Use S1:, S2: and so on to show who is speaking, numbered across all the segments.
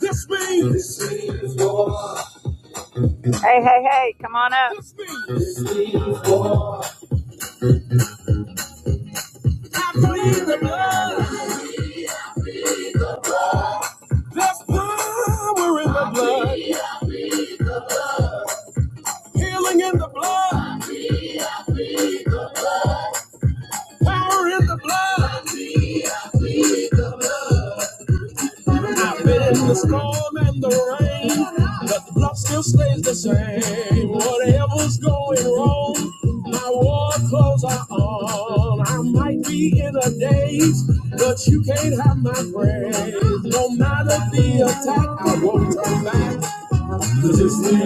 S1: This means this means war. Hey, hey, hey, come on up. I plead the blood. There's power in the blood. Healing in the blood. Power in the blood. I've been in the storm and the rain. But the blood still stays the same. Whatever's going wrong, my war clothes are on. I might be in a daze, but you can't have my praise. No matter the attack, I won't turn back. Cause it's me.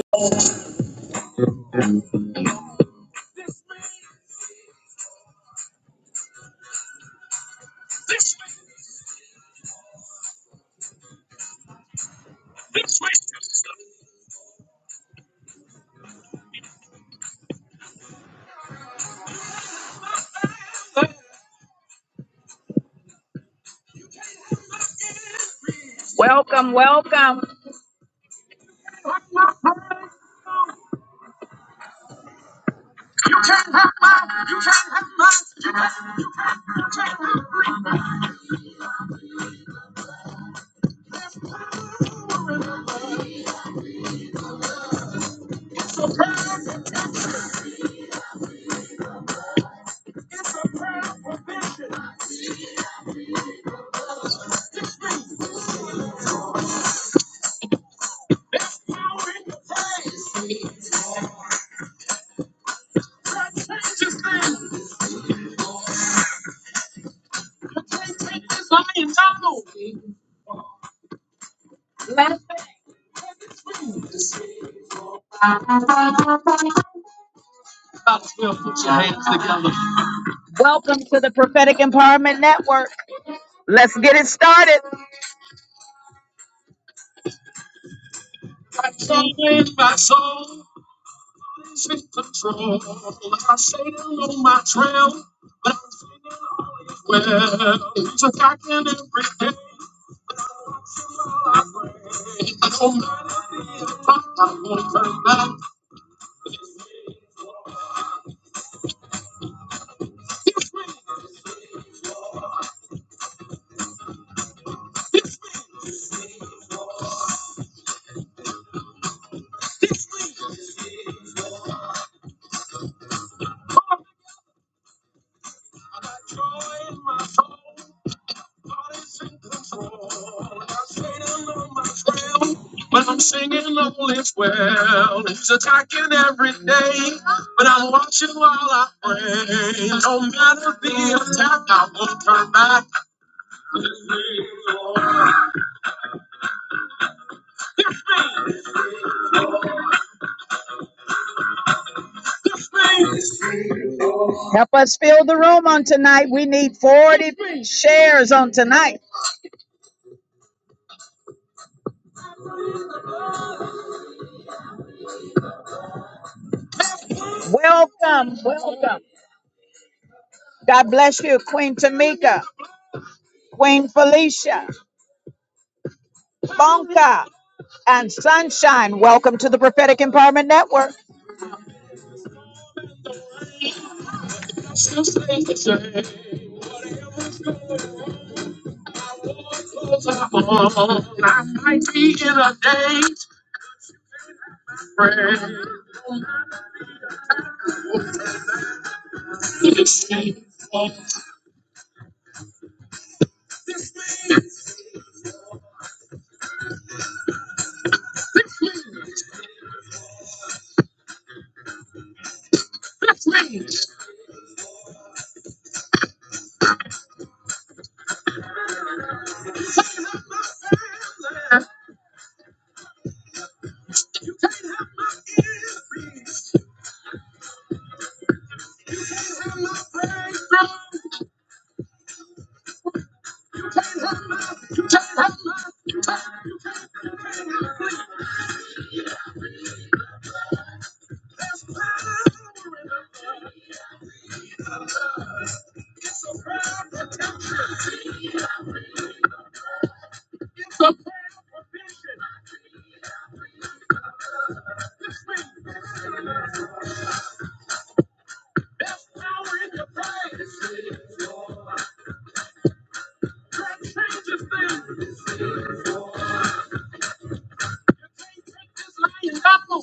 S1: Welcome, welcome. Somebody Welcome Let's put your hands together. Welcome to the Prophetic Empowerment Network. Let's get it started. I can't win my soul. It's in control. I say it on my trail, but I'm singing all is well. He's attacking every day. I pray. I don't matter the attack. I won't turn back. I got joy in my soul. But I'm singing all is well. He's attacking every day. But I'm watching while I pray. No matter the attack, I won't turn back. Help us fill the room on tonight. We need 40 shares on tonight. Welcome, welcome. God bless you, Queen Tamika, Queen Felicia, Bonka, and Sunshine. Welcome to the Prophetic Empowerment Network. Still safe to say, close up on. I be in a day's prayer. You see, oh, this means the prayers lying down.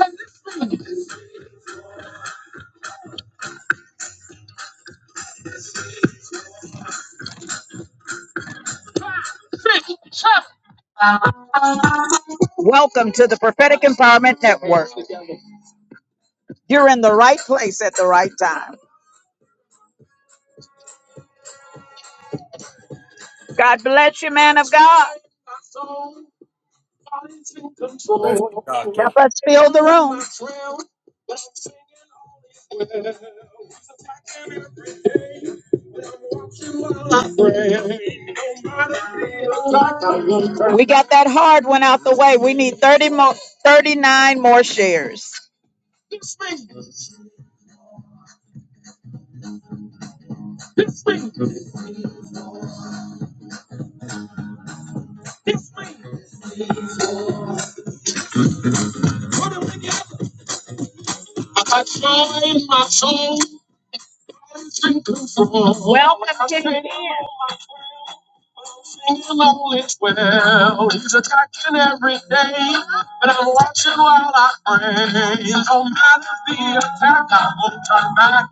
S1: And this means five, six, seven. Welcome to the Prophetic Empowerment Network. You're in the right place at the right time. God bless you, man of God. God's
S2: Bless you,
S1: Help
S2: Doctor.
S1: us fill the room. well. No like We got that hard one out the way. We need 30 more, 39 more shares. This thing, Oh, it's well. He's attacking every day, but I'm watching while I pray. No matter the attack, I won't turn back.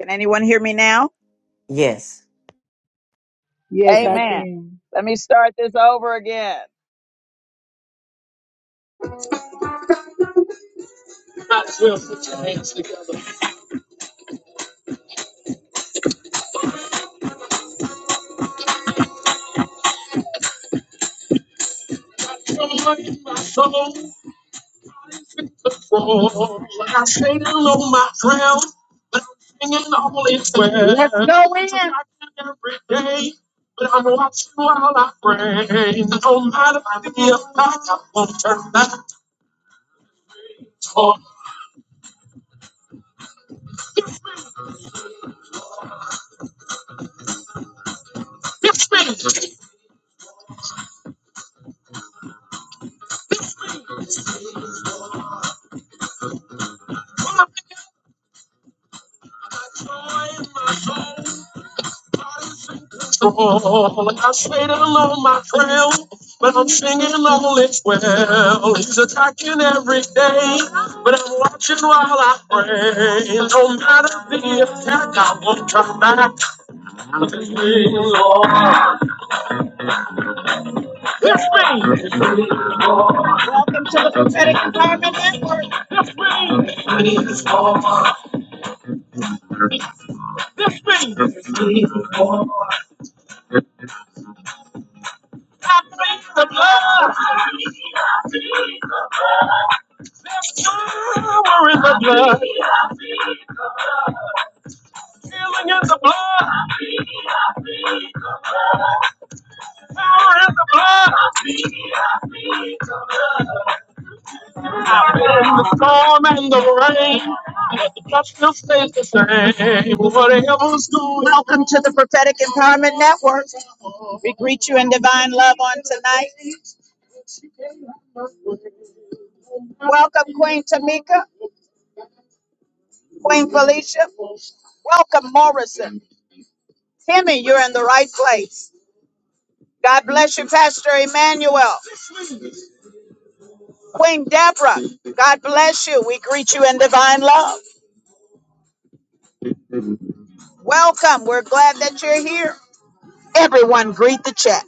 S1: Can anyone hear me now?
S3: Yes.
S4: Yes,
S2: Amen.
S4: I
S1: Amen.
S5: Mhm.
S4: can.
S1: Let me start this over again. Might as well put your hands together. I joy in my soul. fall. I stayed alone, my crown, but I'm singing all is well. Let's go in. Every day, but I'm watching while I pray. No matter if I back, I won't turn back. Oh, it's me. I'm in control. I stayed alone, my crown, but I'm singing all is well. He's attacking every day, but I'm watching while I pray. No matter the attack, I won't turn back. Welcome to the prophetic. This brings back the blood, stories of blood. I've been In the storm and the rain, but the blood still stays the same. Whatever's going on. Welcome to the Prophetic Empowerment Network. We greet you in divine love on tonight. Welcome, Queen Tamika, Queen Felicia. Welcome, Morrison. Timmy, you're in the right place. God bless you, Pastor Emmanuel. Queen Deborah, God bless you. We greet you in divine love. Welcome. We're glad that you're here. Everyone, greet the chat.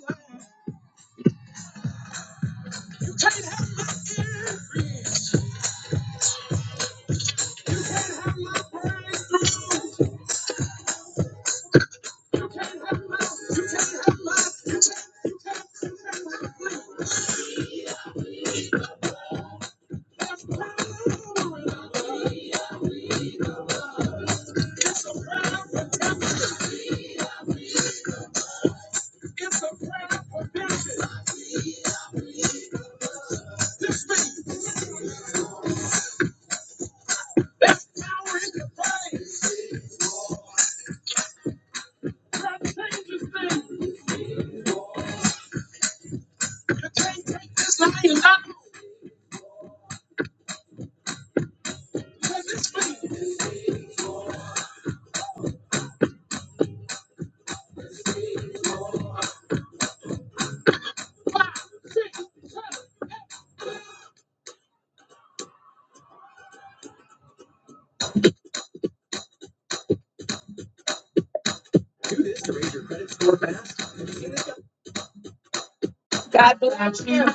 S1: God bless you.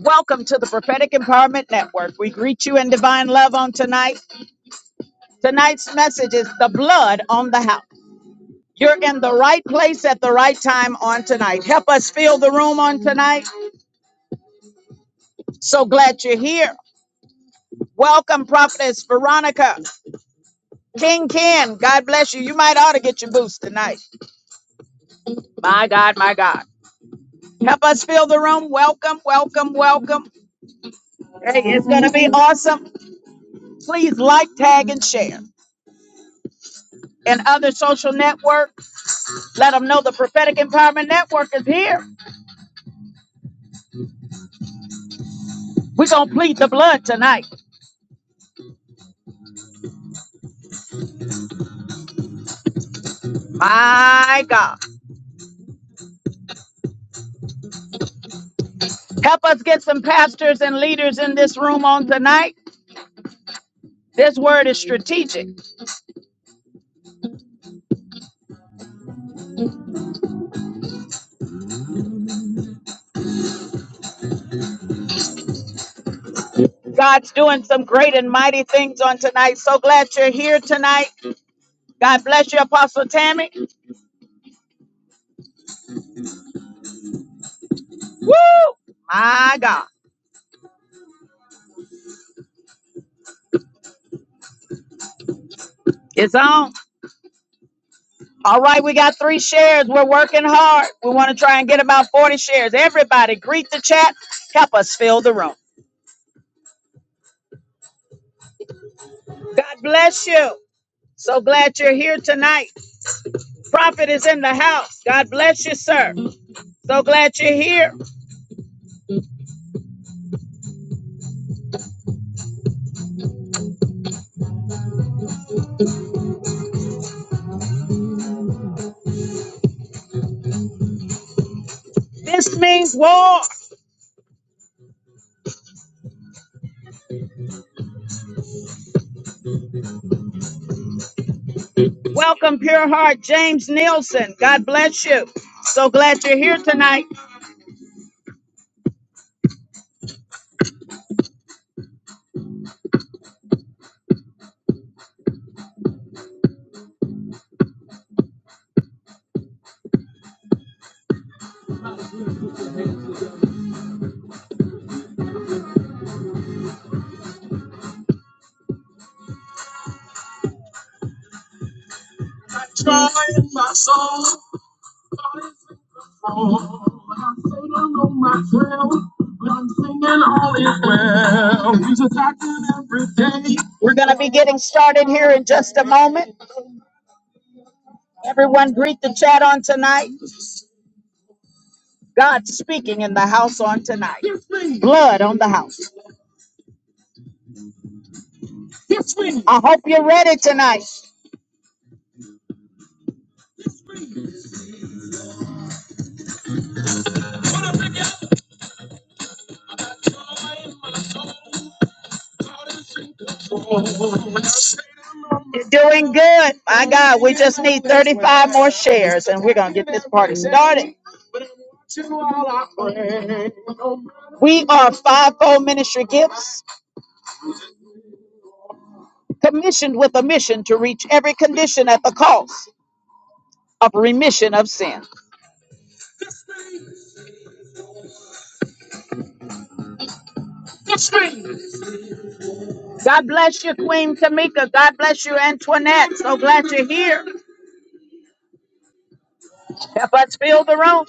S1: Welcome to the Prophetic Empowerment Network. We greet you in divine love on tonight. Tonight's message is the blood on the house. You're in the right place at the right time on tonight. Help us fill the room on tonight. So glad you're here. Welcome, Prophetess Veronica. King Ken, God bless you. You might ought to get your boost tonight. My God, my God. Help us fill the room. Welcome, welcome, welcome. Hey, it's going to be awesome. Please like, tag, and share. And other social networks, let them know the Prophetic Empowerment Network is here. We're going to plead the blood tonight. My God. Help us get some pastors and leaders in this room on tonight. This word is strategic. God's doing some great and mighty things on tonight. So glad you're here tonight. God bless you, Apostle Tammy. Woo! My God. It's on. All right, we got three shares. We're working hard. We want to try and get about 40 shares. Everybody, greet the chat. Help us fill the room. God bless you. So glad you're here tonight. Prophet is in the house. God bless you, sir. So glad you're here. This means war. Welcome, Pure Heart, James Nielsen. God bless you. So glad you're here tonight. Oh, I say down on myself, when I'm singing all is well. He's attacking every day. We're going to be getting started here in just a moment. Everyone, greet the chat on tonight. God speaking in the house on tonight. Blood on the house. I hope you're ready tonight. You're doing good. My God, we just need 35 more shares and we're going to get this party started. We are fivefold Ministry Gifts. commissioned with a mission to reach every condition at the cost of remission of sin. God bless you, Queen Tamika. God bless you, Antoinette. So glad you're here. Help us fill the room.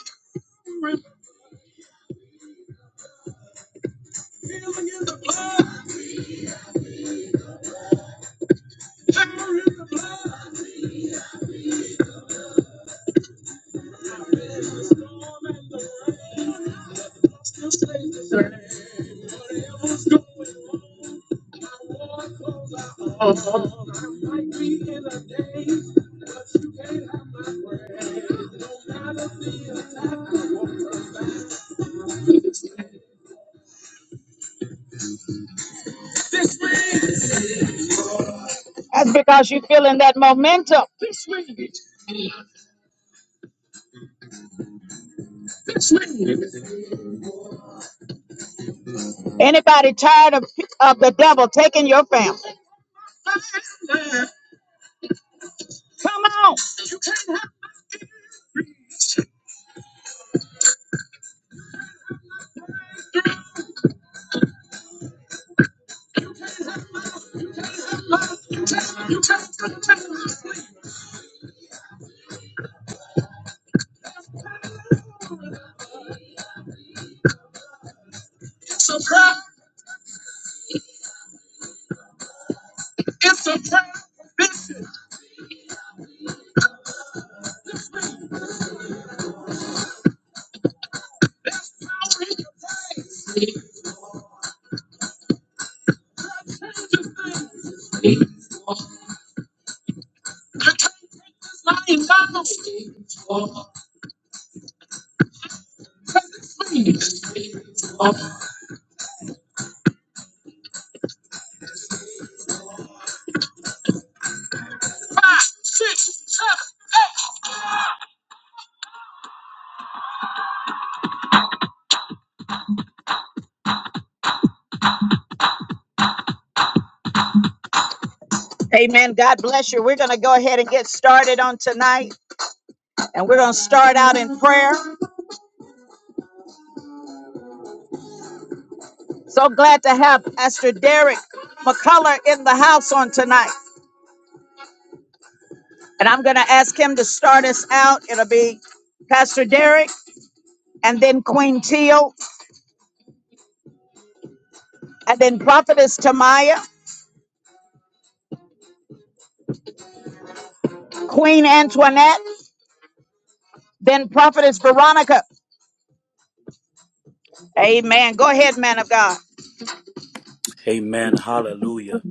S1: That's because you're feeling that momentum. Anybody tired of, of the devil taking your family? Come on. Amen. God bless you. We're going to go ahead and get started on tonight, and we're going to start out in prayer. So glad to have Pastor Derek McCullough in the house on tonight. And I'm going to ask him to start us out. It'll be Pastor Derek, and then Queen Teal, and then Prophetess Tamaya, Queen Antoinette, then Prophetess Veronica. Amen. Go ahead, man of God.
S2: Amen. Hallelujah.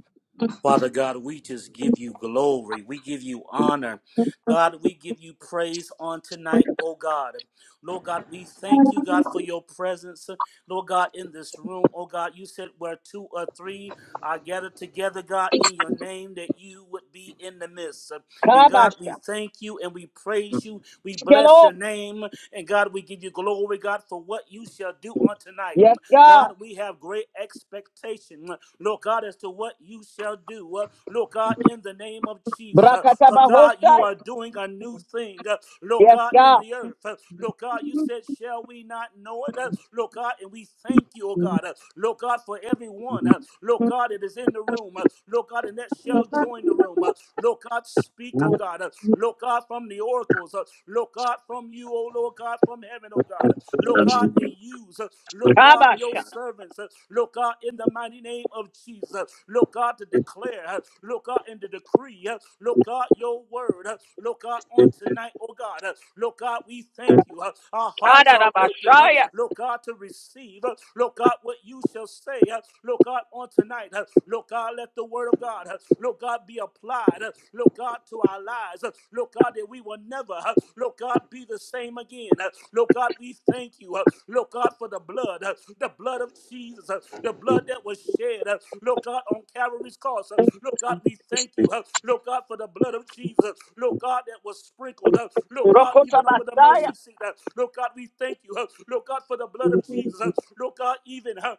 S2: Father God, we just give you glory. We give you honor. God, we give you praise on tonight, oh God. Lord God, we thank you, God, for your presence. Lord God, in this room, oh God, you said where two or three are gathered together, God, in your name, that you would be in the midst. And God, we
S1: Kabasha.
S2: thank you and we praise you. We bless
S1: Hello.
S2: your name. And God, we give you glory, God, for what you shall do on tonight.
S1: Yes, God.
S2: God, we have great expectation, uh, Lord God, as to what you shall do. uh, Lord God, in the name of Jesus. uh, For God, you
S1: Brakatabahosha.
S2: are doing a new thing, uh, Lord
S1: Yes,
S2: God, in
S1: God.
S2: the earth. uh, Lord God, you said, Shall we not know it? uh, Lord God, and we thank you, oh God. uh, Lord God, for everyone. uh, Lord God, it is in the room. uh, Lord God, and that shall join the room. uh, Lord God, speak, oh God. uh, Lord God, from the oracles. uh, Lord God, God, from you, oh Lord God, from heaven, oh God. Look out and use. uh, Look
S1: Ah,
S2: out your servants. uh, Look out in the mighty name of Jesus. Look out to declare. uh, Look out in the decree. uh, Look out your word. uh, Look out on tonight, oh God. uh, Look out, we thank you. uh, Our hearts are open. uh, Look out to receive. uh, Look out what you shall say. uh, Look out on tonight. uh, Look out, let the word of God. uh, Look out. God, be applied, uh, Lord God, to our lives. uh, Lord God, that we will never, uh, Lord God, be the same again. uh, Lord God, we thank you, uh, Lord God, for the blood, uh, the blood of Jesus, uh, the blood that was shed, uh, Lord God, on Calvary's cross. uh, Lord God, we thank you, uh, Lord God, for the blood of Jesus, uh, Lord God, that was sprinkled, uh, Lord God, even over the mercy seat. uh, Lord God, we thank you, uh, Lord God, for the blood of Jesus, uh, Lord God, even, uh,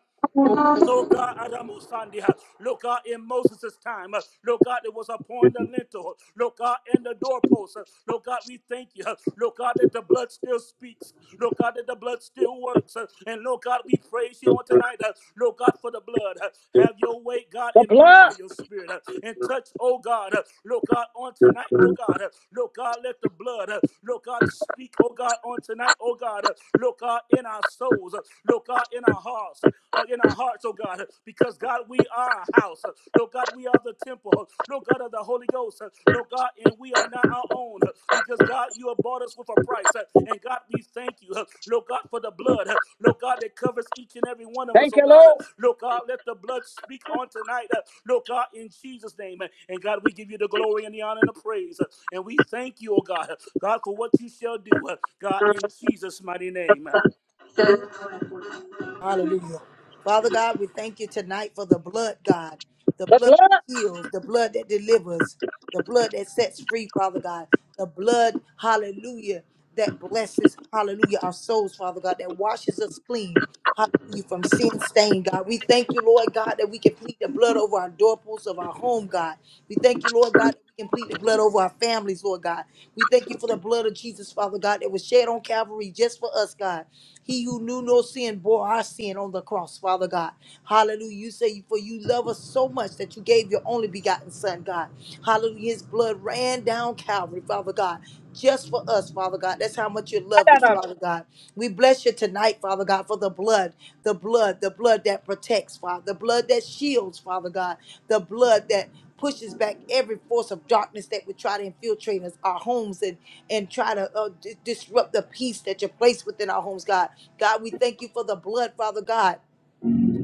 S2: Lord God, Adamusandia. Lord God, in Moses' time, uh, Lord God, it was upon the lintel, huh? Lord God, and the doorpost. Uh, Lord God, we thank you, uh, Lord God, that the blood still speaks, huh? Lord God, that the blood still works. Uh, And Lord God, we praise you on tonight, uh, Lord God, for the blood. Uh, Have your way, God, and move by your spirit uh, and touch, oh God, uh, Lord God, on tonight, oh God, uh, Lord God, let the blood, uh, Lord God, speak, oh God, on tonight, oh God, uh, Lord God, in our souls, uh, Lord God in our hearts, uh, in our hearts, oh God, because God, we are a house. No, God, we are the temple. No, God, of the Holy Ghost. No, God, and we are not our own because God, you have bought us with a price. And God, we thank you, Lord God, for the blood. Lord God, that covers each and every one of us,
S1: Thank
S2: oh
S1: you,
S2: God.
S1: Lord.
S2: Lord God, let the blood speak on tonight. Lord God, in Jesus' name. And God, we give you the glory and the honor and the praise. And we thank you, oh God, God, for what you shall do. God, in Jesus' mighty name.
S4: Hallelujah. Father God, we thank you tonight for the blood, God. The blood that heals, the blood that delivers, the blood that sets free, Father God. The blood, hallelujah, that blesses, hallelujah, our souls, Father God, that washes us clean. Hallelujah, from sin stain, God. We thank you, Lord God, that we can plead the blood over our doorposts of our home, God. We thank you, Lord God, that we can plead the blood over our families, Lord God. We thank you for the blood of Jesus, Father God, that was shed on Calvary just for us, God. He who knew no sin bore our sin on the cross, Father God. Hallelujah. You say, for you love us so much that you gave your only begotten Son, God. Hallelujah. His blood ran down Calvary, Father God, just for us, Father. Father God. That's how much you loved us, Father God. We bless you tonight, Father God, for the blood, the blood, the blood that protects, Father, the blood that shields, Father God, the blood that pushes back every force of darkness that would try to infiltrate us, our homes, and and try to uh, di- disrupt the peace that you place within our homes, God. God, we thank you for the blood, Father God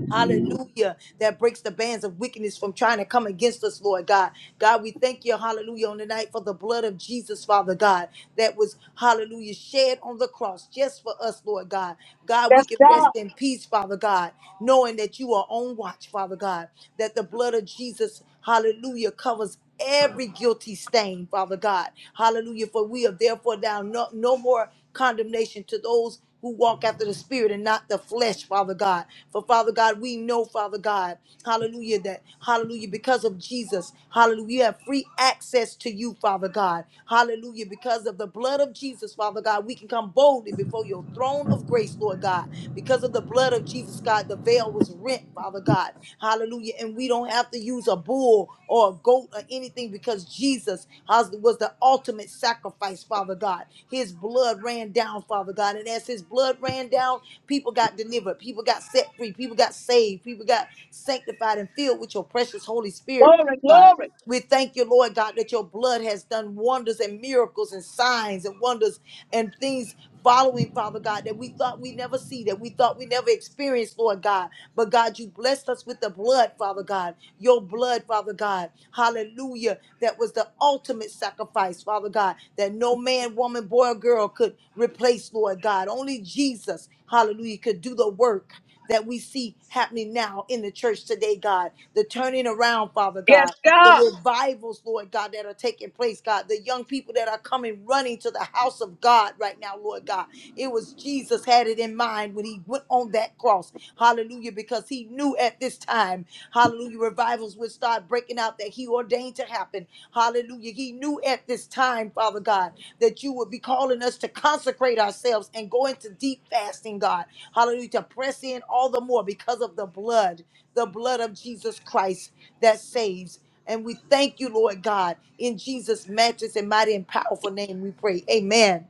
S4: Hallelujah. That breaks the bands of wickedness from trying to come against us, Lord God. God, we thank you, hallelujah, on the night for the blood of Jesus, Father God, that was, hallelujah, shed on the cross just for us, Lord God. God, we
S1: Yes,
S4: can rest
S1: God.
S4: in peace, Father God, knowing that you are on watch, Father God, that the blood of Jesus, hallelujah, covers every guilty stain, Father God. Hallelujah. For we are therefore now no, no more condemnation to those who walk after the spirit and not the flesh, Father God. For Father God, we know, Father God, hallelujah, that hallelujah, because of Jesus, hallelujah, we have free access to you, Father God. Hallelujah, because of the blood of Jesus, Father God, we can come boldly before your throne of grace, Lord God. Because of the blood of Jesus, God, the veil was rent, Father God. Hallelujah, and we don't have to use a bull or a goat or anything because Jesus has- was the ultimate sacrifice, Father God. His blood ran down, Father God. And as his blood ran down, people got delivered, people got set free, people got saved, people got sanctified and filled with your precious Holy Spirit, Father God. We thank you, Lord God, that your blood has done wonders and miracles and signs and wonders and things following, Father God, that we thought we never see, that we thought we never experienced, Lord God. But God, you blessed us with the blood, Father God. Your blood, Father God. Hallelujah. That was the ultimate sacrifice, Father God, that no man, woman, boy, or girl could replace, Lord God. Only Jesus, hallelujah, could do the work. That we see happening now in the church today, God. The turning around, Father
S1: Yes,
S4: God
S1: God.
S4: the revivals, Lord God, that are taking place, God, the young people that are coming running to the house of God right now, Lord God. It was Jesus had it in mind when he went on that cross, hallelujah, because he knew at this time, hallelujah, revivals would start breaking out that he ordained to happen, hallelujah. He knew at this time, Father God, that you would be calling us to consecrate ourselves and go into deep fasting, God, hallelujah, to press in all the more because of the blood the blood of Jesus Christ that saves. And we thank you, Lord God, in Jesus' matchless and mighty and powerful name we pray. Amen.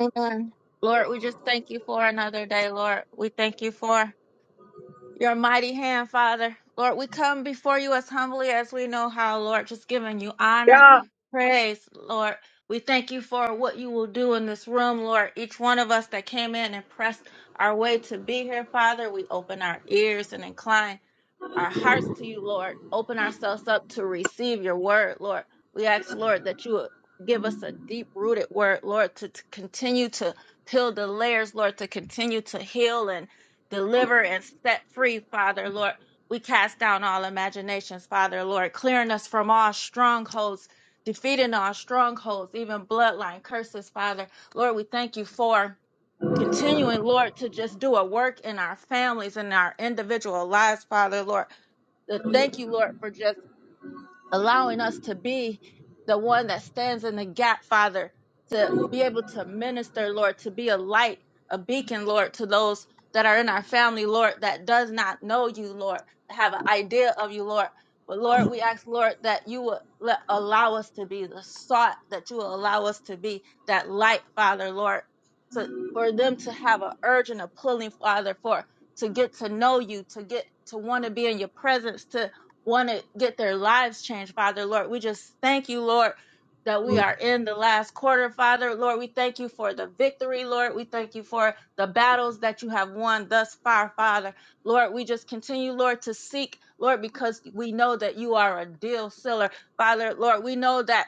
S5: Amen. Lord, we just thank you for another day, Lord. We thank you for your mighty hand, Father. Lord, we come before you as humbly as we know how, Lord, just giving you honor,
S1: God.
S5: praise, Lord. We thank you for what you will do in this room, Lord. Each one of us that came in and pressed our way to be here, Father, we open our ears and incline. our hearts to you, Lord. Open ourselves up to receive your word, Lord. We ask, Lord, that you would give us a deep rooted word, Lord, to, to continue to peel the layers, Lord, to continue to heal and deliver and set free, Father, Lord. We cast down all imaginations, Father, Lord, clearing us from all strongholds, defeating all strongholds, even bloodline curses, Father. Lord, we thank you for continuing, Lord, to just do a work in our families and our individual lives, Father, Lord. Uh, Thank you, Lord, for just allowing us to be the one that stands in the gap, Father, to be able to minister, Lord, to be a light, a beacon, Lord, to those that are in our family, Lord, that does not know you, Lord, have an idea of you, Lord. But Lord, we ask, Lord, that you would let, allow us to be the sought, that you will allow us to be that light, Father, Lord, to, for them to have an urge and a pulling, Father, for to get to know you, to get to want to be in your presence, to want to get their lives changed, Father, Lord. We just thank you, Lord, that we are in the last quarter, Father. Lord, we thank you for the victory, Lord. We thank you for the battles that you have won thus far, Father. Lord, we just continue, Lord, to seek, Lord, because we know that you are a deal seller, Father. Lord, we know that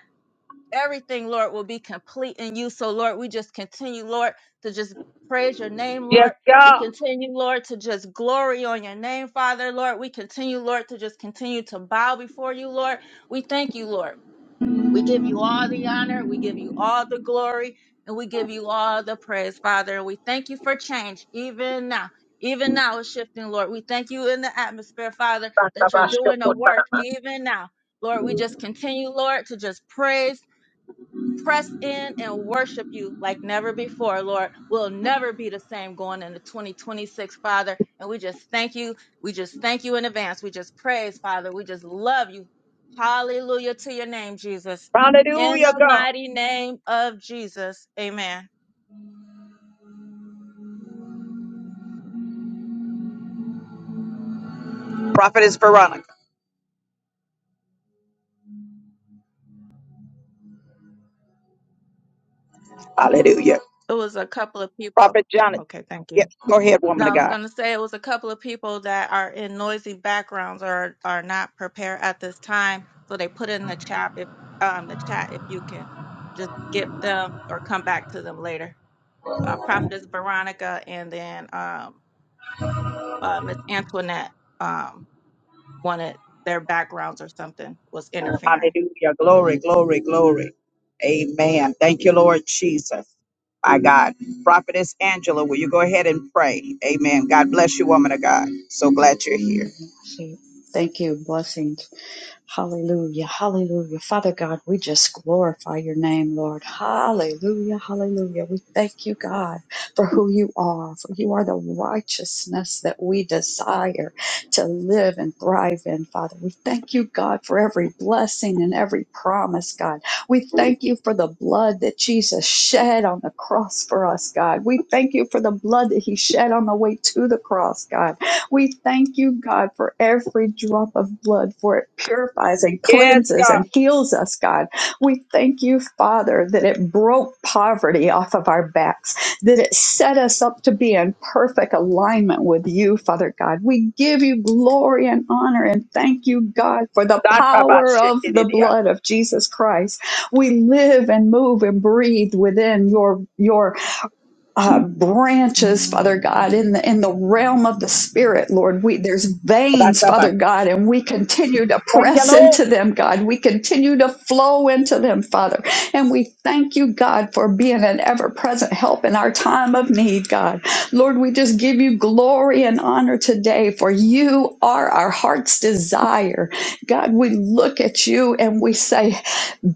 S5: everything, Lord, will be complete in you. So, Lord, we just continue, Lord, to just praise your name,
S1: Yes,
S5: Lord. We
S1: God.
S5: continue, Lord, to just glory on your name, Father, Lord. We continue, Lord, to just continue to bow before you, Lord. We thank you, Lord. We give you all the honor. We give you all the glory. And we give you all the praise, Father. And we thank you for change, even now. Even now, it's shifting, Lord. We thank you in the atmosphere, Father, that you're doing a work even now. Lord, we just continue, Lord, to just praise press in and worship you like never before, Lord. We'll never be the same going into 2026, Father. And we just thank you. We just thank you in advance. We just praise, Father. We just love you. Hallelujah to your name, Jesus. In
S1: Hallelujah,
S5: the
S1: God.
S5: mighty name of Jesus. Amen.
S1: Prophetess Veronica. Hallelujah.
S5: It was a couple of people.
S1: Prophet Jonathan.
S5: Okay, thank you.
S1: Yes, go ahead,
S5: No,
S1: woman of
S5: I was
S1: God.
S5: going to say it was a couple of people that are in noisy backgrounds or are not prepared at this time, so they put in the chat if um the chat if you can just skip them or come back to them later. Uh, Prophetess Veronica and then um uh, Miss Antoinette. Um, wanted their backgrounds or something was interfering.
S1: Hallelujah. Glory, glory, glory. Amen. Thank you, Lord Jesus. My God. Prophetess Angela, will you go ahead and pray? Amen. God bless you, woman of God. So glad you're here.
S6: Say, Thank you. Blessings. Hallelujah. Hallelujah. Father God, we just glorify your name, Lord. Hallelujah. Hallelujah. We thank you, God, for who you are, for you are the righteousness that we desire to live and thrive in, Father. We thank you, God, for every blessing and every promise, God. We thank you for the blood that Jesus shed on the cross for us, God. We thank you for the blood that he shed on the way to the cross, God. We thank you, God, for every drop of blood, for it purifies and
S1: Yes,
S6: cleanses
S1: God.
S6: and heals us, God. We thank you, Father, that it broke poverty off of our backs, that it set us up to be in perfect alignment with you, Father God. We give you glory and honor and thank you, God, for the
S1: That's about
S6: power of
S1: shaking.
S6: the blood of Jesus Christ. We live and move and breathe within your your uh, branches, Father God, in the in the realm of the spirit, Lord. We there's veins, Father God, and we continue to
S1: Thank you,
S6: press
S1: Lord.
S6: into them, God. We continue to flow into them, Father. And we thank you, God, for being an ever-present help in our time of need, God. Lord, we just give you glory and honor today, for you are our heart's desire. God, we look at you and we say,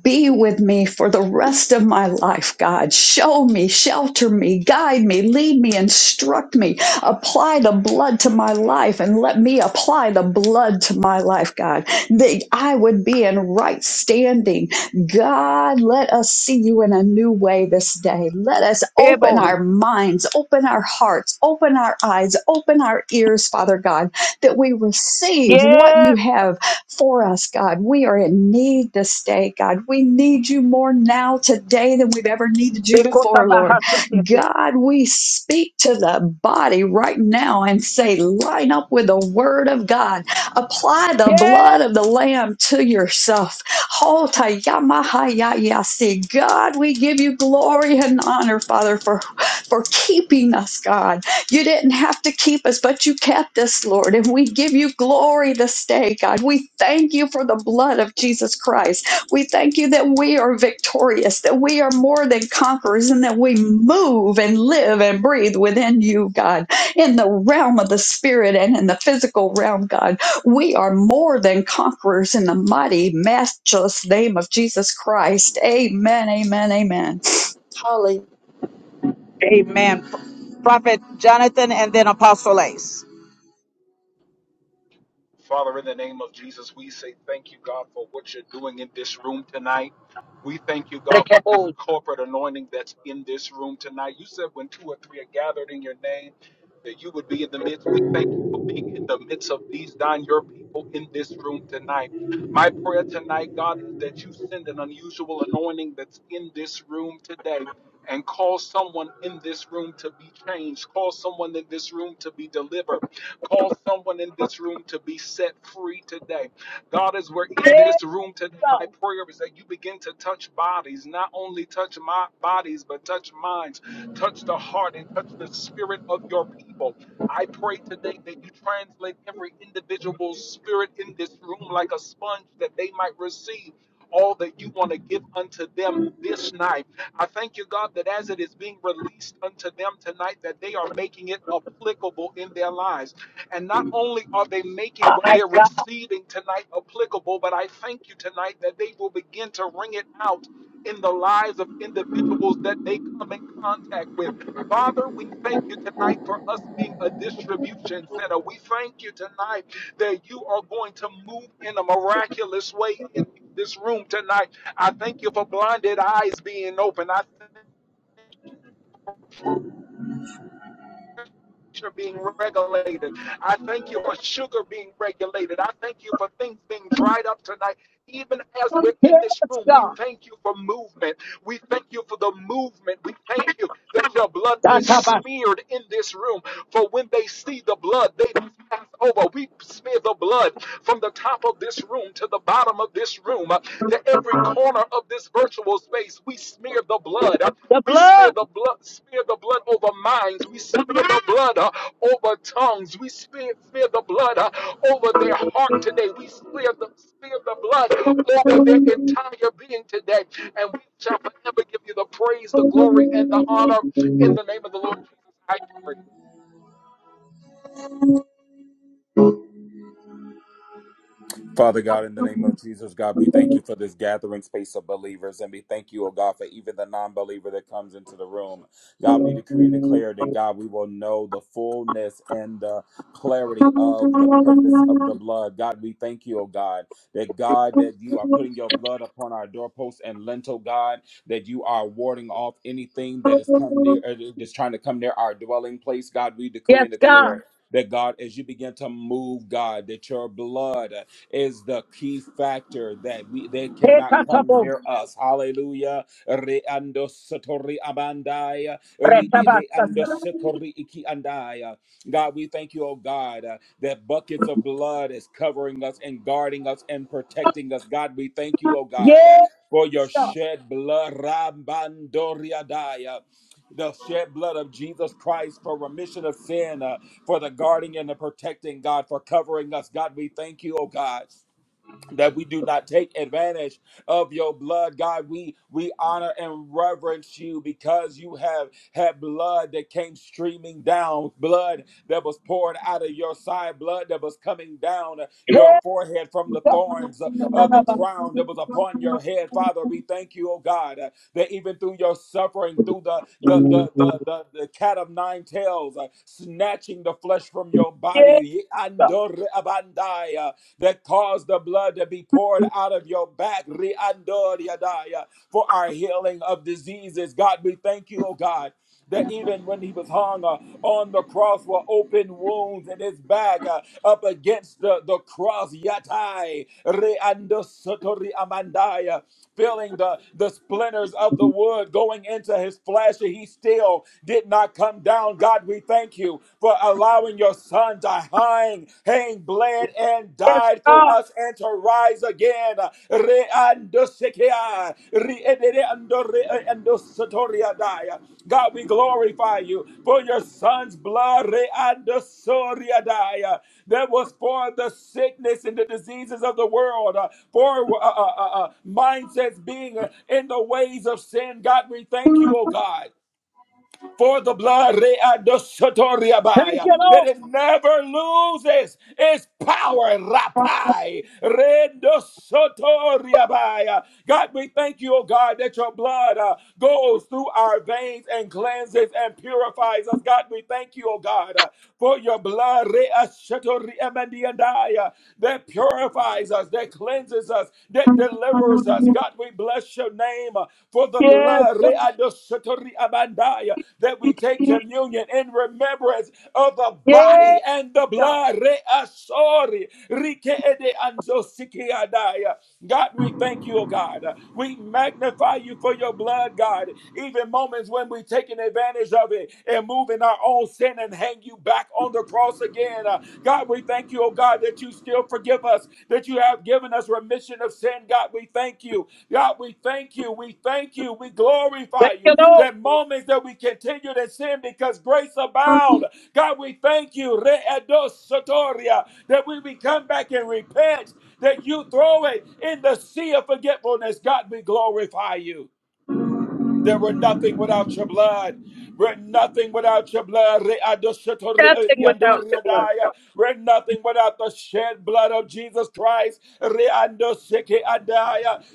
S6: be with me for the rest of my life, God. Show me, shelter me, guide me, lead me, instruct me. Apply the blood to my life and let me apply the blood to my life, God, that I would be in right standing. God, let us see you in a new way this day. Let us open our minds, open our hearts, open our eyes, open our ears, Father God, that we receive what you
S1: Yes.
S6: have for us, God. We are in need this day, God. We need you more now today than we've ever needed you
S1: Because of
S6: before,
S1: my
S6: Lord.
S1: heart,
S6: God, we speak to the body right now and say, line up with the word of God. Apply the
S1: Yes.
S6: blood of the Lamb to yourself. Ho ta ya ma ha ya ya si. God, we give you glory and honor, Father, for, for keeping us, God you didn't have to keep us, but you kept us, Lord. And we give you glory this day, God. We thank you for the blood of Jesus Christ. We thank you that we are victorious, that we are more than conquerors, and that we move and live and breathe within you, God, in the realm of the spirit and in the physical realm, God. We are more than conquerors in the mighty, matchless name of Jesus Christ. Amen, amen, amen. Hallelujah.
S1: Amen. Prophet Jonathan and then Apostle Ace.
S7: Father, in the name of Jesus, we say thank you, God, for what you're doing in this room tonight. We thank you, God, for this corporate anointing that's in this room tonight. You said when two or three are gathered in your name, that you would be in the midst. We thank you for being in the midst of these, Don, your people in this room tonight. My prayer tonight, God, is that you send an unusual anointing that's in this room today and cause someone in this room to be changed, cause someone in this room to be delivered. Cause someone in this room to be set free today. God, as we're in
S1: Yes,
S7: this room today, my
S1: God.
S7: prayer is that you begin to touch bodies, not only touch my bodies, but touch minds, touch the heart, and touch the spirit of your people. I pray today that you translate every individual's spirit in this room like a sponge that they might receive all that you want to give unto them this night. I thank you, God, that as it is being released unto them tonight, that they are making it applicable in their lives. And not only are they making what
S1: My
S7: they're
S1: God.
S7: receiving tonight applicable, but I thank you tonight that they will begin to ring it out in the lives of individuals that they come in contact with. Father, we thank you tonight for us being a distribution center. We thank you tonight that you are going to move in a miraculous way in this room tonight. I thank you for blinded eyes being open. I pressure being regulated. I thank you for sugar being regulated. I thank you for things being dried up tonight. Even as we're in
S1: Yes,
S7: this room, we
S1: God.
S7: thank you for movement. We thank you for the movement. We thank you that your blood is
S1: That's about
S7: smeared in this room. For when they see the blood, they pass over. We smear the blood from the top of this room to the bottom of this room, uh, to every corner of this virtual space. We smear the blood. Uh,
S1: the
S7: we spear
S1: blood.
S7: the blood, spear the blood over minds. We spear the blood uh, over tongues. We spear, spear the blood uh, over their heart today. We spear the spear the blood over their entire being today. And we shall forever give you the praise, the glory, and the honor in the name of the Lord Jesus. I pray.
S8: Father God, in the name of Jesus, God, we thank you for this gathering space of believers. And we thank you, oh God, for even the non believer that comes into the room. God, we decree and declare that, God, we will know the fullness and the clarity of the purpose of the blood. God, we thank you, oh God, that, God, that you are putting your blood upon our doorposts and lintel, God, that you are warding off anything that is come near, uh, that's trying to come near our dwelling place. God, we decree
S1: Yes,
S8: and
S1: God.
S8: declare. That God, as you begin to move, God, that your blood is the key factor that we they cannot come near us. Hallelujah. Reando Satori Abandai. re- Reando
S1: Retabasata.
S8: Satori Iki Andai. God, we thank you, oh God, uh, that buckets of blood is covering us and guarding us and protecting us. God, we thank you, oh God, uh,
S1: Yes,
S8: for your
S1: God.
S8: shed blood. Rabandoriadai. The shed blood of Jesus Christ for remission of sin. uh, for the guarding and the protecting, God, for covering us. God, we thank you, oh God that we do not take advantage of your blood god we we honor and reverence you because you have had blood that came streaming down blood that was poured out of your side blood that was coming down your
S1: Yes,
S8: forehead from the
S1: God.
S8: thorns of the crown that was upon your head father we thank you oh god uh, that even through your suffering through the the the the, the, the cat of nine tails uh, snatching the flesh from your body andor Abandai, uh, that caused the blood to be poured out of your back. Riandoriadaya, For our healing of diseases. God, we thank you, oh God. That even when he was hung uh, on the cross were open wounds in his back uh, up against the, the cross. Yatai, Reando Sotori amandai feeling the, the splinters of the wood going into his flesh, and he still did not come down. God, we thank you for allowing your son to hang, hang, bled, and
S1: Yes,
S8: died for
S1: God.
S8: us and to rise again. Re-ando-sikia, re-ede-ando-re-ando-sotoria-dia. God, we glorify you for your son's blood reandosoriadaya, that was for the sickness and the diseases of the world, uh, for uh, uh, uh, uh, mindsets being uh, in the ways of sin. God, we thank you, oh God. For the blood
S1: Thank
S8: readosotoriabaya,
S1: you,
S8: that it never loses its power. Rapai redosotoriabaya. God, we thank you, oh God, that your blood uh, goes through our veins and cleanses and purifies us. God, we thank you, oh God, uh, for your blood that purifies us, that cleanses us, that delivers us.
S1: Lord.
S8: God, we bless your name uh, for the
S1: Yes,
S8: blood
S1: God.
S8: that we take communion in remembrance of the
S1: Yes.
S8: body and the blood. God, we thank you, oh God. We magnify you for your blood, God. Even moments when we've taken advantage of it and move in our own sin and hang you back on the cross again. Uh, God, we thank you, oh God, that you still forgive us, that you have given us remission of sin. God, we thank you. God, we thank you. We thank you. We glorify
S1: Thank
S8: you.
S1: you, Lord.
S8: That moments that we continued in sin because grace abound. God, we thank you. Re-edos That we, we come back and repent that you throw it in the sea of forgetfulness. God, we glorify you. There were nothing without your blood. We're nothing without your blood. re we are
S1: Nothing without the blood, God.
S8: nothing without the shed blood of Jesus Christ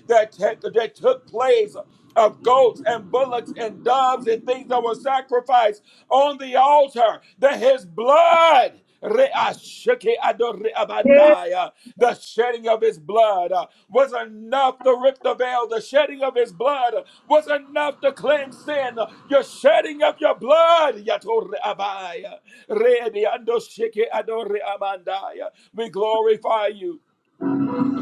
S8: that, took- that took place of goats and bullocks and doves and things that were sacrificed on the altar, that his blood, the shedding of his blood uh, was enough to rip the veil. The shedding of his blood uh, was enough to cleanse sin. Your shedding of your blood, we glorify you.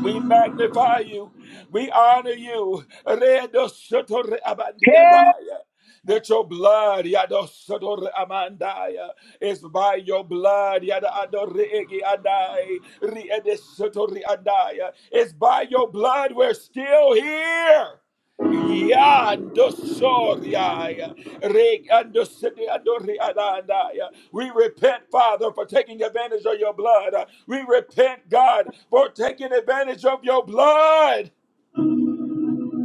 S8: We magnify you. We honor you. Redo soto re abandiadaya. That your blood, yado soto re amandaya, is by your blood, yada ado re egi adai, re ede soto re adaya. It's by your blood we're still here. Yando soriaya, re ando sete ado re we repent, Father, for taking advantage of your blood. We repent, God, for taking advantage of your blood.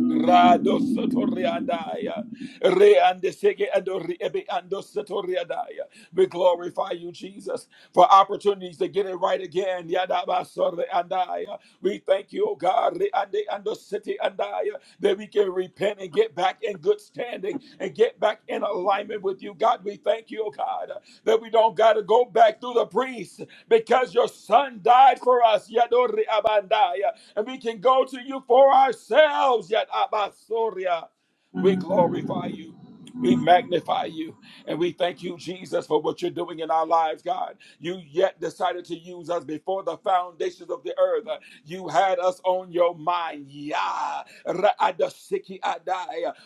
S8: Rado sotoriadaya, reande sege ando riebe ando sotoriadaya. We glorify you, Jesus, for opportunities to get it right again. Yadaba soreandaya. We thank you, oh God, reande ando city andaya, that we can repent and get back in good standing and get back in alignment with you, God. We thank you, oh God, that we don't got to go back through the priest because your son died for us. Yadori abandaya and we can go to you for ourselves. Yet Abasoria, we glorify you. We magnify you and we thank you, Jesus, for what you're doing in our lives, God. You yet decided to use us before the foundations of the earth. You had us on your mind. Yeah,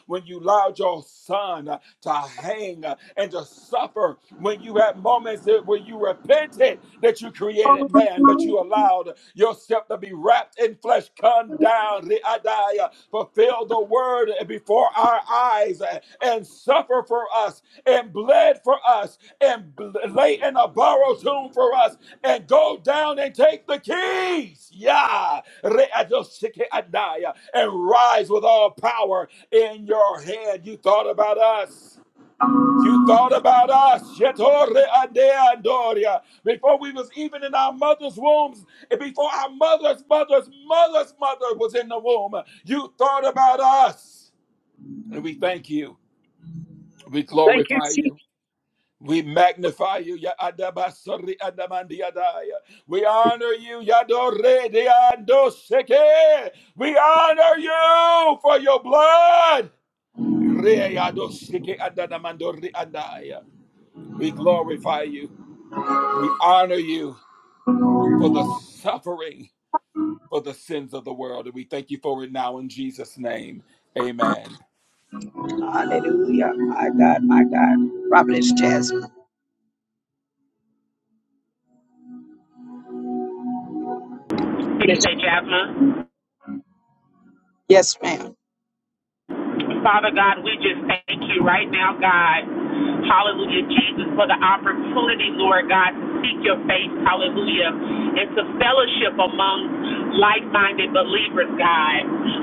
S8: When you allowed your son to hang uh, and to suffer when you had moments that- where you repented that you created man, but you allowed yourself to be wrapped in flesh. Come down, Ri'adaya, fulfill the word before our eyes uh, and suffer for us and bled for us and bl- lay in a borrowed tomb for us and go down and take the keys. Yeah. Re-adoshike And rise with all power in your head. You thought about us. You thought about us. Shetore adea andoria. Before we was even in our mother's wombs, and before our mother's mother's mother's mother was in the womb, you thought about us. And we thank you. We
S1: Thank you,
S8: glorify
S1: Jesus.
S8: you. We magnify you. Ya adaba sori We honor you. Yadore de ando We honor you for your blood. Readoshike andanamandori andaya. We glorify you. We honor you for the suffering for the sins of the world. And we thank you for it now in Jesus' name. Amen.
S1: Hallelujah. My God, my God. Prophetess Jasmine.
S9: Did
S1: Bless
S9: you say
S1: you, Lord.
S9: Jasmine?
S1: Yes, ma'am.
S9: Father God, we just thank you right now, God. Hallelujah, Jesus, for the opportunity, Lord God, to seek your face, hallelujah, and to fellowship among like minded believers, God.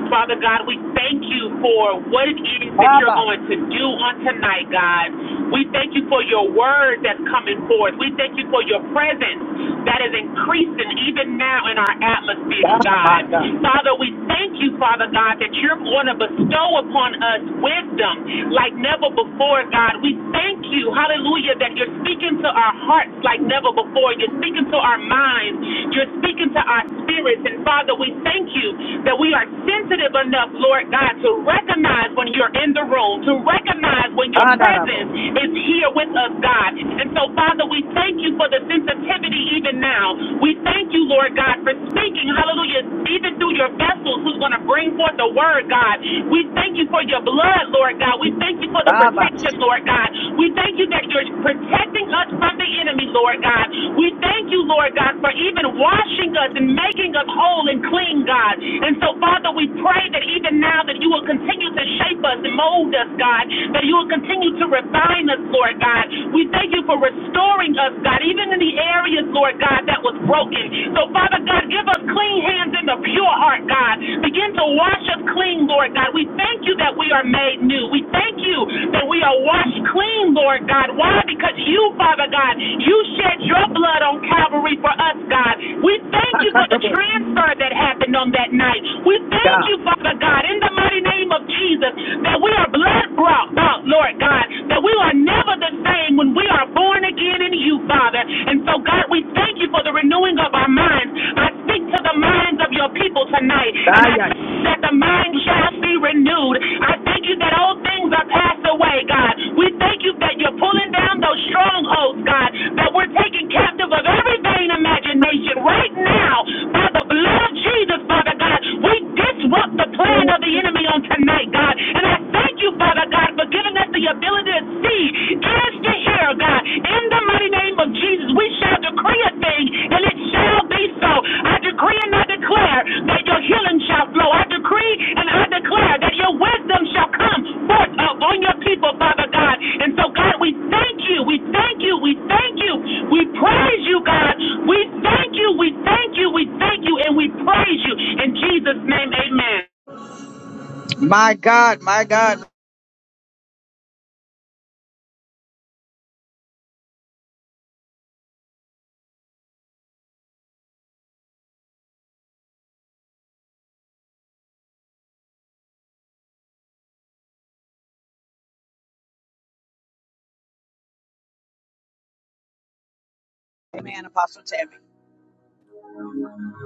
S9: Father God, we thank you for what it is that you're
S1: Baba.
S9: going to do on tonight, God. We thank you for your word that's coming forth. We thank you for your presence that is increasing even now in our atmosphere, God. Father, we thank thank you, Father God, that you're going to bestow upon us wisdom like never before, God. We thank you, hallelujah, that you're speaking to our hearts like never before. You're speaking to our minds. You're speaking to our spirits. And Father, we thank you that we are sensitive enough, Lord God, to recognize when you're in the room, to recognize when your
S1: Honorable.
S9: presence is here with us, God. And so, Father, we thank you for the sensitivity even now. We thank you, Lord. God, for speaking, hallelujah, even through your vessels who's going to bring forth the word, God. We thank you for your blood, Lord God. We thank you for the
S1: Baba.
S9: protection, Lord God. We thank you that you're protecting us from the enemy, Lord God. We thank you, Lord God, for even washing us and making us whole and clean, God. And so, Father, we pray that even now that you will continue to shape us and mold us, God, that you will continue to refine us, Lord God. We thank you for restoring us, God, even even in the areas, Lord God, that was broken. So, Father God, give us clean hands and a pure heart, God. Begin to wash us clean, Lord God. We thank you that we are made new. We thank you that we are washed clean, Lord God. Why? Because you, Father God, you shed your blood on Calvary for us, God. We thank you for the transfer that happened on that night. We thank you, Father God, in the mighty name of Jesus, that we are blood brought out, Lord God, that we are never never the same when we are born again in you, Father. And so, God, we thank you for the renewing of our minds. I speak to the minds of your people tonight, and I say that the mind shall be renewed. I thank you that old things are passed away, God. We thank you that you're pulling down those strongholds, God, that we're taking captive of every vain imagination right now by the blood of Jesus, Father God, we disrupt the plan of the enemy on tonight, God. And I thank you, Father God, for giving us the ability to see, ears to hear, God. In the mighty name of Jesus, we shall decree a thing, and it shall be so. I decree and I declare that your healing shall flow. I decree and I declare that your wisdom shall come forth up on your people, Father God. And so, God, we thank you. We thank you. We thank you. We praise you, God. We thank you. We thank you. We thank you. And we praise you. In Jesus' name, amen.
S1: Amen, Apostle Tammy.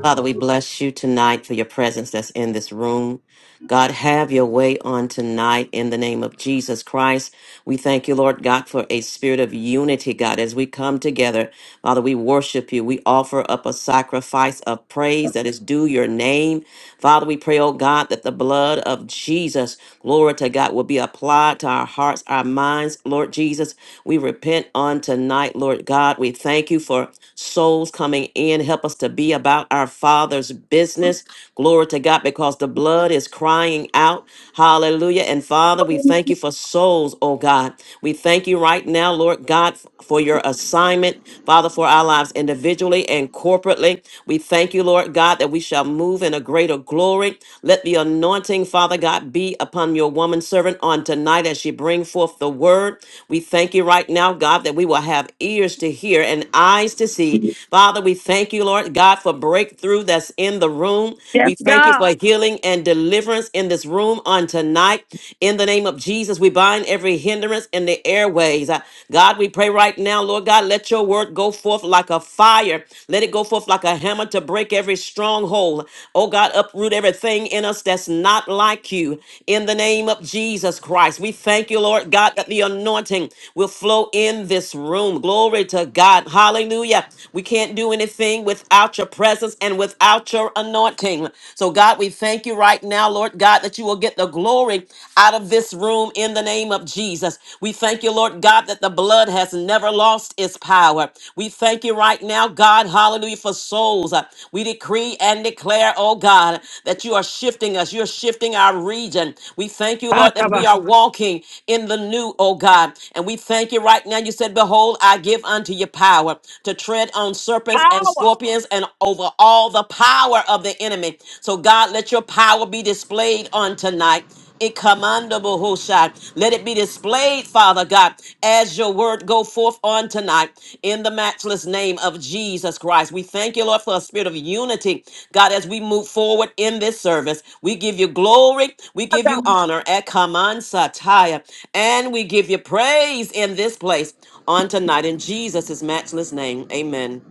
S3: Father, we bless you tonight for your presence that's in this room. God, have your way on tonight in the name of Jesus Christ. We thank you, Lord God, for a spirit of unity, God, as we come together Father, we worship you. We offer up a sacrifice of praise that is due your name. Father, we pray, oh God, that the blood of Jesus, glory to God, will be applied to our hearts, our minds, Lord Jesus. We repent on tonight, Lord God. We thank you for souls coming in. Help us to be about our Father's business. Glory to God, because the blood is crying out. Hallelujah. And Father, we thank you for souls, oh God. We thank thank you right now, Lord God, for your assignment, Father, for our lives individually and corporately. We thank you, Lord God, that we shall move in a greater glory. Let the anointing, Father God, be upon your woman servant on tonight as she bring forth the word. We thank you right now, God, that we will have ears to hear and eyes to see. Father, we thank you, Lord God, for breakthrough that's in the room.
S1: Yes,
S3: We thank you for
S1: God.
S3: healing and deliverance in this room on tonight tonight. In the name of Jesus, we bind every hindrance in the airways. Uh, God, we pray right now, Lord God, let your word go forth like a fire. Let it go forth like a hammer to break every stronghold. Oh God, uproot everything in us that's not like you. In the name of Jesus Christ, we thank you, Lord God, that the anointing will flow in this room. Glory to God. Hallelujah. We can't do anything without your presence and without your anointing morning. So, God, we thank you right now, Lord God, that you will get the glory out of this room in the name of Jesus. We thank you, Lord God, that the blood has never lost its power. We thank you right now, God, hallelujah, for souls. Uh, We decree and declare, oh God, that you are shifting us. You're shifting our region. We thank you, Lord, that we are walking in the new, oh God. And we thank you right now. You said, Behold, I give unto you power to tread on serpents serpents and scorpions and over all the power of the enemy. So, God, let your power be displayed on tonight. It commandable Hushai. Let it be displayed, Father God, as your word go forth on tonight in the matchless name of Jesus Christ. We thank you, Lord, for a spirit of unity. God, as we move forward in this service, we give you glory, we give you honor at Kaman Sataya, and we give you praise in this place on tonight in Jesus' matchless name. Amen.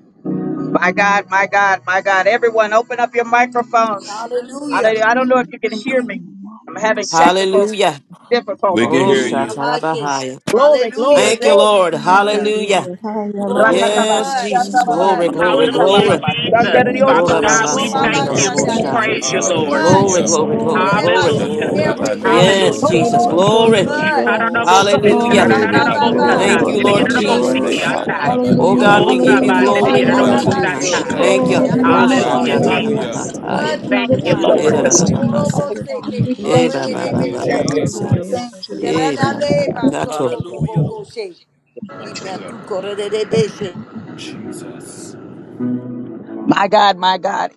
S1: My God, my God, my God. Everyone, open up your microphones. I
S4: Hallelujah.
S1: don't, I don't know if you can hear me. I'm having technical
S3: Hallelujah.
S8: We can
S1: difficulties.
S8: hear you.
S2: Hallelujah.
S4: Imamashe.
S3: Roshatarabahaya.
S1: Glory,
S2: Yes.
S4: Hallelujah.
S1: glory,
S3: Thank you,
S4: Thank
S1: glory.
S4: you,
S3: Lord.
S4: Jesus.
S3: Hallelujah.
S10: Hallelujah. Hayana
S4: Glory,
S2: Moremea.
S4: the
S10: Guru
S3: Yes,
S4: blood, the
S3: Jesus.
S6: Hallelujah,
S4: blood,
S3: Glory,
S10: Krishna,
S4: the
S6: hallelujah,
S3: glory,
S4: blood of
S9: Hallelujah,
S2: Hallelujah.
S3: glory.
S4: Jesus.
S6: hallelujah.
S9: Jesus.
S10: Yana
S6: Thank you,
S10: Guru
S9: Father
S8: We
S9: God,
S6: Jesus.
S2: Glory
S10: Krishna
S9: we
S2: to
S6: Thank
S2: you,
S6: you,
S10: Guru
S9: thank
S2: Lord.
S8: glorify
S9: you.
S6: Jesus.
S8: you,
S9: We
S6: Thank
S10: Krishna.
S6: you,
S4: Orobabashadare.
S3: Orabahasandarabahoshaya.
S9: praise
S8: Jesus.
S4: We plead
S9: you,
S6: Jesus.
S4: the
S6: Thank you,
S9: Lord.
S4: blood
S2: Hallelujah.
S3: Glory,
S8: Hallelujah.
S6: Jesus.
S3: glory,
S10: Hayana Guru
S6: Oh,
S3: glory,
S4: over
S6: God,
S3: glory.
S6: you are
S4: the
S10: Krishna
S9: Hallelujah.
S6: good.
S2: Glory
S6: You
S8: Shadora
S6: are
S2: to the
S4: airways,
S8: andi
S6: good.
S4: God.
S2: best.
S6: You are
S3: Yes,
S9: Hallelujah.
S8: andora
S6: good.
S3: Jesus.
S6: You are
S4: We plead
S8: amanda.
S4: the
S6: good.
S3: Glory.
S6: You are
S2: Hallelujah,
S4: blood.
S6: good.
S2: Lord God.
S6: Oh,
S2: Hallelujah,
S3: Hallelujah.
S6: we
S2: Lord
S8: Rede
S6: give you
S2: God.
S8: andede
S6: glory,
S4: Ba-ba-ba-ba-ba. We
S3: Thank
S6: Lord.
S3: you,
S6: We
S8: andorno
S4: plead the
S6: give
S3: Lord
S6: you
S8: ori
S4: blood
S2: Hallelujah,
S4: against
S8: amande
S6: glory,
S2: God.
S3: Jesus.
S6: God.
S4: technical
S3: Oh
S8: adadadabandi
S6: Hallelujah,
S3: God,
S4: difficulties.
S3: we
S8: ados.
S3: give
S2: Glory
S3: you
S2: to
S6: hallelujah,
S2: you,
S4: In
S2: Lord
S4: my
S3: glory
S2: God.
S4: right,
S3: on
S4: I
S6: hallelujah.
S8: Randi
S4: by
S8: ki
S4: shame
S3: tonight.
S2: Hallelujah.
S4: the head,
S3: Thank you.
S8: adai.
S6: Oh,
S4: I'm not.
S9: Hallelujah,
S6: Yamahaya,
S11: What
S4: God, we
S2: Re-da-da-da-da-ba-sa-no de
S9: Jesus.
S4: plead
S8: Hallelujah.
S6: yes.
S4: the
S2: yatai.
S4: blood,
S3: Roshakatarabahaya.
S6: We
S4: Father
S9: Thank
S6: lift
S9: you,
S10: Guru
S6: up
S4: God.
S6: our
S9: Lord.
S6: voice
S4: We
S6: to
S10: Krishna
S6: you,
S2: Re-da-da-da-da-bi-ko-yatai.
S10: Guru
S3: Erarabahasa.
S4: robo
S6: Father
S4: se
S6: God.
S4: que
S10: Krishna
S6: We
S4: mi
S10: Guru
S6: thank
S4: arrede
S6: you,
S4: de
S2: Hallelujah,
S6: God.
S8: Thank you,
S2: Lord.
S6: Thank
S4: beche.
S6: you,
S3: Ebababababasa.
S6: Lord.
S2: Hallelujah, Lord.
S6: Thank
S10: Hayana
S6: you,
S4: Y
S8: Jesus.
S10: Guru
S2: God.
S6: Lord.
S4: arreda
S6: Thank.
S4: le baso
S3: Erarabakato.
S4: todo
S2: Hallelujah, Lord.
S4: boco
S2: God.
S4: she. Y me
S11: Anyway,
S4: atuco rede Yarada ba so to boko she. Ina tu korede de beche.
S8: Jesus.
S1: My God, my God.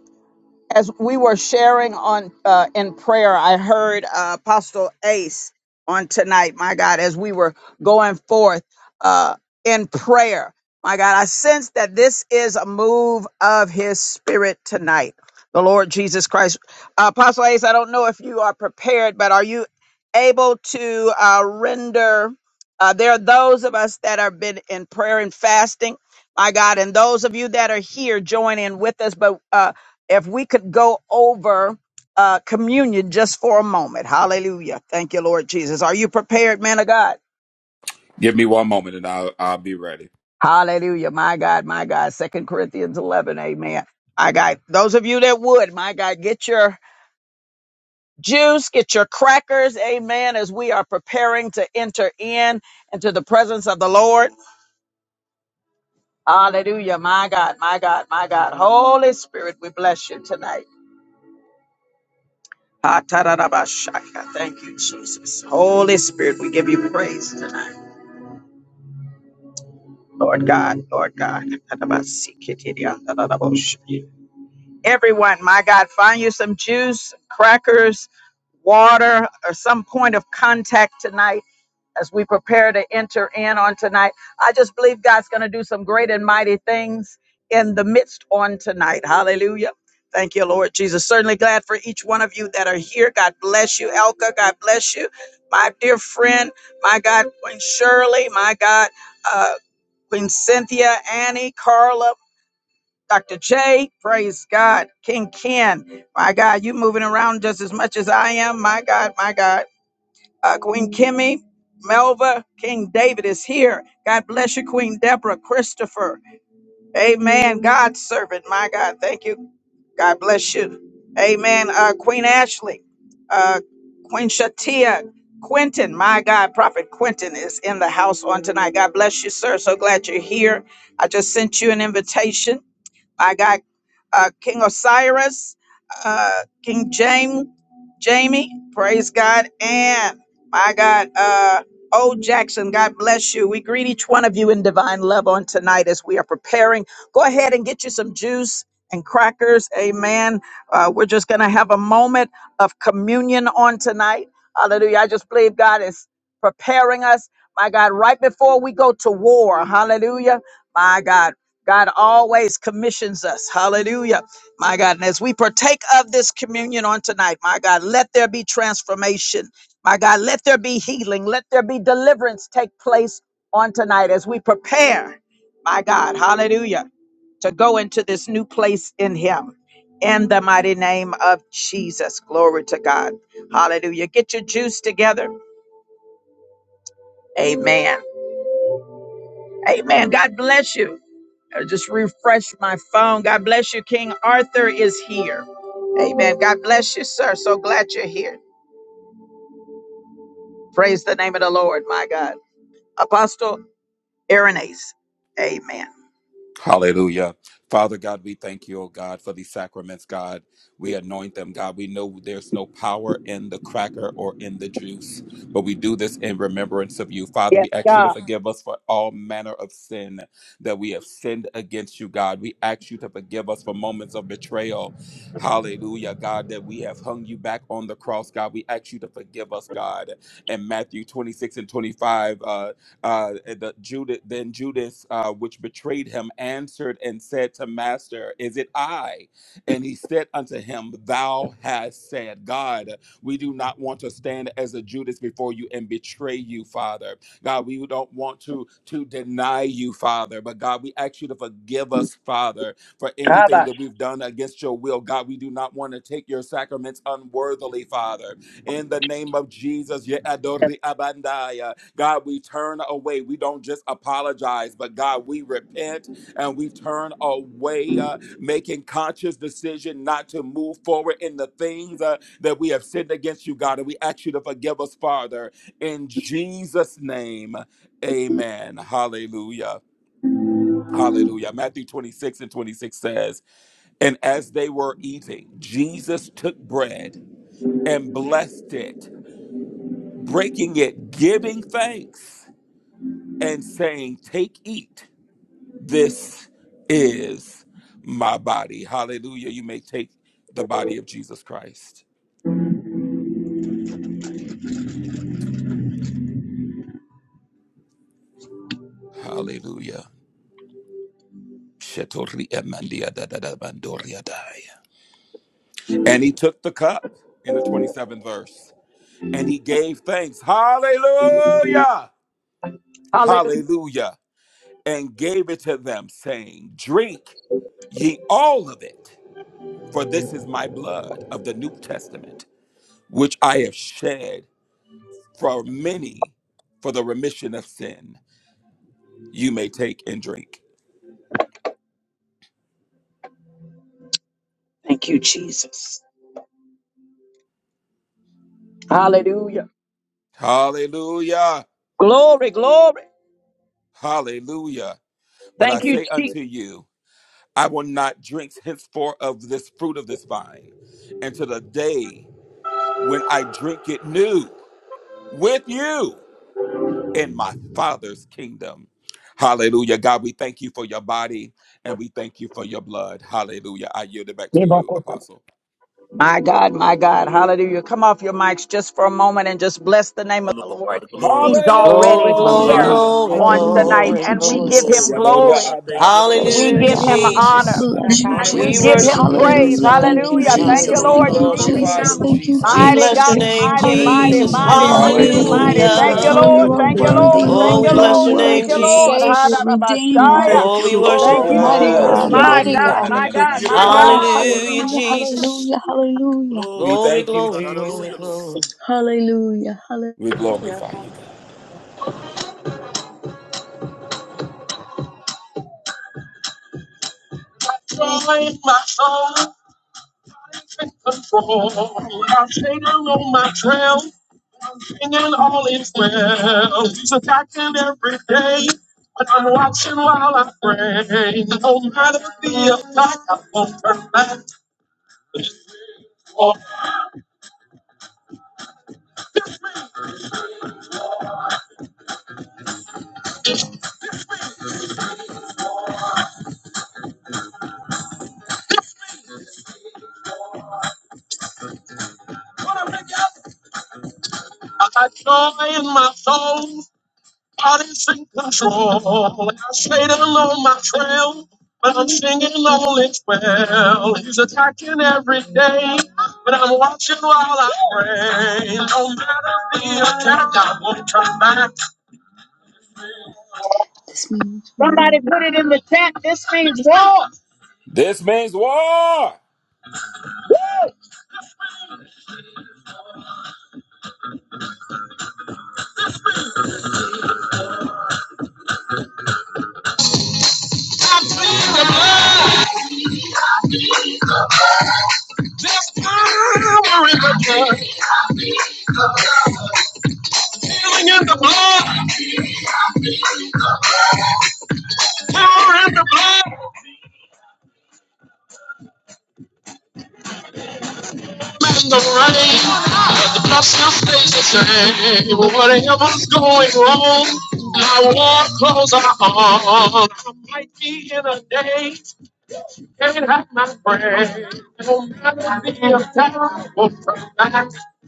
S1: as we were sharing on uh, in prayer, I heard uh, Apostle Ace on tonight. My God, as we were going forth uh, in prayer, my God, I sense that this is a move of His Spirit tonight. The Lord Jesus Christ, uh, Apostle Ace. I don't know if you are prepared, but are you able to uh, render? Uh, there are those of us that have been in prayer and fasting, my God, and those of you that are here, join in with us. But uh, if we could go over uh, communion just for a moment. Hallelujah. Thank you, Lord Jesus. Are you prepared, man of God?
S8: Give me one moment and I'll, I'll be ready.
S1: Hallelujah. My God, my God. Second Corinthians 11. Amen. I got those of you that would, my God, get your juice, get your crackers. Amen. As we are preparing to enter in into the presence of the Lord. Hallelujah. My God, my God, my God. Holy Spirit, we bless you tonight. Ah, ta-da-da-ba-shakas. We praise. Lord God, Lord God. Everyone, my God, find you some juice, crackers, water, or some point of contact tonight as we prepare to enter in on tonight. I just believe God's going to do some great and mighty things in the midst on tonight. Hallelujah. Thank you, Lord Jesus. Certainly glad for each one of you that are here. God bless you, Elka. God bless you, my dear friend, my God, Queen Shirley, my God. uh, Queen Cynthia, Annie, Carla, Dr. J, praise God, King Ken, my God, you moving around just as much as I am, my God, my God, uh, Queen Kimmy, Melva, King David is here. God bless you, Queen Deborah, Christopher, Amen. God's servant, my God, thank you. God bless you. Amen. Uh, Queen Ashley, uh, Queen Shatia, Quentin, my God, Prophet Quentin is in the house on tonight. God bless you, sir. So glad you're here. I just sent you an invitation. I got uh, King Osiris, uh, King James, Jamie, praise God, and my God, uh, O Jackson, God bless you. We greet each one of you in divine love on tonight as we are preparing. Go ahead and get you some juice and crackers, amen. Uh, we're just going to have a moment of communion on tonight. Hallelujah. I just believe God is preparing us, my God, right before we go to war. Hallelujah. My God. God always commissions us. Hallelujah. My God. And as we partake of this communion on tonight, my God, let there be transformation. My God, let there be healing. Let there be deliverance take place on tonight as we prepare, my God. Hallelujah. To go into this new place in Him. In the mighty name of Jesus. Glory to God. Hallelujah. Get your juice together. Amen. Amen. God bless you. I just refresh my phone. God bless you. King Arthur is here. Amen. God bless you, sir. So glad you're here. Praise the name of the Lord, my God. Apostle Irenaeus. Amen.
S8: Hallelujah. Father God, we thank you, oh God, for these sacraments, God. We anoint them, God. We know there's no power in the cracker or in the juice, but we do this in remembrance of you. Father,
S1: Yes,
S8: we ask you to
S1: God.
S8: forgive us for all manner of sin that we have sinned against you, God. We ask you to forgive us for moments of betrayal. Hallelujah, God, that we have hung you back on the cross, God. We ask you to forgive us, God. In Matthew 26 and 25, uh, Uh, eh, the Judith, then Judas, uh, which betrayed him, answered and said to Master, Is it I? And he said unto him, Thou hast said, God, we do not want to stand as a Judas before you and betray you, Father. God, we don't want to to deny you, Father. But God, we ask you to forgive us, Father, for anything that we've done against your will. God, we do not want to take your sacraments unworthily, Father. In the name of Jesus, ye adori abandai. God, we turn away. We don't just apologize, but God, we repent and we turn away, uh, making conscious decision not to move forward in the things uh, that we have sinned against you, God. And we ask you to forgive us, Father. In Jesus' name, amen. Hallelujah. Hallelujah. Matthew 26 and 26 says, And as they were eating, Jesus took bread and blessed it, breaking it, giving thanks. and saying, Take, eat. This is my body. Hallelujah. You may take the body of Jesus Christ. Hallelujah. Shetori emandia da da da bandoria dai. And he took the cup in the 27th verse and he gave thanks. Hallelujah. Hallelujah. And gave it to them, saying, Drink ye all of it, for this is my blood of the New Testament, which I have shed for many for the remission of sin. You may take and drink. Hallelujah. Hallelujah. But I say unto you, I will not drink henceforth of this fruit of this vine until the day when I drink it new with you in my Father's kingdom. Hallelujah. God, we thank you for your body and we thank you for your blood. Hallelujah. I yield it back to you,
S1: My
S8: Apostle.
S1: God, my God. Hallelujah. Come off your mics just for a moment and just bless the name of the
S2: Lord
S1: Lord.
S2: God, glory
S1: He's
S2: to you.
S3: Glory,
S1: already
S3: glory,
S1: here
S8: Hallelujah.
S6: Hallelujah.
S3: glory,
S2: Hallelujah, Lord
S1: on
S6: Hallelujah.
S2: God.
S1: tonight,
S3: glory,
S6: Thank you,
S1: and we
S3: glory.
S1: give him
S6: Jesus.
S2: Glory to you, Lord
S8: Yadora
S6: Bless
S1: glory.
S6: you,
S2: God.
S6: God.
S2: Thank
S8: Abba,
S2: you,
S6: Bless
S2: Lord.
S8: sorry,
S1: We
S6: you,
S2: Thank
S3: Hallelujah,
S1: give
S2: you,
S1: him
S6: God.
S8: Adanana
S2: Lord God.
S1: honor
S8: Mandora
S3: Jesus.
S8: Abba.
S6: Bless you,
S1: and we
S3: We
S1: give
S5: Sabayata.
S6: Jesus.
S2: Hallelujah,
S3: worship
S1: him
S2: Lord
S3: you in
S2: God.
S1: praise.
S3: this
S6: Hallelujah. Thank you,
S3: place.
S1: Hallelujah.
S2: Thank
S1: Thank
S2: you,
S1: you,
S6: Jesus.
S8: We
S2: Lord
S1: Lord
S6: Thank
S2: God.
S3: Hallelujah.
S6: you,
S1: Jesus.
S5: 49
S8: glorify
S2: Hallelujah,
S6: Jesus.
S8: you,
S2: Lord
S6: Thank you,
S2: God.
S3: We
S8: Jesus.
S1: Mighty
S3: bless your
S1: God,
S6: Jesus.
S3: name,
S1: mighty,
S2: Thank you,
S1: mighty,
S3: Jesus.
S6: Hallelujah.
S2: Lord.
S1: mighty,
S6: You're
S2: Thank you,
S1: mighty,
S6: worthy.
S2: Lord
S1: mighty.
S2: God.
S1: Thank
S8: Hallelujah.
S1: you,
S6: Oh,
S3: Hallelujah.
S1: Lord.
S6: you are
S1: Thank
S8: Yadori
S1: you,
S2: Thank you,
S1: Lord.
S6: worthy,
S2: Lord.
S3: Oh,
S1: Thank
S8: Anamando
S3: we
S1: you,
S6: Lord. You
S2: Thank
S6: are
S3: bless
S2: you,
S1: Lord.
S3: your
S8: Soria.
S2: Lord.
S1: Thank
S3: name,
S1: you,
S6: worthy.
S2: Thank you,
S1: Lord.
S2: Lord.
S6: Savior,
S3: Jesus.
S10: Lord,
S6: Redeemer.
S1: Ha-da-da-ba-shaya.
S2: Thank
S3: Oh,
S2: you,
S10: Thank
S3: we
S10: you,
S3: worship
S1: Thank
S6: Oh,
S3: you,
S2: Lord.
S10: Jesus.
S1: you,
S2: Thank
S6: mighty
S2: you,
S1: Jesus.
S2: Lord.
S8: Yes,
S6: God.
S3: Lord.
S1: My
S6: Mighty
S8: Yadori
S2: Alabasta.
S10: Hallelujah.
S1: God,
S6: God.
S1: my
S10: Thank
S8: Ananana
S10: you.
S1: God, my
S8: Mandora
S6: Oh,
S1: God.
S3: Hallelujah,
S6: hallelujah.
S2: Yedidididabasuramatokokokoy.
S3: Jesus.
S6: Hallelujah. Hallelujah.
S8: We
S2: Glory to
S3: Glory,
S2: you,
S8: thank
S2: Lord
S8: you,
S3: glory,
S2: God.
S3: glory,
S2: Hallelujah, Lord God.
S8: Jesus.
S3: glory.
S6: Hallelujah. Hallelujah.
S8: We
S5: Yeah.
S8: glorify you, God.
S1: Join my soul and control. I stayed on my trail, and then all is well. He's attacking every day, but I'm watching while I pray. No matter the attack, I won't turn back. Oh, I joy in my soul, God is in control. I stayed along my trail, but I'm singing all is well. He's attacking every day, but I'm watching while I pray. No matter the attack, I won't turn back.
S6: This means war.
S1: Somebody put it in the chat. This means war.
S8: This means war.
S1: Healing in the blood, power in the blood. and I'm running, but the pressure stays the same. Whatever's going wrong, I won't close my arms. I might be in a daze, can't have my breath. No matter the attack or from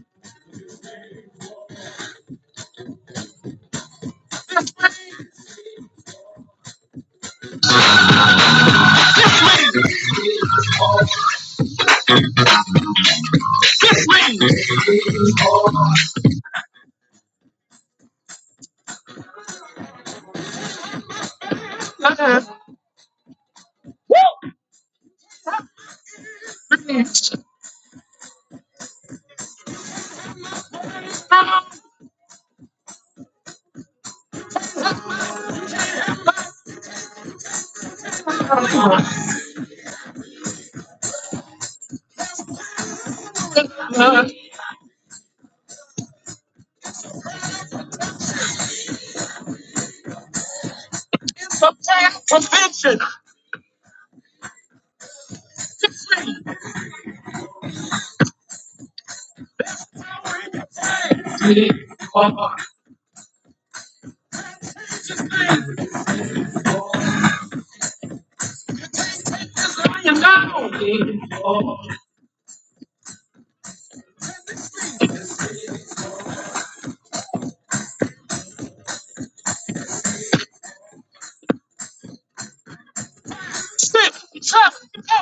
S1: Woo! It's a bad convention. Sit, shut,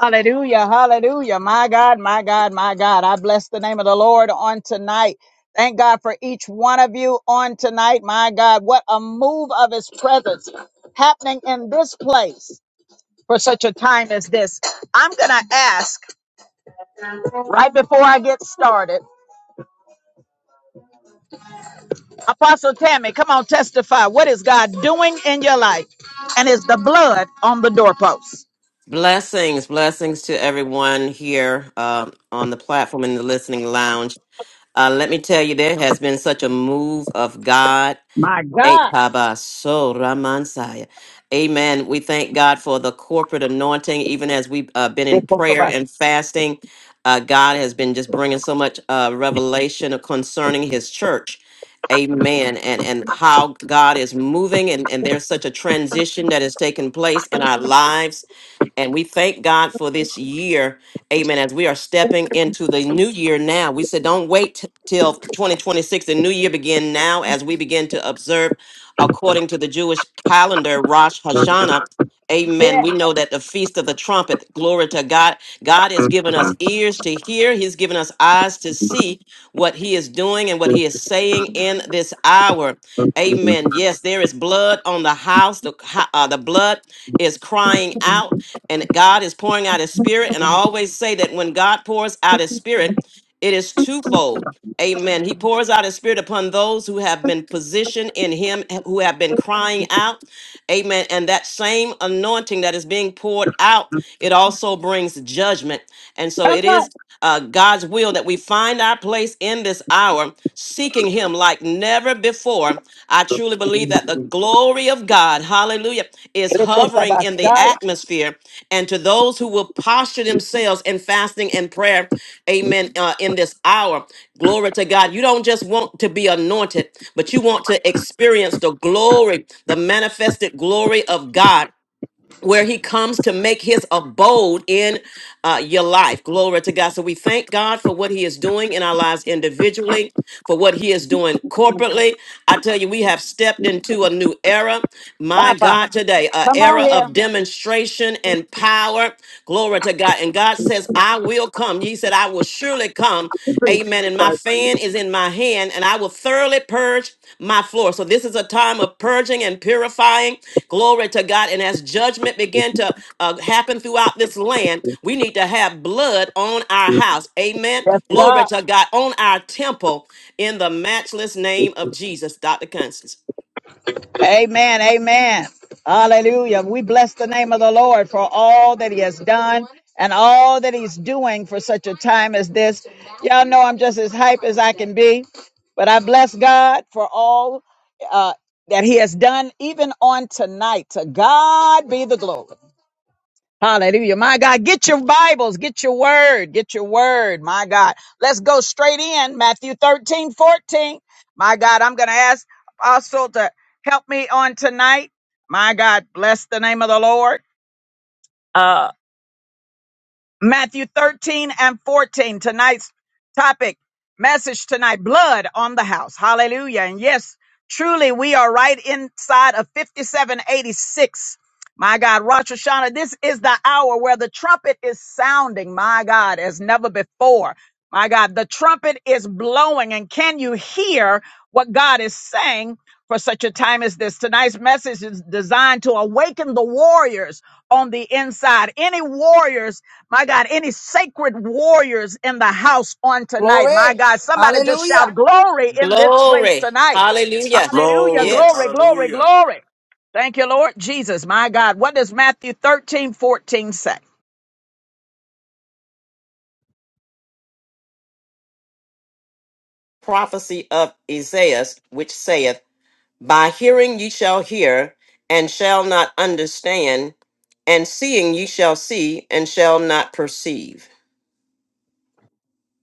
S1: Hallelujah, hallelujah. My God, my God, my God. I bless the name of the Lord on tonight. Thank God for each one of you on tonight. My God, what a move of his presence happening in this place for such a time as this. I'm going to ask right before I get started. Apostle Tammy, come on, testify. What is God doing in your life? And is the blood on the doorpost?
S3: Blessings, blessings to everyone here uh, on the platform in the listening lounge. Uh, let me tell you, there has been such a move of God.
S1: My
S3: Eh,
S1: God.
S3: Taba, so Ramansaya. Amen. We thank God for the corporate anointing, even as we've uh, been in
S1: Come
S3: prayer and fasting. Uh, God has been just bringing so much uh, revelation concerning his church. Amen. And and how God is moving, and, and there's such a transition that has taken place in our lives. And we thank God for this year Amen. As we are stepping into the new year now, we said don't wait t- till 2026. The new year begin now as we begin to observe according to the Jewish calendar, Rosh Hashanah. Amen. We know that the feast of the trumpet, glory to God. God has given us ears to hear. He's given us eyes to see what he is doing and what he is saying in this hour. Amen. Yes, there is blood on the house. The, ho- uh, the blood is crying out and God is pouring out his spirit. And I always say that when God pours out his spirit, it is twofold. Amen. He pours out his spirit upon those who have been positioned in him, who have been crying out. Amen. And that same anointing that is being poured out, it also brings judgment. And so it is
S1: on,
S3: uh, God's will that we find our place in this hour, seeking Him like never before. I truly believe that the glory of God, hallelujah, is hovering in the atmosphere. And to those who will posture themselves in fasting and prayer, amen, uh, in this hour, glory to God. You don't just want to be anointed, but you want to experience the glory, the manifested glory of God where he comes to make his abode in uh, your life. Glory to God. So we thank God for what he is doing in our lives individually, for what he is doing corporately. I tell you, we have stepped into a new era. My
S1: Papa.
S3: God, today, a
S1: Come on
S3: era
S1: here.
S3: of demonstration and power. Glory to God. And God says, I will come. He said, I will surely to come. Amen. And my fan is in my hand, and I will thoroughly purge my floor. So this is a time of purging and purifying. Glory to God. And as judgment began to uh, happen throughout this land, we need to have blood on our house. Amen.
S1: Yes, God.
S3: Glory to God on our temple in the matchless name of Jesus. Dr. Constance.
S1: Amen. Amen. Hallelujah. We bless the name of the Lord for all that he has done and all that he's doing for such a time as this. Y'all know I'm just as hype as I can be, but I bless God for all uh, that he has done, even on tonight. To God be the glory. Hallelujah. My God, get your Bibles, get your word, get your word. My God, let's go straight in Matthew 13 14. My God, I'm going to ask Apostle to help me on tonight. My God, bless the name of the Lord. Uh, Matthew 13 and 14. Tonight's topic, message tonight, blood on the house. Hallelujah. And yes, truly, we are right inside of 5786. My God, Rosh Hashanah, this is the hour where the trumpet is sounding, my God, as never before. My God, the trumpet is blowing. And can you hear what God is saying for such a time as this? Tonight's message is designed to awaken the warriors on the inside. Any warriors my God, any sacred warriors in the house on tonight. My
S4: Glory.
S1: God, somebody just shout
S4: Hallelujah.
S1: glory in this place
S3: Glory.
S1: tonight.
S3: Hallelujah.
S1: Hallelujah.
S2: Glory.
S1: Glory,
S3: Yes.
S1: glory,
S2: Hallelujah.
S1: glory. Thank you, Lord Jesus. My God, what does Matthew 13 14 say?
S3: Prophecy of Isaiah, which saith, By hearing ye shall hear, and shall not understand, and seeing ye shall see, and shall not perceive.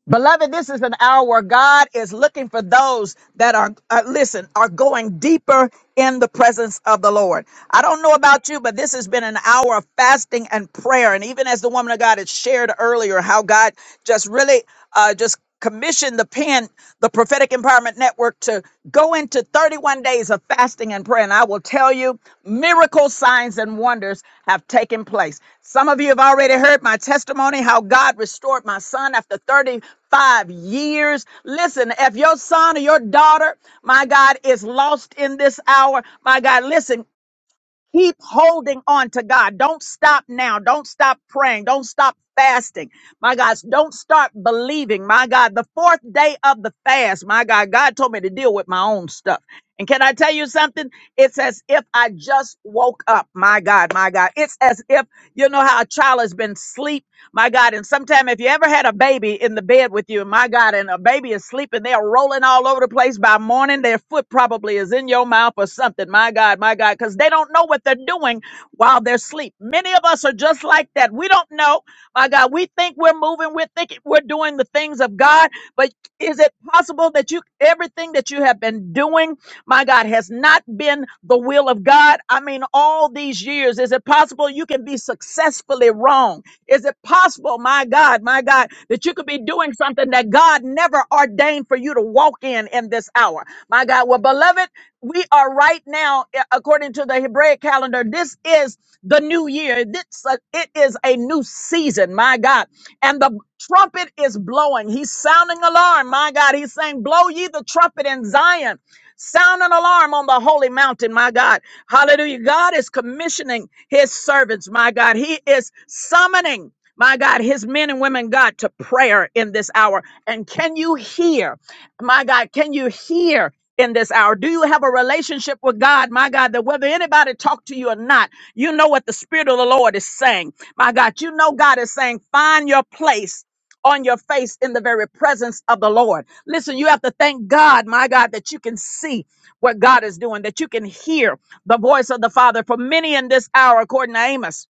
S1: Beloved, this is an hour where God is looking for those that are, uh, listen, are going deeper in the presence of the Lord. I don't know about you, but this has been an hour of fasting and prayer. And even as the woman of God had shared earlier, how God just really uh, just commissioned the pen, the Prophetic Empowerment Network, to go into 31 days of fasting and prayer. And I will tell you, miracle signs and wonders have taken place. Some of you have already heard my testimony how God restored my son after 35 years. Listen, if your son or your daughter, my God, is lost in this hour, my God, listen, Keep holding on to God. Don't stop now. Don't stop praying. Don't stop fasting. My God, don't start believing. My God, the fourth day of the fast, my God, God told me to deal with my own stuff. And can I tell you something? It's as if I just woke up. My God, my God. It's as if you know how a child has been asleep my God, and sometime if you ever had a baby in the bed with you, my God, and a baby is sleeping, they're rolling all over the place by morning. Their foot probably is in your mouth or something. My God, my God, because they don't know what they're doing while they're asleep. Many of us are just like that. We don't know. My God, we think we're moving, we're thinking we're doing the things of God, but is it possible that you everything that you have been doing my God, has not been the will of God. I mean, all these years, is it possible you can be successfully wrong? Is it possible, my God, my God, that you could be doing something that God never ordained for you to walk in in this hour? My God, well, beloved, we are right now, a- according to the Hebraic calendar, this is the new year. This, uh, it is a new season, my God. And the trumpet is blowing. He's sounding alarm, my God. He's saying, Blow ye the trumpet in Zion. Sound an alarm on the holy mountain, my God. Hallelujah. God is commissioning his servants, my God. He is summoning, my God, his men and women, God, to prayer in this hour. And can you hear, my God, can you hear? In this hour, do you have a relationship with God, my God, that whether anybody talk to you or not, you know what the Spirit of the Lord is saying, my God. You know God is saying, find your place on your face in the very presence of the Lord. Listen, you have to thank God, my God, that you can see what God is doing, that you can hear the voice of the Father for many in this hour, according to Amos.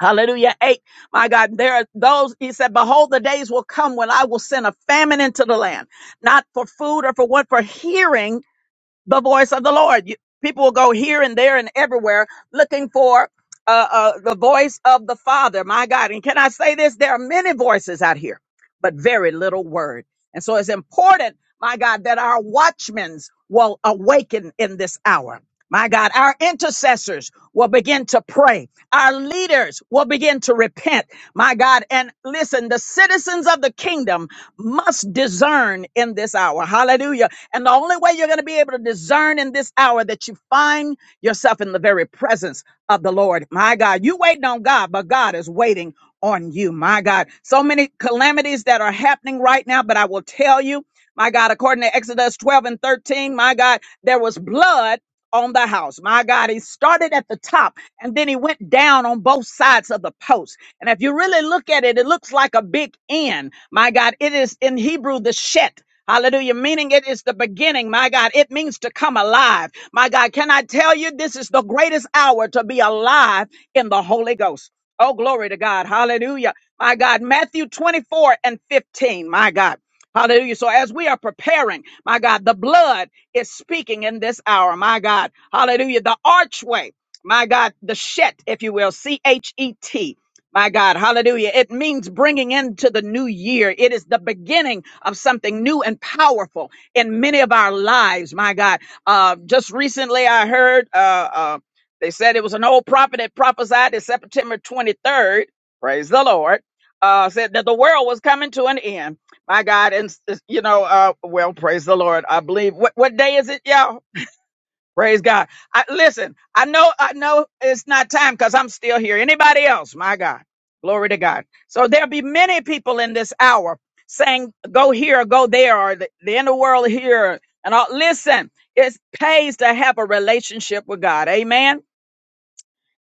S1: Hallelujah. Eight. My God, there are those, he said, behold, the days will come when I will send a famine into the land, not for food or for what, for hearing the voice of the Lord. You, people will go here and there and everywhere looking for uh, uh, the voice of the Father, my God. And can I say this? There are many voices out here, but very little word. And so it's important, my God, that our watchmen will awaken in this hour. My God, our intercessors will begin to pray. Our leaders will begin to repent. My God, and listen, the citizens of the kingdom must discern in this hour. Hallelujah and the only way you're going to be able to discern in this hour that you find yourself in the very presence of the Lord. My God, you waiting on God, but God is waiting on you. My God, so many calamities that are happening right now, but I will tell you, my God, according to Exodus 12 and 13, my God, there was blood on the house. My God, he started at the top and then he went down on both sides of the post. And if you really look at it, it looks like a big N. My God, it is in Hebrew the shet. Hallelujah. Meaning it is the beginning, my God. It means to come alive. My God, can I tell you this is the greatest hour to be alive in the Holy Ghost? Oh, glory to God. Hallelujah. My God, Matthew 24 and 15. My God. Hallelujah. So as we are preparing, my God, the blood is speaking in this hour. My God. Hallelujah. The archway. My God, the shet, if you will, C H E T. My God, hallelujah. It means bringing into the new year. It is the beginning of something new and powerful in many of our lives. My God. Uh, just recently, I heard uh, uh, they said it was an old prophet that prophesied that September 23rd, praise the Lord, uh, said that the world was coming to an end. My God. And, you know, uh, well, praise the Lord. I believe. What, what day is it, y'all? Praise God. I listen, I know I know it's not time because I'm still here. Anybody else? My God. Glory to God. So there'll be many people in this hour saying, go here, or go there, or the, the inner world here. And all listen, it pays to have a relationship with God. Amen.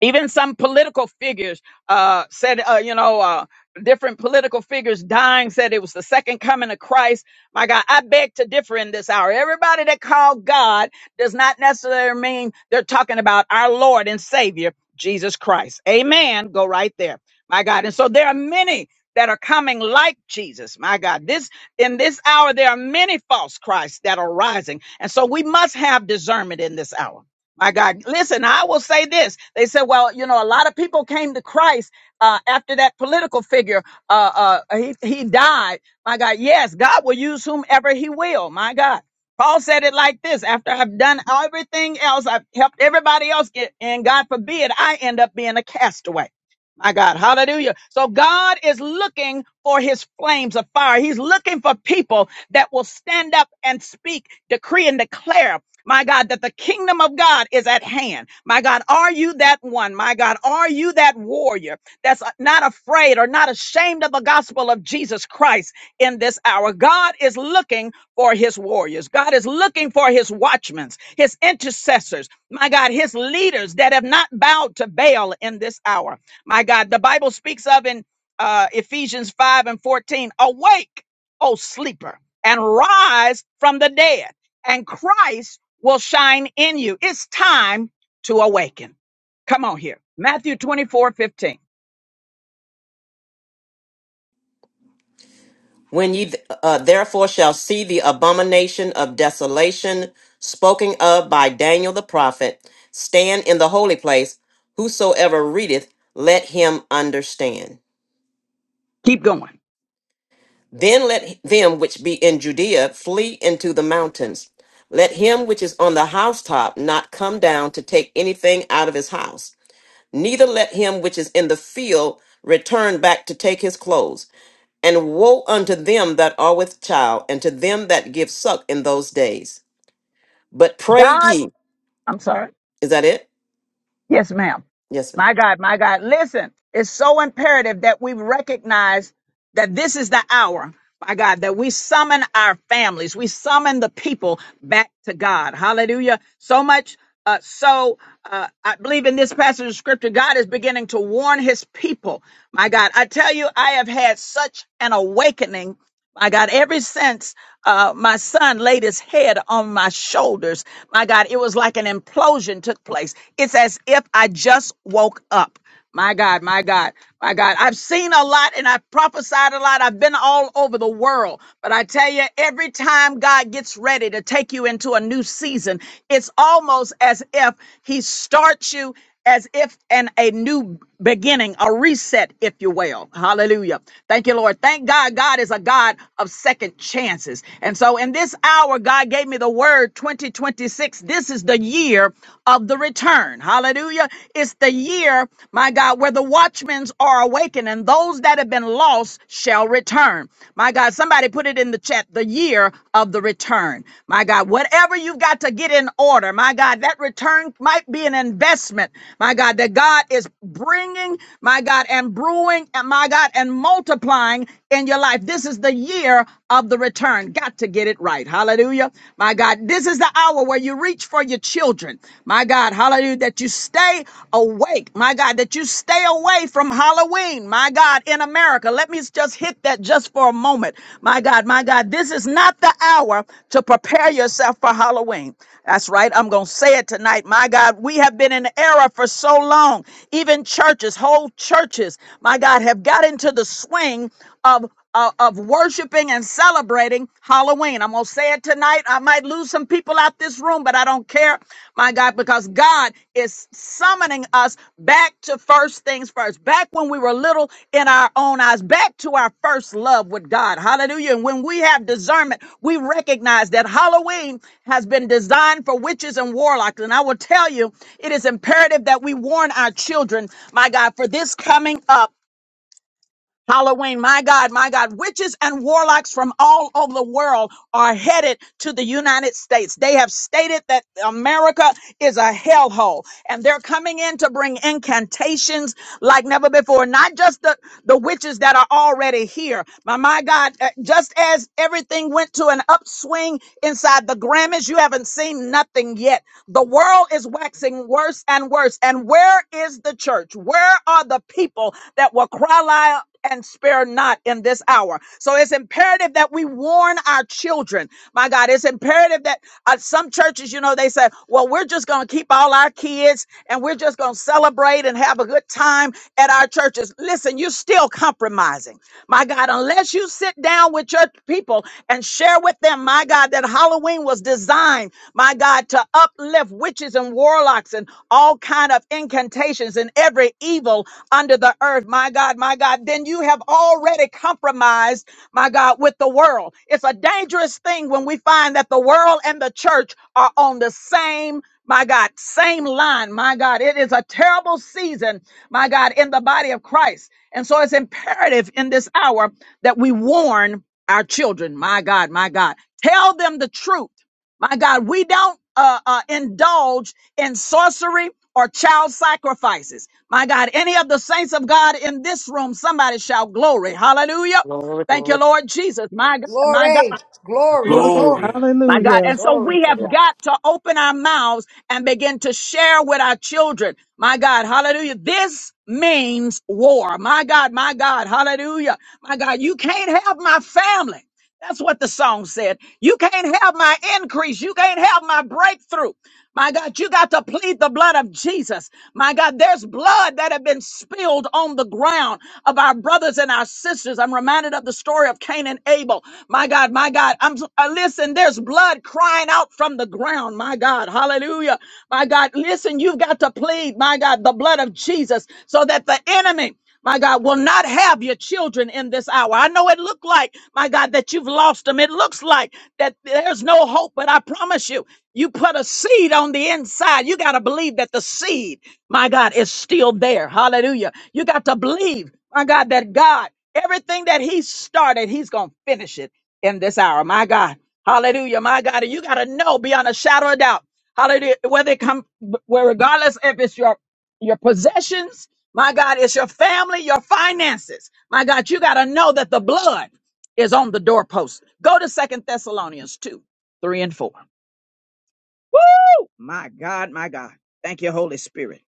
S1: Even some political figures uh, said, uh, you know, uh, different political figures dying said it was the second coming of Christ. My God, I beg to differ in this hour. Everybody that called God does not necessarily mean they're talking about our Lord and Savior, Jesus Christ. Amen. Go right there. My God. And so there are many that are coming like Jesus. My God, this in this hour, there are many false Christs that are rising. And so we must have discernment in this hour. My God. Listen, I will say this. They said, well, you know, a lot of people came to Christ uh, after that political figure. Uh, uh, he, he died. My God. Yes, God will use whomever he will. My God. Paul said it like this after I've done everything else, I've helped everybody else get, and God forbid I end up being a castaway. My God, hallelujah. So God is looking for his flames of fire. He's looking for people that will stand up and speak, decree, and declare my God, that the kingdom of God is at hand. My God, are you that one? My God, are you that warrior that's not afraid or not ashamed of the gospel of Jesus Christ in this hour? God is looking for his warriors. God is looking for his watchmen, his intercessors. My God, his leaders that have not bowed to Baal in this hour. My God, the Bible speaks of in uh, Ephesians 5 and 14 awake, O sleeper, and rise from the dead and Christ will shine in you. It's time to awaken. Come on here. Matthew 24 15.
S3: When ye th- uh, therefore shall see the abomination of desolation spoken of by Daniel the prophet, stand in the holy place, whosoever readeth, let him understand.
S1: Keep going.
S3: Then let them which be in Judea flee into the mountains. Let him which is on the housetop not come down to take anything out of his house neither let him which is in the field return back to take his clothes. And woe unto them that are with child, and to them that give suck in those days. But pray
S1: God,
S3: ye.
S1: I'm sorry.
S3: Is that it?
S1: Yes, ma'am.
S3: Yes,
S1: My God, my God. Listen, it's so imperative that we recognize that this is the hour, my God, that we summon our families, we summon the people back to God. Hallelujah. So much. Uh, so uh, I believe in this passage of scripture, God is beginning to warn his people. My God, I tell you, I have had such an awakening. My God, ever since uh, my son laid his head on my shoulders, my God, it was like an implosion took place. It's as if I just woke up. My God, my God, my God. I've seen a lot and I've prophesied a lot. I've been all over the world. But I tell you, every time God gets ready to take you into a new season, it's almost as if He starts you as if in a new beginning, a reset, if you will. Hallelujah. Thank you, Lord. Thank God. God is a God of second chances. And so in this hour, God gave me the word 2026. This is the year of the return. Hallelujah. It's the year, my God, where the watchmen are awakened and those that have been lost shall return. My God, somebody put it in the chat the year of the return. My God, whatever you've got to get in order, my God, that return might be an investment, my God, that God is bringing, my God, and brewing, and my God, and multiplying in your life. This is the year of the return. Got to get it right. Hallelujah. My God, this is the hour where you reach for your children. My God, hallelujah, that you stay awake. My God, that you stay away from Halloween. My God, in America, let me just hit that just for a moment. My God, my God, this is not the hour to prepare yourself for Halloween. That's right. I'm going to say it tonight. My God, we have been in error for so long. Even churches, whole churches, my God, have got into the swing of. Uh, of worshiping and celebrating Halloween. I'm going to say it tonight. I might lose some people out this room, but I don't care. My God, because God is summoning us back to first things first, back when we were little in our own eyes, back to our first love with God. Hallelujah. And when we have discernment, we recognize that Halloween has been designed for witches and warlocks. And I will tell you, it is imperative that we warn our children, my God, for this coming up. Halloween, my God, my God, witches and warlocks from all over the world are headed to the United States. They have stated that America is a hellhole and they're coming in to bring incantations like never before. Not just the, the witches that are already here, but my God, uh, just as everything went to an upswing inside the Grammys, you haven't seen nothing yet. The world is waxing worse and worse. And where is the church? Where are the people that will cry out and spare not in this hour? So it's imperative that we warn our children. My God, it's imperative that uh, some churches, you know, they say, well, we're just going to keep all our kids and we're just going to celebrate and have a good time at our churches. Listen, you're still compromising. My God, unless you sit down with your people and share with them, my God, that Halloween was designed, my God, to uplift witches and warlocks and all kind of incantations and every evil under the earth, my God, my God, then you have already compromised, my God, with the world. It's a dangerous thing when we find that the world and the church are on the same my God, same line. My God, it is a terrible season, my God, in the body of Christ. And so it's imperative in this hour that we warn our children. My God, my God, tell them the truth. My God, we don't uh, uh, indulge in sorcery or child sacrifices. My God, any of the saints of God in this room, somebody shout glory. Hallelujah. Thank
S3: ma'am.
S1: you, Lord Jesus. My God, my God.
S4: Glory. Glory. Glory.
S2: Glory.
S1: My God. And so
S12: Glory
S1: we
S12: to
S1: have
S12: God.
S1: got to open our mouths and begin to share with our children. My God. Hallelujah. This means war. My God. My God. Hallelujah. My God. You can't have my family. That's what the song said. You can't have my increase. You can't have my breakthrough. My God, you got to plead the blood of Jesus. My God, there's blood that have been spilled on the ground of our brothers and our sisters. I'm reminded of the story of Cain and Abel. My God, my God. I'm uh, listen, there's blood crying out from the ground. My God. Hallelujah. My God, listen, you've got to plead, my God, the blood of Jesus so that the enemy my God, will not have your children in this hour. I know it looked like, my God, that you've lost them. It looks like that there's no hope, but I promise you, you put a seed on the inside. You got to believe that the seed, my God, is still there. Hallelujah. You got to believe, my God, that God, everything that He started, He's going to finish it in this hour. My God. Hallelujah. My God. And you got to know beyond a shadow of doubt. Hallelujah. Whether it come, where regardless if it's your, your possessions, my God, it's your family, your finances. My God, you got to know that the blood is on the doorpost. Go to second Thessalonians two, three and four. Woo! My God, my God. Thank you, Holy Spirit.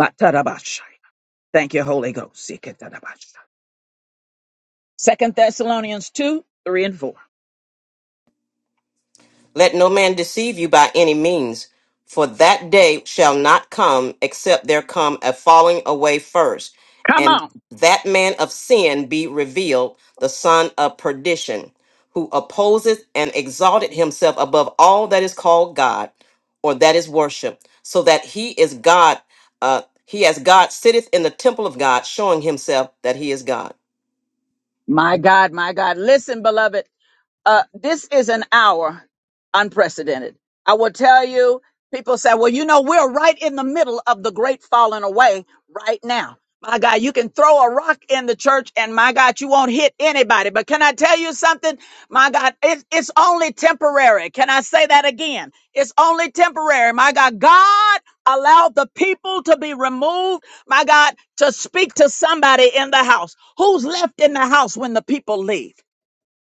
S1: Matarabashai. Thank you, Holy Ghost. Second Thessalonians two, three and four.
S3: Let no man deceive you by any means, for that day shall not come except there come a falling away first,
S1: Come
S3: and
S1: on.
S3: that man of sin be revealed, the son of perdition, who opposeth and exalted himself above all that is called God or that is worship, so that he is God, uh, he as God sitteth in the temple of God, showing himself that he is God.
S1: My God, my God. Listen, beloved uh, this is an hour unprecedented. I will tell you, people say, well, you know, we're right in the middle of the great falling away right now. My God, you can throw a rock in the church and my God, you won't hit anybody. But can I tell you something? My God, it, it's only temporary. Can I say that again? It's only temporary. My God, God allowed the people to be removed. My God, to speak to somebody in the house. Who's left in the house when the people leave?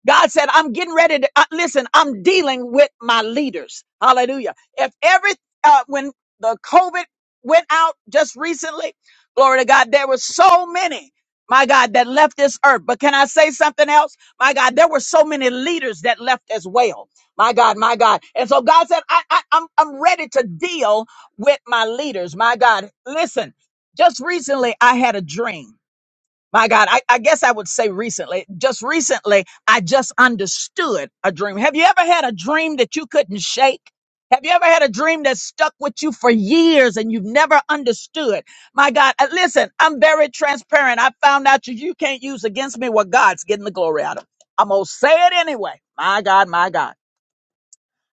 S1: God said, I'm getting ready to uh, listen, I'm dealing with my leaders. Hallelujah. If every, uh, when the COVID went out just recently, glory to God, there were so many, my God, that left this earth. But can I say something else? My God, there were so many leaders that left as well. My God, my God. And so God said, I, I, I'm, I'm ready to deal with my leaders. My God, listen, just recently I had a dream my God, I, I guess I would say recently, just recently, I just understood a dream. Have you ever had a dream that you couldn't shake? Have you ever had a dream that stuck with you for years and you've never understood? My God, uh, listen, I'm very transparent. I found out you, you can't use against me what God's getting the glory out of. I'm going to say it anyway. My God, my God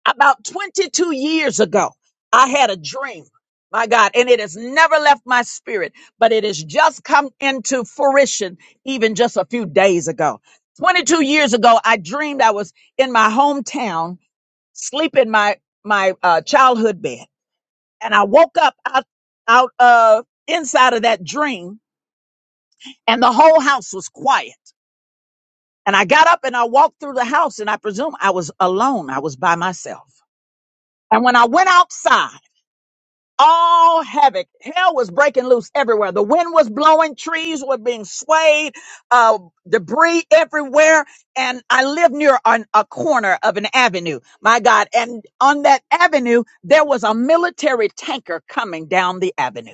S1: about 22 years ago, I had a dream, my God, and it has never left my spirit, but it has just come into fruition even just a few days ago. 22 years ago, I dreamed I was in my hometown, sleep in my, my uh, childhood bed. And I woke up out, out of inside of that dream and the whole house was quiet. And I got up and I walked through the house and I presume I was alone. I was by myself. And when I went outside, all havoc. Hell was breaking loose everywhere. The wind was blowing, trees were being swayed, uh, debris everywhere. And I lived near an, a corner of an avenue, my God. And on that avenue, there was a military tanker coming down the avenue.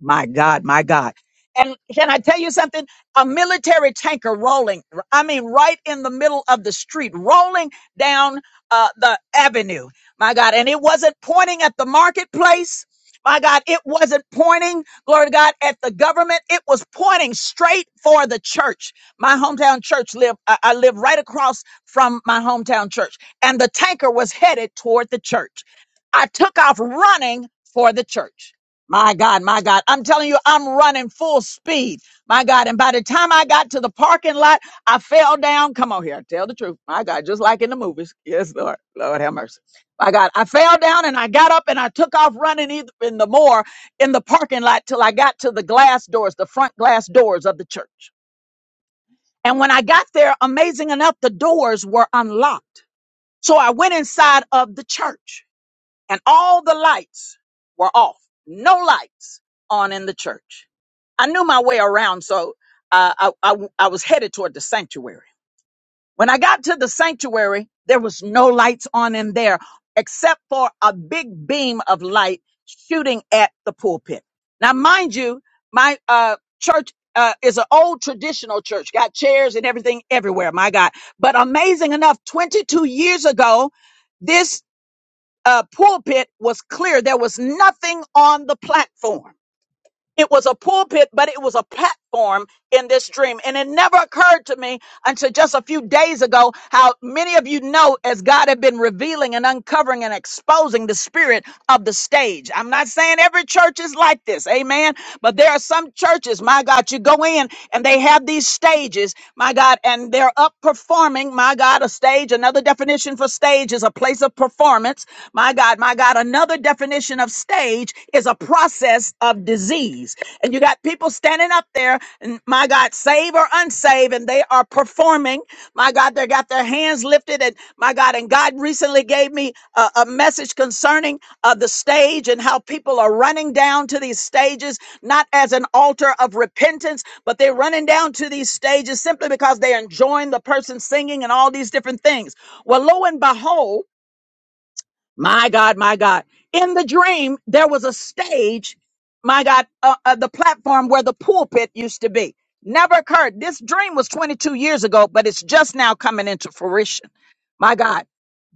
S1: My God, my God. And can I tell you something? A military tanker rolling, I mean, right in the middle of the street, rolling down uh, the avenue. My God. And it wasn't pointing at the marketplace. My God, it wasn't pointing, glory to God, at the government. It was pointing straight for the church. My hometown church lived, I I live right across from my hometown church. And the tanker was headed toward the church. I took off running for the church. My God, my God. I'm telling you, I'm running full speed. My God. And by the time I got to the parking lot, I fell down. Come on here. Tell the truth. My God. Just like in the movies. Yes, Lord. Lord have mercy. My God. I fell down and I got up and I took off running either in the more in the parking lot till I got to the glass doors, the front glass doors of the church. And when I got there, amazing enough, the doors were unlocked. So I went inside of the church and all the lights were off. No lights on in the church. I knew my way around, so uh, I, I, I was headed toward the sanctuary. When I got to the sanctuary, there was no lights on in there except for a big beam of light shooting at the pulpit. Now, mind you, my uh, church uh, is an old traditional church, got chairs and everything everywhere, my God. But amazing enough, 22 years ago, this uh, pulpit was clear. There was nothing on the platform. It was a pulpit, but it was a platform in this dream. And it never occurred to me until just a few days ago how many of you know, as God had been revealing and uncovering and exposing the spirit of the stage. I'm not saying every church is like this, amen. But there are some churches, my God, you go in and they have these stages, my God, and they're up performing, my God, a stage. Another definition for stage is a place of performance, my God, my God. Another definition of stage is a process of disease. And you got people standing up there, and my God, save or unsave, and they are performing, my God, they got their hands lifted, and my God, and God recently gave me a, a message concerning. Of the stage and how people are running down to these stages, not as an altar of repentance, but they're running down to these stages simply because they're enjoying the person singing and all these different things. Well, lo and behold, my God, my God. In the dream, there was a stage, my God, uh, uh, the platform where the pulpit used to be. Never occurred. This dream was 22 years ago, but it's just now coming into fruition. My God.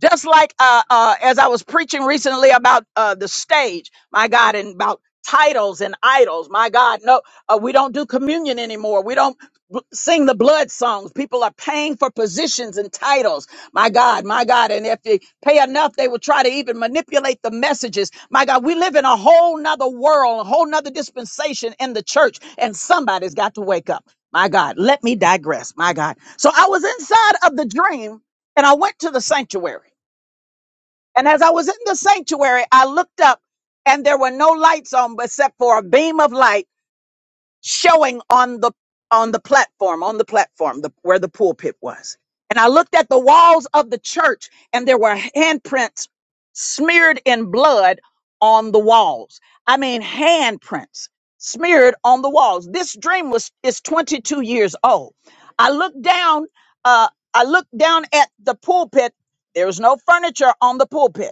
S1: Just like uh, uh, as I was preaching recently about uh, the stage, my God, and about titles and idols. My God, no, uh, we don't do communion anymore. We don't b- sing the blood songs. People are paying for positions and titles. My God, my God. And if they pay enough, they will try to even manipulate the messages. My God, we live in a whole nother world, a whole nother dispensation in the church, and somebody's got to wake up. My God, let me digress. My God. So I was inside of the dream and I went to the sanctuary. And as I was in the sanctuary, I looked up and there were no lights on except for a beam of light showing on the on the platform on the platform the, where the pulpit was and i looked at the walls of the church and there were handprints smeared in blood on the walls i mean handprints smeared on the walls this dream was is 22 years old i looked down uh i looked down at the pulpit there was no furniture on the pulpit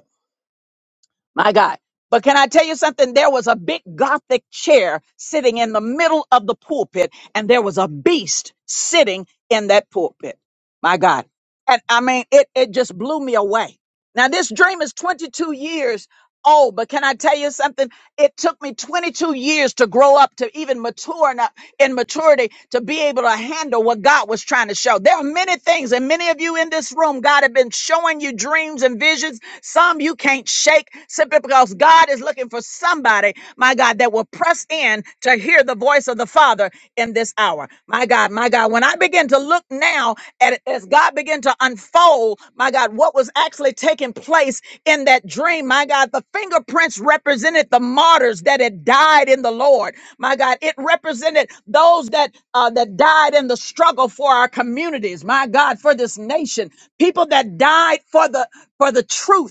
S1: my God. But can I tell you something? There was a big gothic chair sitting in the middle of the pulpit, and there was a beast sitting in that pulpit. My God. And I mean, it, it just blew me away. Now, this dream is 22 years Oh, but can I tell you something? It took me 22 years to grow up to even mature enough in maturity to be able to handle what God was trying to show. There are many things, and many of you in this room, God have been showing you dreams and visions. Some you can't shake simply because God is looking for somebody, my God, that will press in to hear the voice of the Father in this hour. My God, my God, when I begin to look now at as God began to unfold, my God, what was actually taking place in that dream, my God, the fingerprints represented the martyrs that had died in the Lord. My God, it represented those that uh, that died in the struggle for our communities. My God, for this nation, people that died the, for the truth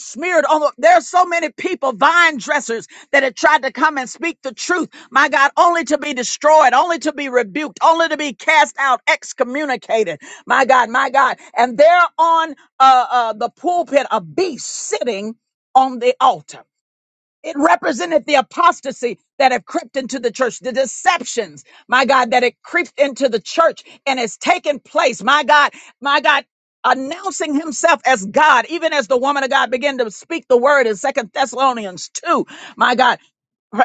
S1: smeared on the- there are so many people vine dressers that have tried to come and speak the truth my god only to be destroyed only to be rebuked only cast out excommunicated my god and they're on uh, uh the pulpit a beast sitting on the altar it represented the apostasy that have crept into the church, the deceptions, my God, that it crept into the church and has taken place. My God, my God, announcing himself as God, even as the woman of God began to speak the word in Second Thessalonians 2, my God,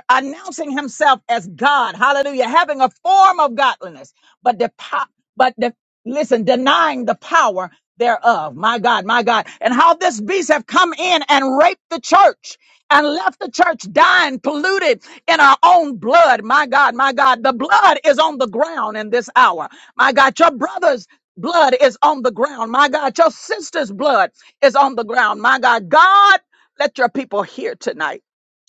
S1: announcing himself as God, hallelujah, having a form of godliness but the po- but the listen, denying the power thereof. My God, my God. And how this beast have come in and raped the church and left the church dying, polluted in our own blood. My God, my God. The blood is on the ground in this hour. My God, your brother's blood is on the ground. My God, your sister's blood is on the ground. My God, God, let your people hear tonight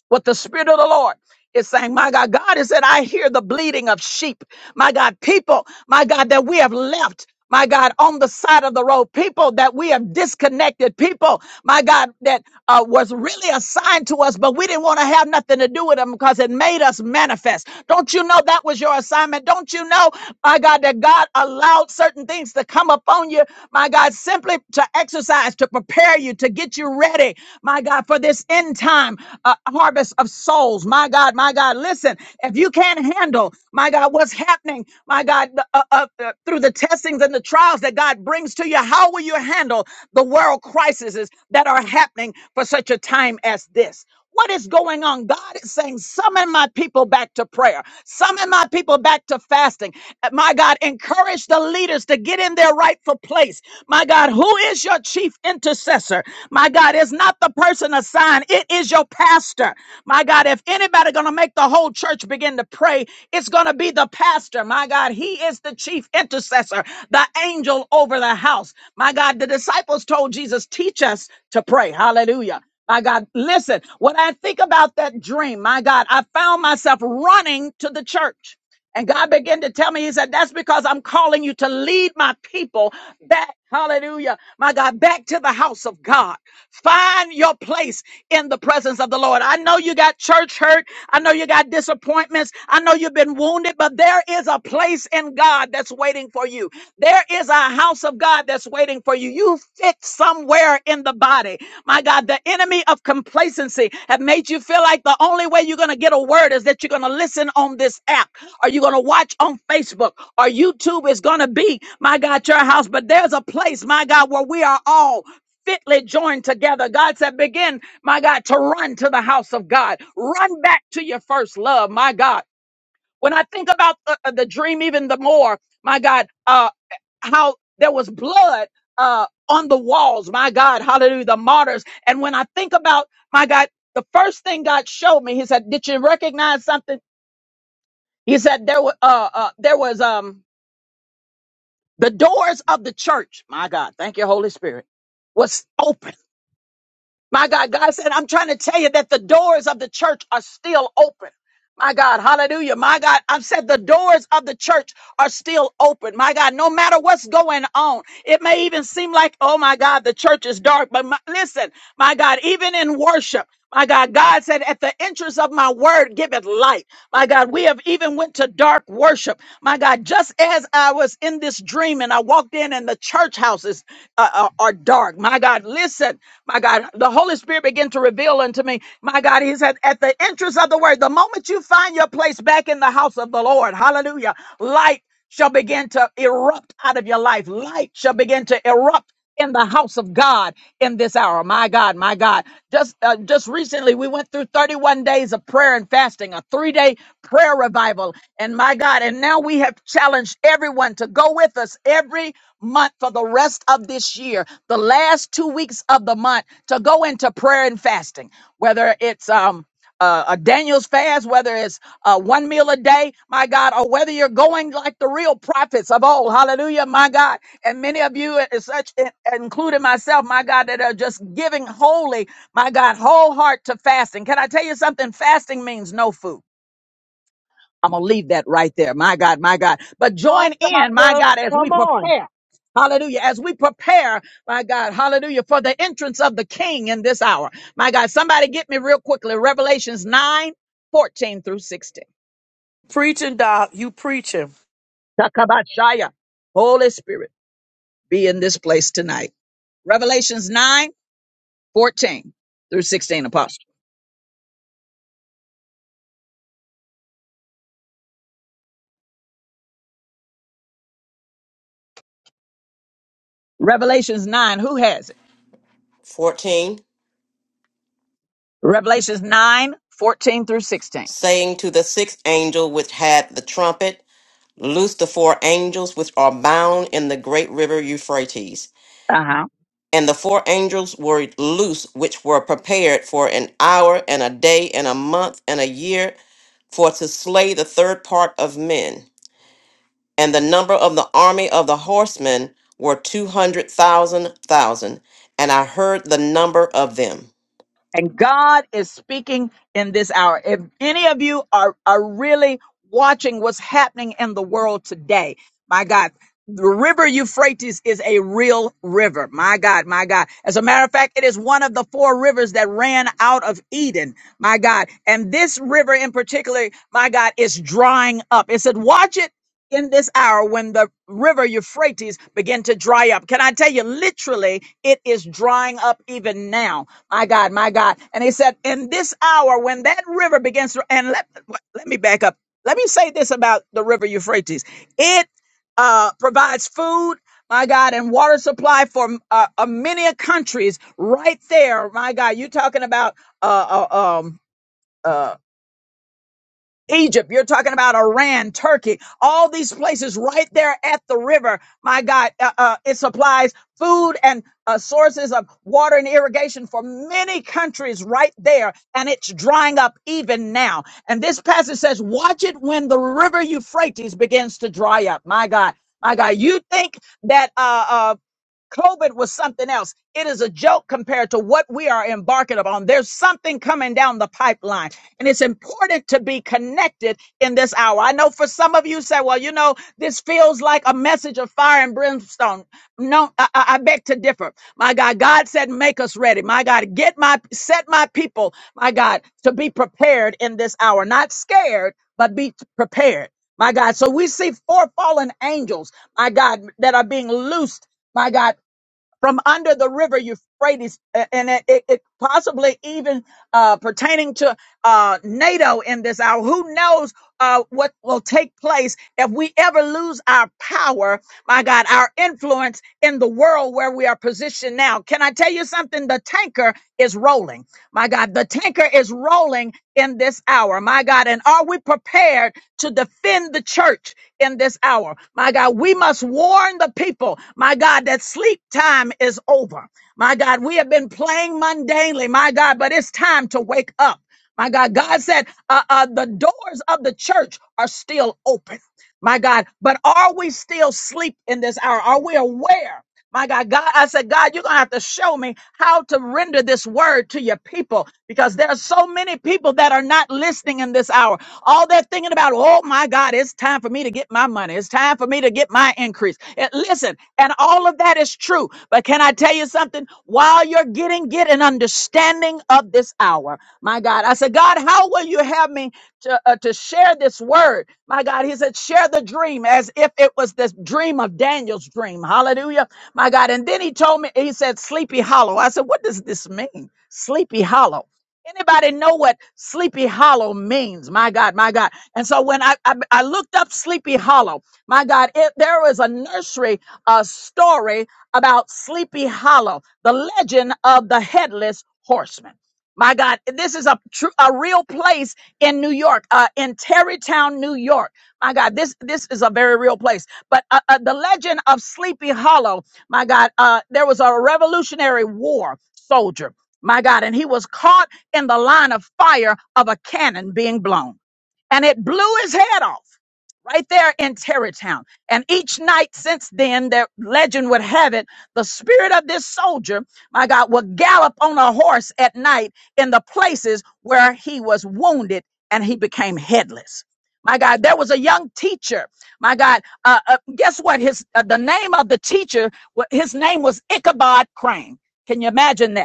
S1: what the Spirit of the Lord is saying. My God, God is that I hear the bleeding of sheep. My God, people, my God, that we have left. My God, on the side of the road, people that we have disconnected, people, my God, that uh, was really assigned to us, but we didn't want to have nothing to do with them because it made us manifest. Don't you know that was your assignment? Don't you know, my God, that God allowed certain things to come? come upon you, my God, simply to exercise, to prepare you, to get you ready, my God, for this end time uh, harvest of souls. My God, my God, listen, if you can't handle, my God, what's happening, my God, the- uh, uh, uh, through the testings and the trials that God brings to you, how will you handle the world crises that are happening for such a time as this? What is going on? God is saying, summon my people back to prayer, summon my people back to fasting. Uh, My God, encourage the leaders to get in their rightful place. My God, who is your chief intercessor? My God, it's not the person assigned, it is your pastor. My God, if anybody gonna make the whole church begin to pray, it's gonna be the pastor. My God, he is the chief intercessor, the angel over the house. My God, the disciples told Jesus, teach us to pray. Hallelujah. My God, listen, when I think about that dream, my God, I found myself running to the church. And God began to tell me, He said, That's because I'm calling you to lead my people back, hallelujah, my God, back to the house of God. Find your place in the presence of the Lord. I know you got church hurt. I know you got disappointments. I know you've been wounded, but there is a place in God that's waiting for you. There is a house of God that's waiting for you. You fit somewhere in the body. My God, the enemy of complacency have made you feel like the only way you're going to get a word is that you're going to listen on this app or you're going to watch on Facebook or YouTube is going to be, my God, your house. But there's a place, my God, where we are all fitly joined together. God said, begin, my God, to run to the house of God. Run back to your first love, my God. When I think about the, the dream even the more, my God, uh, how there was blood uh, on the walls, my God, hallelujah, the martyrs. And when I think about, my God, the first thing God showed me, He said, "Did you recognize something?" He said, "There was, uh, uh, there was um, the doors of the church, my God, thank you, Holy Spirit, was open." My God, God said, I'm trying to tell you that the doors of the church are still open. My God, hallelujah. My God, I've said the doors of the church are still open. My God, no matter what's going on, it may even seem like, oh my God, the church is dark. But my, listen, my God, even in worship, my God, God said, at the entrance of my word, give it light. My God, we have even went to dark worship. My God, just as I was in this dream and I walked in and the church houses uh, are are dark. My God, listen, my God, the Holy Spirit began to reveal unto me. My God, He said, at the entrance of the word, the moment you find your place back in the house of the Lord, hallelujah, light shall begin to erupt out of your life. Light shall begin to erupt in the house of God in this hour. My God, my God. Just uh, just recently we went through 31 days of prayer and fasting, a 3-day prayer revival. And my God, and now we have challenged everyone to go with us every month for the rest of this year, the last 2 weeks of the month to go into prayer and fasting. Whether it's um uh, a Daniel's fast, whether it's uh, one meal a day, my God, or whether you're going like the real prophets of old, hallelujah, my God. And many of you, and such in- including myself, my God, that are just giving wholly, my God, whole heart to fasting. Can I tell you something? Fasting means no food. I'm going to leave that right there. My God, my God. But
S13: Come on,
S1: join in, my
S13: doctor.
S1: God, as we
S13: Come on.
S1: prepare. Hallelujah. As we prepare, my God, hallelujah, for the entrance of the king in this hour. My God, somebody get me real quickly. Revelations nine fourteen through 16.
S13: Preaching, doc. You preaching.
S1: Takabashaya. Holy Spirit, be in this place tonight. Revelations 9 14 through 16, Apostle. Revelations 9, who has it?
S3: 14
S1: Revelations 9 14 through 16.
S3: saying to the sixth angel which had the trumpet, Loose the four angels which are bound in the great river Euphrates.
S1: Uh-huh.
S3: And the four angels were loose, which were prepared for an hour and a day and a month and a year, for to slay the third part of men. And the number of the army of the horsemen were two hundred thousand thousand. And I heard the number of them.
S1: And God is speaking in this hour. If any of you are, are really watching what's happening in the world today, my God, the river Euphrates is a real river. My God, my God. As a matter of fact, it is one of the four rivers that ran out of Eden. My God. And this river in particular, my God, is drying up. It said, watch it in this hour when the river Euphrates begin to dry up. Can I tell you, literally, it is drying up even now. My God, my God. And he said, in this hour, when that river begins to, and let, let me back up. Let me say this about the river Euphrates. It uh, provides food, my God, and water supply for uh, uh, many countries right there. My God, you're talking about uh, uh, um, uh, Egypt, you're talking about Iran, Turkey, all these places right there at the river. My God, uh, uh, it supplies food and uh, sources of water and irrigation for many countries right there, and it's drying up even now. And this passage says, Watch it when the river Euphrates begins to dry up. My God. My God, you think that uh, uh, COVID was something else. It is a joke compared to what we are embarking upon. There's something coming down the pipeline, and it's important to be connected in this hour. I know for some of you say, well, you know, this feels like a message of fire and brimstone. No, I, I I beg to differ. My God, God said, make us ready. My God, get my, set my people, my God, to be prepared in this hour, not scared, but be prepared. My God. So we see four fallen angels, my God, that are being loosed. My God, from under the river Euphrates, and it, it, it possibly even uh, pertaining to uh, NATO in this hour. Who knows uh, what will take place if we ever lose our power, my God, our influence in the world where we are positioned now? Can I tell you something? The tanker is rolling, my God. The tanker is rolling in this hour, my God. And are we prepared to defend the church? in this hour. My God, we must warn the people, my God, that sleep time is over. My God, we have been playing mundanely, my God, but it's time to wake up. My God, God said uh, uh, the doors of the church are still open. My God, but are we still asleep in this hour? Are we aware? My God, God, I said, God, you're going to have to show me how to render this word to your people because there are so many people that are not listening in this hour. All that thinking about, oh my God, it's time for me to get my money. It's time for me to get my increase. And listen, and all of that is true. But can I tell you something? While you're getting, get an understanding of this hour. My God, I said, God, how will you have me to, uh, to share this word? My God, he said, share the dream as if it was this dream of Daniel's dream. Hallelujah. My God. And then he told me, he said, Sleepy Hollow. I said, what does this mean? Sleepy Hollow. Anybody know what Sleepy Hollow means? My God, my God. And so when I I, I looked up Sleepy Hollow, my God, it, there was a nursery uh, story about Sleepy Hollow, the legend of the headless horseman. My God, this is a true, a real place in New York, uh, in Tarrytown, New York. My God, this this is a very real place. But uh, uh, the legend of Sleepy Hollow, my God, uh, there was a Revolutionary War soldier my God. And he was caught in the line of fire of a cannon being blown. And it blew his head off right there in Tarrytown. And each night since then, the legend would have it, the spirit of this soldier, my God, would gallop on a horse at night in the places where he was wounded and he became headless. My God, there was a young teacher. My God, uh, uh, guess what? His uh, the name of the teacher, wa- his name was Ichabod Crane. Can you imagine that?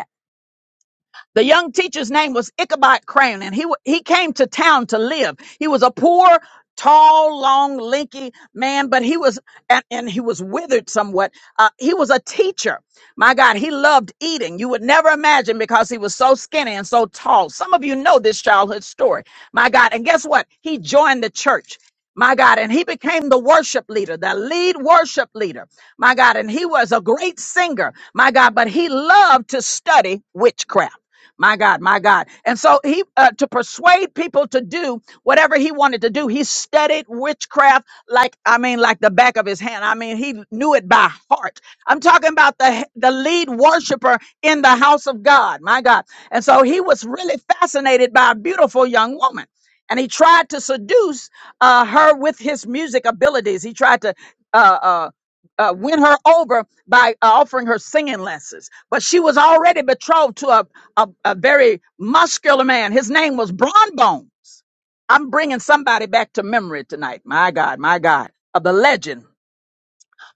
S1: The young teacher's name was Ichabod Crane, and he wa- he came to town to live. He was a poor, tall, long, lanky man, but he was and, and he was withered somewhat. Uh, he was a teacher. My God, he loved eating. You would never imagine because he was so skinny and so tall. Some of you know this childhood story. My God, and guess what? He joined the church. My God, and he became the worship leader, the lead worship leader. My God, and he was a great singer. My God, but he loved to study witchcraft. My God, my God. And so he, uh, to persuade people to do whatever he wanted to do, he studied witchcraft like, I mean, like the back of his hand. I mean, he knew it by heart. I'm talking about the, the lead worshiper in the house of God. My God. And so he was really fascinated by a beautiful young woman. And he tried to seduce uh, her with his music abilities. He tried to uh, uh, uh, win her over by uh, offering her singing lessons. But she was already betrothed to a a, a very muscular man. His name was Bron Bones. I'm bringing somebody back to memory tonight. My God, my God, of the legend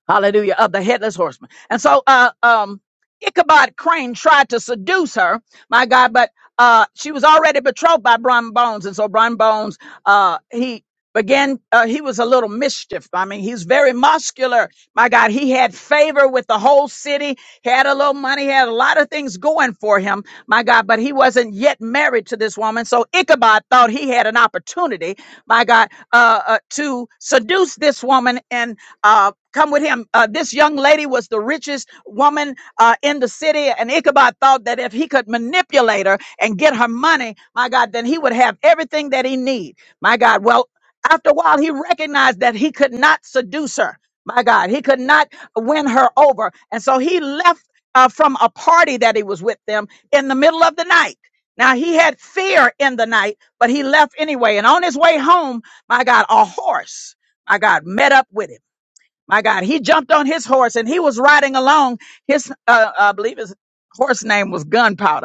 S1: hallelujah, of the headless horseman. And so, uh, um, Ichabod Crane tried to seduce her, my God, but uh, she was already betrothed by Bron Bones, and so Bron Bones, uh, he began. Uh, he was a little mischief. I mean, he's very muscular, my God. He had favor with the whole city. Had a little money. Had a lot of things going for him, my God. But he wasn't yet married to this woman, so Ichabod thought he had an opportunity, my God, uh, uh, to seduce this woman and uh, come with him. Uh, this young lady was the richest woman uh, in the city, and Ichabod thought that if he could manipulate her and get her money, my God, then he would have everything that he need. My God. Well, after a while, he recognized that he could not seduce her. My God, he could not win her over, and so he left uh, from a party that he was with them in the middle of the night. Now he had fear in the night, but he left anyway. And on his way home, my God, a horse, my God, met up with him. My God, he jumped on his horse and he was riding along. His, uh, I believe his horse name was Gunpowder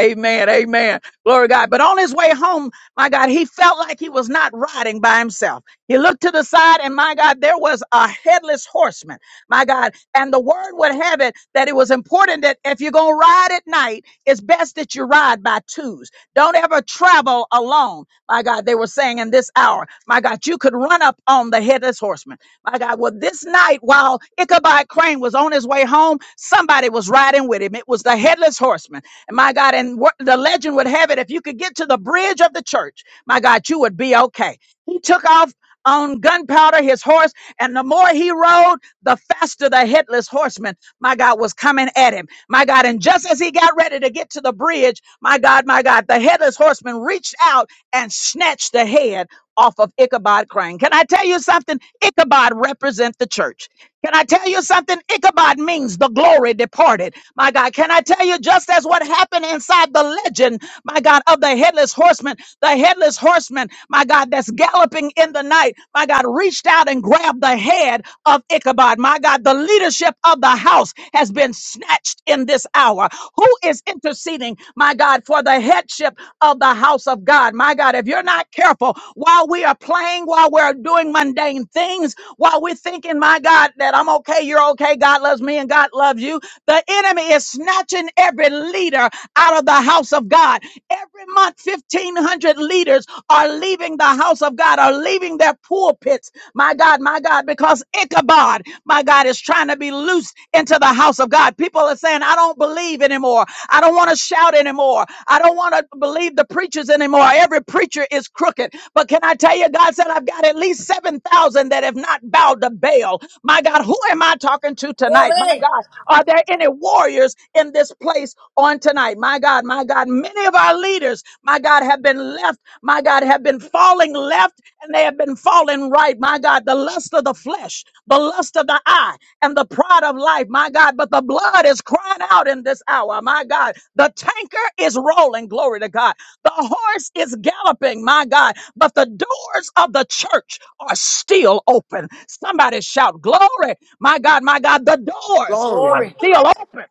S1: Amen. Amen. Glory to God. But on his way home, my God, he felt like he was not riding by himself. He looked to the side, and my God, there was a headless horseman. My God. And the word would have it that it was important that if you're going to ride at night, it's best that you ride by twos. Don't ever travel alone. My God, they were saying in this hour, my God, you could run up on the headless horseman. My God, well, this night, while Ichabod Crane was on his way home, somebody was riding with him. It was the headless horseman my God. And what the legend would have it, if you could get to the bridge of the church, my God, you would be okay. He took off on gunpowder his horse, and the more he rode, the faster the headless horseman, my God, was coming at him. My God, and just as he got ready to get to the bridge, my God, my God, the headless horseman reached out and snatched the head off of Ichabod Crane. Can I tell you something? Ichabod represents the church. Can I tell you something? Ichabod means the glory departed. My God, can I tell you just as what happened inside the legend, my God, of the headless horseman? the headless horseman, my God, that's galloping in the night, my God, reached out and grabbed the head of Ichabod. My God, the leadership of the house has been snatched in this hour. Who is interceding, my God, for the headship of the house of God? My God, if you're not careful, while we are playing, while we're doing mundane things, while we're thinking, my God, that I'm okay, you're okay, God loves me, and God loves you. The enemy is snatching every leader out of the house of God. Every month, 1,500 leaders are leaving the house of God, are leaving their pulpits. My God, my God, because Ichabod, my God, is trying to be loose into the house of God. People are saying, I don't believe anymore. I don't want to shout anymore. I don't want to believe the preachers anymore. Every preacher is crooked. But can I tell you, God said, I've got at least 7,000 that have not bowed to Baal. My God, who am I talking to tonight? My
S4: Glory.
S1: God. Are there any warriors in this place on tonight? My God, my God, many of our leaders, my God, have been left, my God, have been falling left and they have been falling right. My God, the lust of the flesh, the lust of the eye, and the pride of life, my God. But the blood is crying out in this hour, my God. The tanker is rolling, glory to God. The horse is galloping, my God. But the doors of the church are still open. Somebody shout, Glory, my God, my God. The doors are
S12: Glory.
S4: Glory.
S1: still open.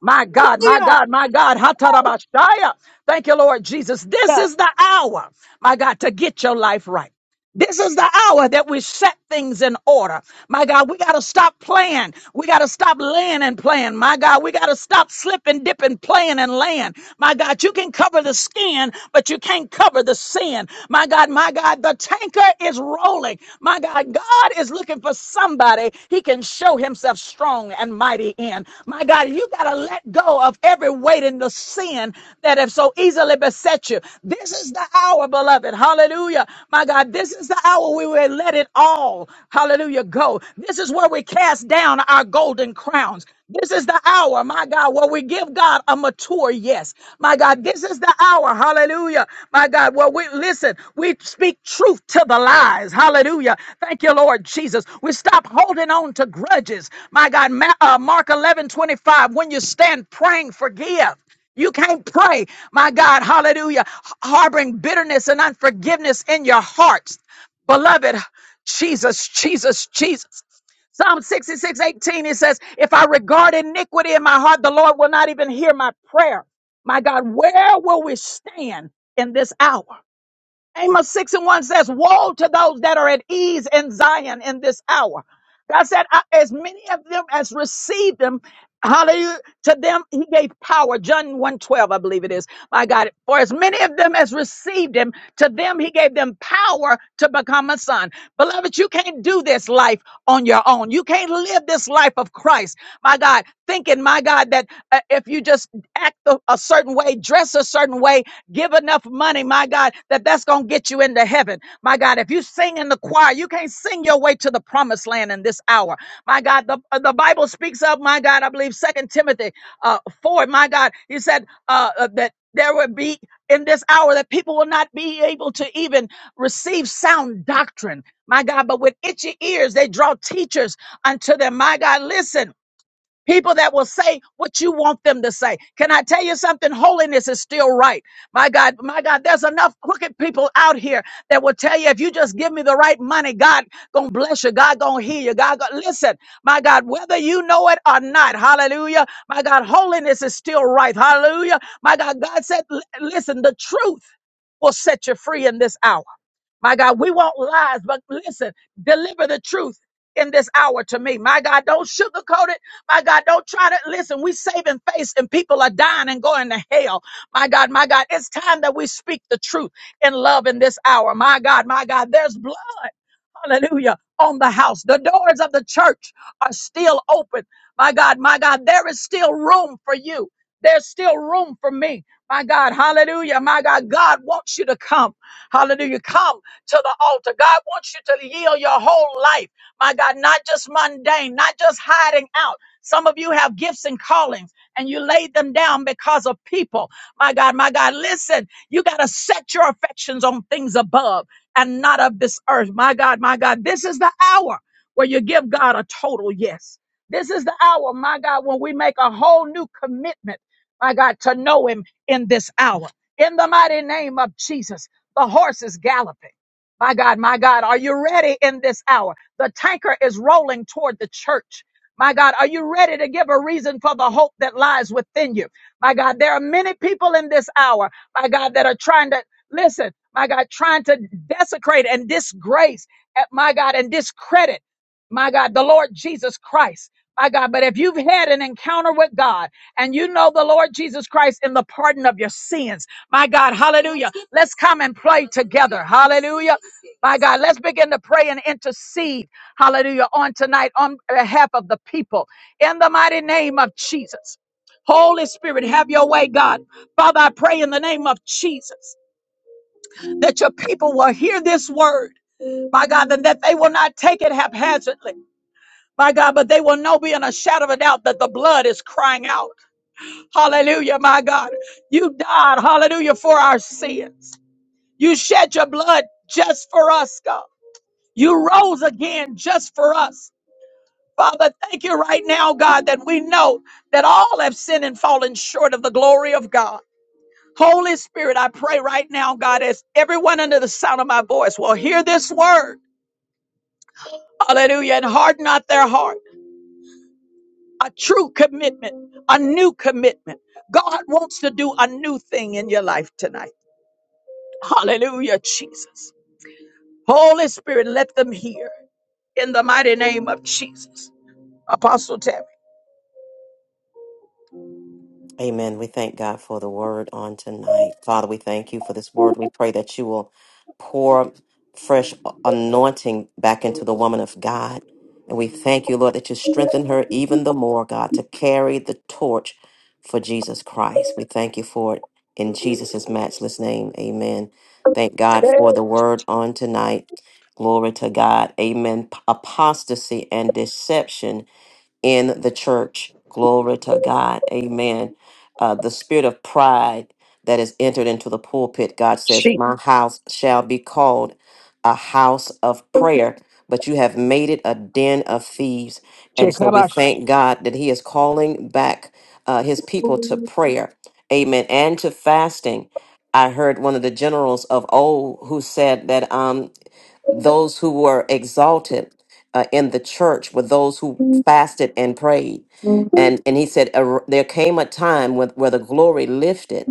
S1: My God, my God, my God. Hatarabashaya. Thank you, Lord Jesus. This
S13: Hallelujah.
S1: is the hour, my God, to get your life right. This is the hour that we set things in order. My God, we got to stop playing. We got to stop laying and playing. My God, we got to stop slipping, dipping, playing and laying. My God, you can cover the skin, but you can't cover the sin. My God, my God, the tanker is rolling. My God, God is looking for somebody he can show himself strong and mighty in. My God, you got to let go of every weight in the sin that have so easily beset you. This this is the hour, beloved. Hallelujah. My God, this is the hour we will let it all, hallelujah, go. This is where we cast down our golden crowns. This is the hour, my God, where we give God a mature yes. My God, this is the hour, hallelujah. My God, where we listen, we speak truth to the lies, hallelujah. Thank you, Lord Jesus. We stop holding on to grudges. My God, Ma- uh, Mark 11 25. when you stand praying, forgive. You can't pray, my God, hallelujah, harboring bitterness and unforgiveness in your hearts. Beloved, Jesus, Jesus, Jesus. Psalm 66, 18, it says, If I regard iniquity in my heart, the Lord will not even hear my prayer. My God, where will we stand in this hour? Amos 6 and 1 says, Woe to those that are at ease in Zion in this hour. God said, "I- As many of them as received them, hallelujah, to them he gave power. John one 12, I believe it is. My God, for as many of them as received him, to them he gave them power to become a son. Beloved, you can't do this life on your own. You can't live this life of Christ, my God, thinking, my God, that uh, if you just act a a certain way, dress a certain way, Give enough money, my God, that that's going to get you into heaven. My God, if you sing in the choir, you can't sing your way to the promised land in this hour. My God, the, uh, the Bible speaks of, my God, I believe Second Timothy uh, 4, my God, he said uh, uh, that there would be in this hour that people will not be able to even receive sound doctrine. My God, but with itchy ears, they draw teachers unto them. My God, listen. People that will say what you want them to say. Can I tell you something? Holiness is still right. My God, my God, there's enough crooked people out here that will tell you if you just give me the right money, God gonna bless you. God gonna heal you. God, gonna, listen, my God, whether you know it or not, hallelujah. My God, holiness is still right. Hallelujah. My God, God said, li- listen, the truth will set you free in this hour. My God, we want lies, but listen, deliver the truth in this hour to me. My God, don't sugarcoat it. My God, don't try to listen. We saving face and people are dying and going to hell. My God, my God, it's time that we speak the truth in love in this hour. My God, my God, there's blood. Hallelujah. On the house. The doors of the church are still open. My God, my God, there is still room for you. There's still room for me. My God, hallelujah. My God, God wants you to come. Hallelujah. Come to the altar. God wants you to yield your whole life. My God, not just mundane, not just hiding out. Some of you have gifts and callings and you laid them down because of people. My God, my God, listen, you got to set your affections on things above and not of this earth. My God, my God, this is the hour where you give God a total yes. This is the hour, my God, when we make a whole new commitment, my God, to know Him in this hour. In the mighty name of Jesus, the horse is galloping. My God, my God, are you ready in this hour? The tanker is rolling toward the church. My God, are you ready to give a reason for the hope that lies within you? My God, there are many people in this hour, my God, that are trying to Listen, my God, trying to desecrate and disgrace, eh, my God, and discredit, my God, the Lord Jesus Christ. My God, but if you've had an encounter with God and you know the Lord Jesus Christ in the pardon of your sins, my God, hallelujah. Let's come and play together. Hallelujah. My God, let's begin to pray and intercede, hallelujah, on tonight on behalf of the people in the mighty name of Jesus. Holy Spirit, have your way, God. Father, I pray in the name of Jesus that your people will hear this word, my God, and that they will not take it haphazardly, my God, but they will know beyond a shadow of a doubt that the blood is crying out. Hallelujah, my God. You died, hallelujah, for our sins. You shed your blood just for us, God. You rose again just for us. Father, thank you right now, God, that we know that all have sinned and fallen short of the glory of God. Holy Spirit, I pray right now, God, as everyone under the sound of my voice will hear this word. Hallelujah. And harden not their heart. A true commitment, a new commitment. God wants to do a new thing in your life tonight. Hallelujah, Jesus. Holy Spirit, let them hear in the mighty name of Jesus. Apostle Terry.
S3: Amen. We thank God for the word on tonight. Father, we thank you for this word. We pray that you will pour fresh anointing back into the woman of God. And we thank you, Lord, that you strengthen her even the more, God, to carry the torch for Jesus Christ. We thank you for it in Jesus' matchless name. Amen. Thank God for the word on tonight. Glory to God. Amen. Apostasy and deception in the church. Glory to God. Amen. Uh, the spirit of pride that is entered into the pulpit, God says, My house shall be called a house of prayer, but you have made it a den of thieves. And so we thank God that He is calling back uh, His people to prayer. Amen. And to fasting. I heard one of the generals of old who said that. Um, those who were exalted uh, in the church were those who fasted and prayed. And, and he said, "Ar- There came a time when, where the glory lifted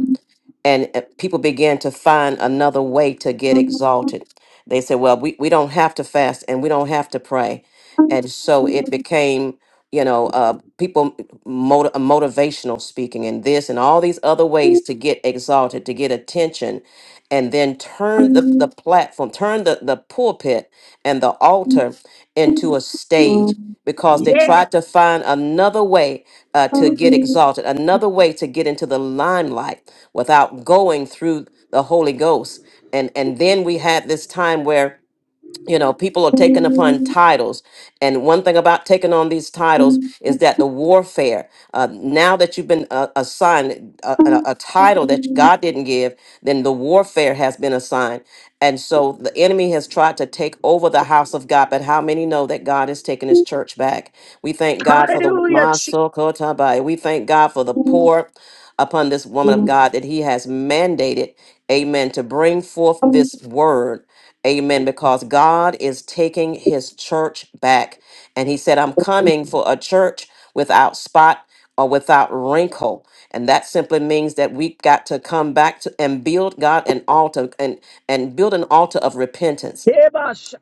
S3: and uh, people began to find another way to get exalted. They said, Well, we, we don't have to fast and we don't have to pray. And so it became you know, uh, people mot motivational speaking and this and all these other ways to get exalted, to get attention, and then turn the, the platform, turn the, the pulpit and the altar into a stage because they
S1: Yeah,
S3: tried to find another way uh, to get exalted, another way to get into the limelight without going through the Holy Ghost. And, and then we had this time where you know people are taking upon titles and one thing about taking on these titles is that the warfare uh, now that you've been uh, assigned a, a, a title that god didn't give then the warfare has been assigned and so the enemy has tried to take over the house of god but how many know that god has taken his church back we thank god for the Masokotabai. we thank god for the poor upon this woman of god that he has mandated amen to bring forth this word Amen. Because God is taking his church back. And he said, I'm coming for a church without spot or without wrinkle. And that simply means that we got to come back to and build God an altar and, and build an altar of repentance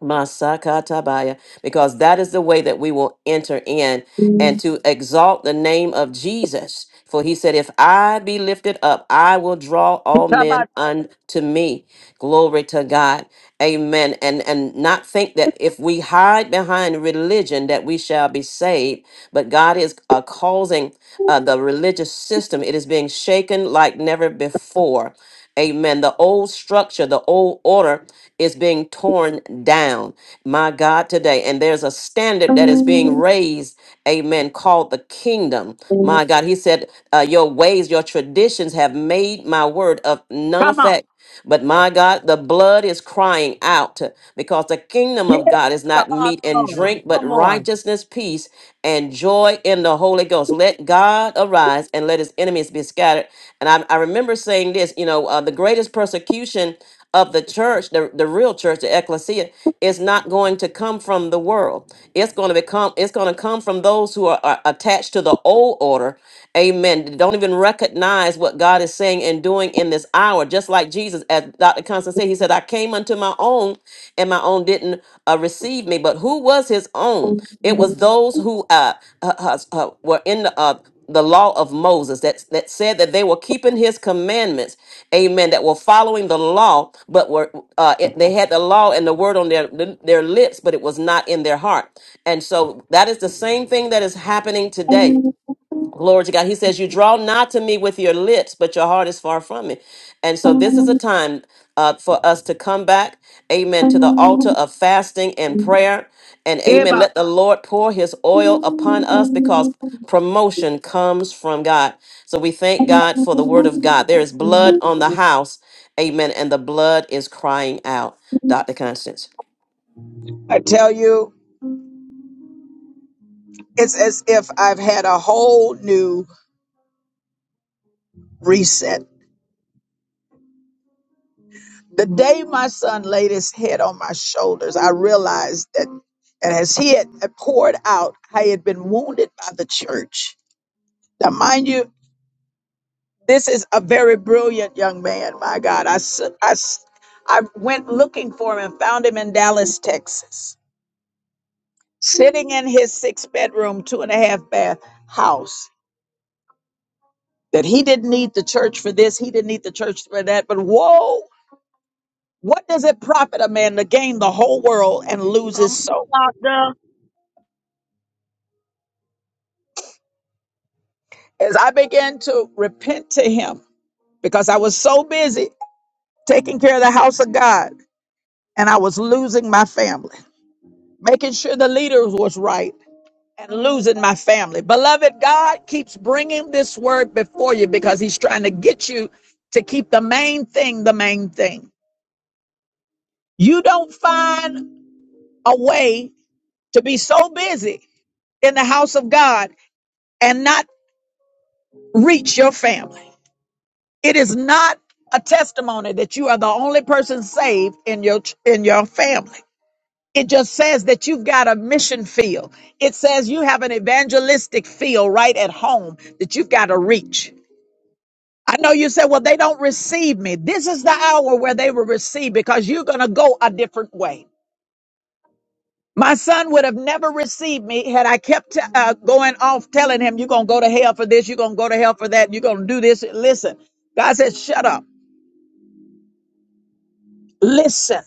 S3: Masakatabaya, because that is the way that we will enter in and to exalt the name of Jesus. For he said, If I be lifted up, I will draw all men unto me. Glory to God. Amen. And and not think that if we hide behind religion that we shall be saved, but God is uh, causing uh, the religious system, it is being shaken like never before. Amen. The old structure, the old order is being torn down. My God, today. And there's a standard that is being raised, amen, called the kingdom. My God, he said, uh, Your ways, your traditions have made my word of none
S1: come on.
S3: effect. But my God, the blood is crying out because the kingdom of God is not meat and
S13: Apostle.
S3: drink, but
S13: Come on.
S3: righteousness, peace, and joy in the Holy Ghost. Let God arise and let his enemies be scattered. And I, I remember saying this you know, uh, the greatest persecution of the church, the, the real church, the ecclesia, is not going to come from the world. It's going to become, it's going to come from those who are, are attached to the old order. Amen. They Don't even recognize what God is saying and doing in this hour. Just like Jesus, as Dr. Constance said, he said, I came unto my own and my own didn't uh, receive me. But who was his own? It was those who uh, uh, uh, uh, were in the uh, the law of Moses that, that said that they were keeping his commandments, amen, that were following the law, but were uh, it, they had the law and the word on their their lips, but it was not in their heart. And so that is the same thing that is happening today Glory to God. He says, You draw not to me with your lips, but your heart is far from me. And so, this is a time uh, for us to come back, amen, to the altar of fasting and prayer. And amen.
S1: Eba.
S3: Let the Lord pour his oil upon us because promotion comes from God. So, we thank God for the word of God. There is blood on the house, amen. And the blood is crying out. Dr. Constance,
S1: I tell you, it's as if I've had a whole new reset. The day my son laid his head on my shoulders, I realized that, and as he had poured out, I had been wounded by the church. Now, mind you, this is a very brilliant young man. My God, I, s- I s- I went looking for him and found him in Dallas, Texas, sitting in his six bedroom, two and a half bath house. That he didn't need the church for this, he didn't need the church for that. But whoa, what does it profit a man to gain the whole world and lose
S13: Come
S1: his soul?
S13: on, doctor.
S1: As I began to repent to him because I was so busy taking care of the house of God and I was losing my family. making sure the leaders was right and losing my family. Beloved, God keeps bringing this word before you because he's trying to get you to keep the main thing the main thing. You don't find a way to be so busy in the house of God and not reach your family. It is not a testimony that you are the only person saved in your in your family. It just says that you've got a mission field. It says you have an evangelistic field right at home that you've got to reach. I know you said, well, they don't receive me. This is the hour where they will receive because you're going to go a different way. My son would have never received me had I kept uh, going off telling him, you're going to go to hell for this, you're going to go to hell for that, you're going to do this. Listen, God said, shut up, listen,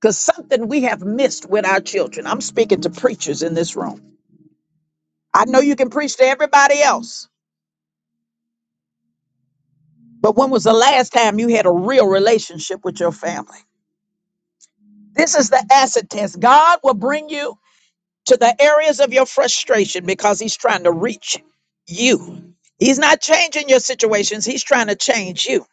S1: because something we have missed with our children. I'm speaking to preachers in this room. I know you can preach to everybody else, but when was the last time you had a real relationship with your family? This is the acid test. God will bring you to the areas of your frustration because He's trying to reach you. He's not changing your situations, He's trying to change you.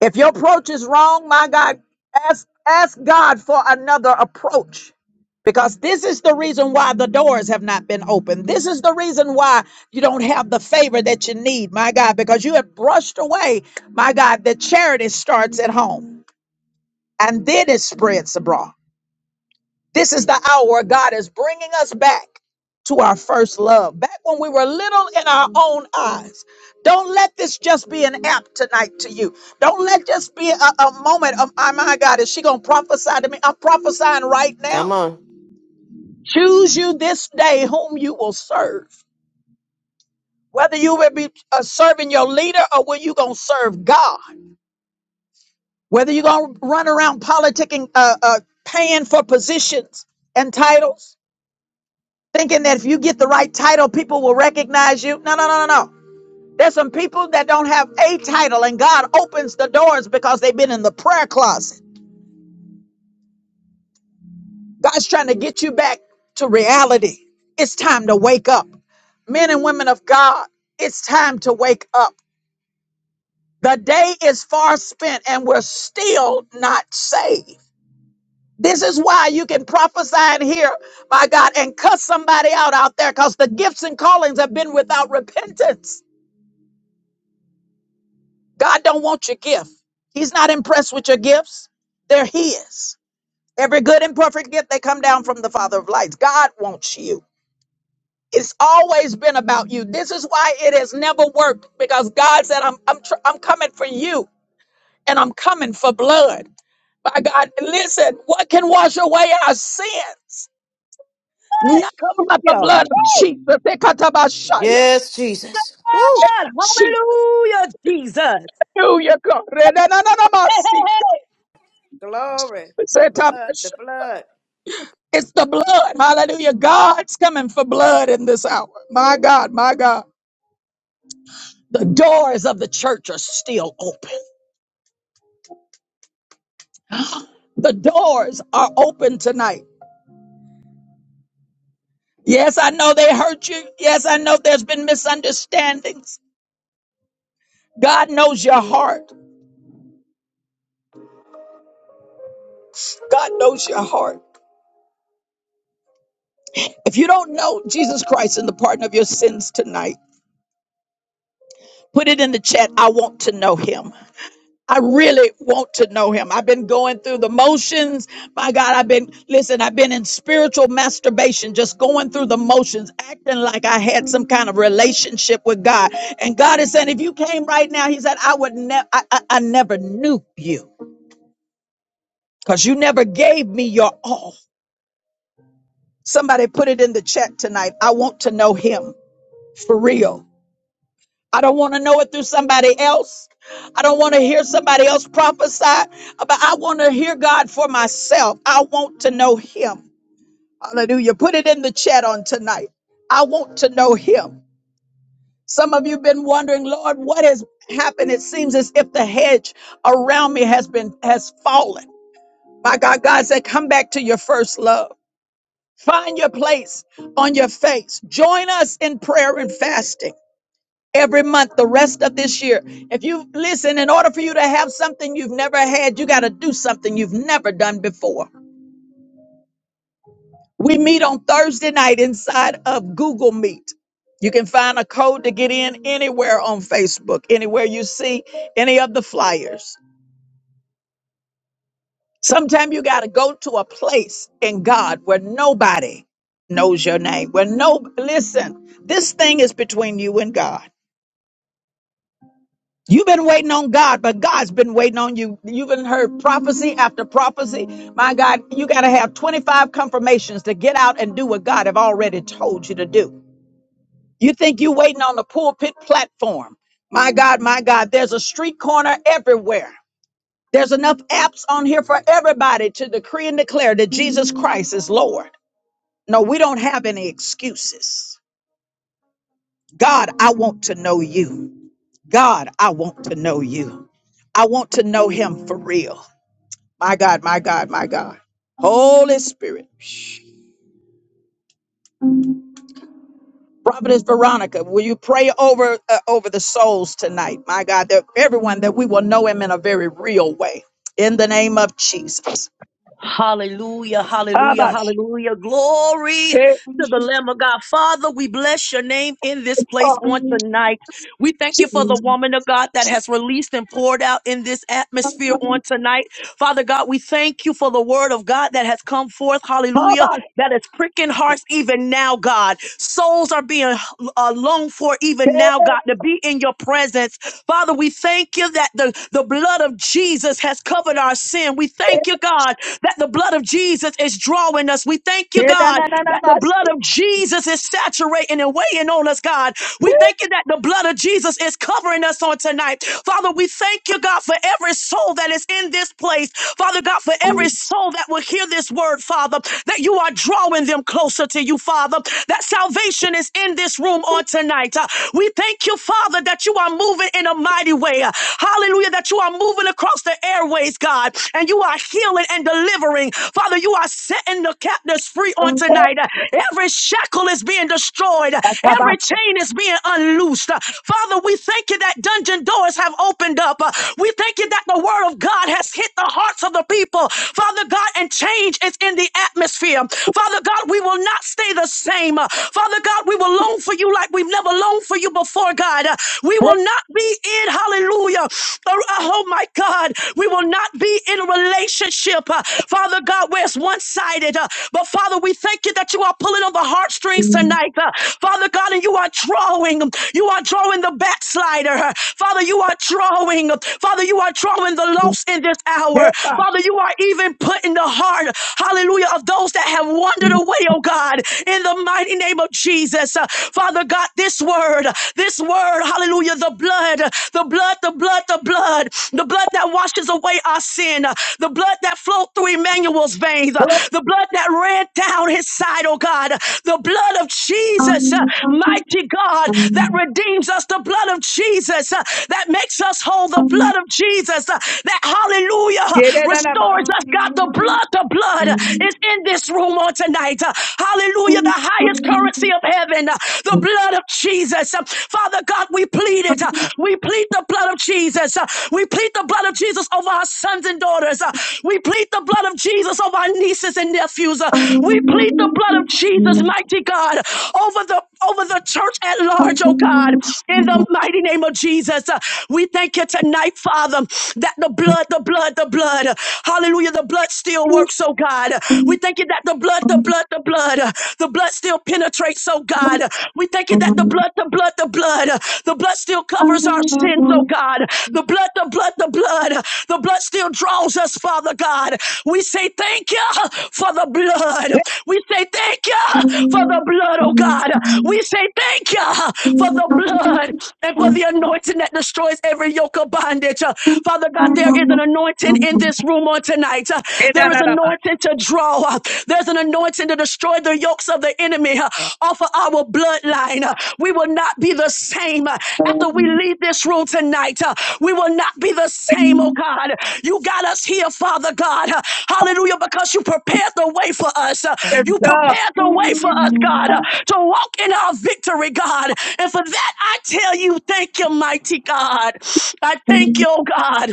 S1: If your approach is wrong, my God, ask ask God for another approach. Because this is the reason why the doors have not been opened. This is the reason why you don't have the favor that you need, my God, because you have brushed away, my God, that charity starts at home and then it spreads abroad. This is the hour where God is bringing us back to our first love, back when we were little in our own eyes. Don't let this just be an app tonight to you. Don't let this be a, a moment of, oh my God, is she going to prophesy to me? I'm prophesying right
S3: come
S1: now.
S3: on.
S1: Choose you this day whom you will serve. Whether you will be uh, serving your leader or whether you going to serve God. Whether you're going to run around politicking, uh, uh, paying for positions and titles thinking that if you get the right title, people will recognize you. No, no, no, no, no. There's some people that don't have a title, and God opens the doors because they've been in the prayer closet. God's trying to get you back to reality. It's time to wake up. Men and women of God, it's time to wake up. The day is far spent, and we're still not saved. This is why you can prophesy in here, my God, and cuss somebody out out there because the gifts and callings have been without repentance. God don't want your gift. He's not impressed with your gifts. They're His. Every good and perfect gift, they come down from the Father of lights. God wants you. It's always been about you. This is why it has never worked because God said, I'm, I'm, tr- I'm coming for you and I'm coming for blood. By God, listen, what can wash away our sins? Nothing
S13: Come on,
S1: but the
S13: yo.
S1: blood of Jesus. Ekatabashaya.
S3: Yes, Jesus. Woo.
S13: God.
S1: Jesus.
S13: Hallelujah, Jesus.
S1: Hallelujah, God. Renananamasika.
S14: Glory. The blood, the blood.
S1: It's the blood. Hallelujah. God's coming for blood in this hour. My God, my God. The doors of the church are still open. The doors are open tonight. Yes, I know they hurt you. Yes, I know there's been misunderstandings. God knows your heart. God knows your heart. If you don't know Jesus Christ in the pardon of your sins tonight, put it in the chat. I want to know him. I really want to know him. I've been going through the motions. My God, I've been, listen, I've been in spiritual masturbation, just going through the motions, acting like I had some kind of relationship with God. And God is saying, if you came right now, He said, I would never, I, I, I never knew you because you never gave me your all. Somebody put it in the chat tonight. I want to know Him for real. I don't want to know it through somebody else. I don't want to hear somebody else prophesy, but I want to hear God for myself. I want to know Him. Hallelujah. Put it in the chat on tonight. I want to know Him. Some of you have been wondering, Lord, what has happened? It seems as if the hedge around me has been has fallen. My God, God said, come back to your first love. Find your place on your face. Join us in prayer and fasting. every month the rest of this year. If you listen, in order for you to have something you've never had, you got to do something you've never done before. We meet on Thursday night inside of Google Meet. You can find a code to get in anywhere on Facebook, anywhere you see any of the flyers. Sometimes you got to go to a place in God where nobody knows your name. Where no, listen, this thing is between you and God. You've been waiting on God, but God's been waiting on you. You've been heard prophecy after prophecy. My God, you got to have 25 confirmations to get out and do what God have already told you to do. You think you're waiting on the pulpit platform. My God, my God, there's a street corner everywhere. There's enough apps on here for everybody to decree and declare that Jesus Christ is Lord. No, we don't have any excuses. God, I want to know you. God, I want to know you. I want to know him for real. My God, my God, my God. Holy Spirit. Prophetess Veronica, will you pray over uh, over the souls tonight? My God, that everyone that we will know him in a very real way. In the name of Jesus.
S13: Hallelujah, hallelujah, hallelujah. Glory to the Lamb of God. Father, we bless your name in this place on tonight. We thank you for the woman of God that has released and poured out in this atmosphere on tonight. Father God, we thank you for the word of God that has come forth. Hallelujah that is pricking hearts even now, God. Souls are being uh, longed for even now, God, to be in your presence. Father, we thank you that the, the blood of Jesus has covered our sin. We thank you, God, that the blood of Jesus is drawing us. We thank you, God, that the
S1: Yes.
S13: blood of Jesus is saturating and weighing on us, God. We thank you that the blood of Jesus is covering us on tonight. Father, we thank you, God, for every soul that is in this place. Father God, for every soul that will hear this word, Father, that you are drawing them closer to you, Father, that salvation is in this room on tonight. Uh, we thank you, Father, that you are moving in a mighty way. Uh, hallelujah, that you are moving across the airways, God, and you are healing and delivering delivering. Father, you are setting the captives free on tonight. Every shackle is being destroyed, every chain is being unloosed. Father, we thank you that dungeon doors have opened up. We thank you that the word of God has hit the hearts of the people. Father God, and change is in the atmosphere. Father God, we will not stay the same. Father God, we will long for you like we've never longed for you before, God. We will not be in, hallelujah. Oh my God. God. We will not be in a relationship, uh, Father God, where it's one sided. Uh, but Father, we thank you that you are pulling on the heartstrings tonight, uh, Father God, and you are drawing. You are drawing the backslider. uh, Father, you are drawing. Father, you are drawing the lost in this hour. Father, you are even putting the heart, hallelujah, of those that have wandered away, oh God, in the mighty name of Jesus. Uh, Father God, this word, this word, hallelujah, the blood blood, the blood, the blood, the blood, the blood that washes away our sin, the blood that flowed through Emmanuel's veins, the blood that ran down his side, oh God, the blood of Jesus, uh, mighty God, that redeems us, the blood of Jesus, uh, that makes us whole, the blood of Jesus, uh, that hallelujah uh, restores us. God, the blood, the blood uh, is in this room on tonight. Uh, Hallelujah, the highest currency of heaven, uh, the the blood of Jesus. Uh, Father God, we plead it. Uh, We plead the blood of Jesus. Uh, We plead the blood of Jesus over our sons and daughters. Uh, We plead the blood of Jesus over our nieces and nephews. Uh, We plead the blood of Jesus, mighty God, over the over the church at large, oh God, in the mighty name of Jesus. Uh, We thank you tonight, Father, that the blood, the blood, the blood, hallelujah, the blood still works, oh God. We thank you that the blood, the blood, the blood. uh, The blood still penetrates, oh God. Uh, We thank you that the blood, the blood, the blood, uh, the blood still covers our sins, oh God. The blood, the blood, the blood, uh, the blood still draws us, Father God. We say thank you uh, for the blood. We say thank you uh, for the blood, oh God. We say thank you uh, for the blood and for the anointing that destroys every yoke of bondage. Uh, Father God, there is an anointing in this room on tonight. Uh, there is anointing to draw. uh, There's an anointing to destroy the yokes of the enemy uh, off of our bloodline. uh, We will not be the same uh, after we leave this room tonight. uh, We will not be the same, oh God. You got us here, Father God. uh, Hallelujah, because you prepared the way for us. uh, You prepared the way for us, God, uh, to walk in our victory, God. And for that, I tell you, thank you, mighty God. I thank you, oh God.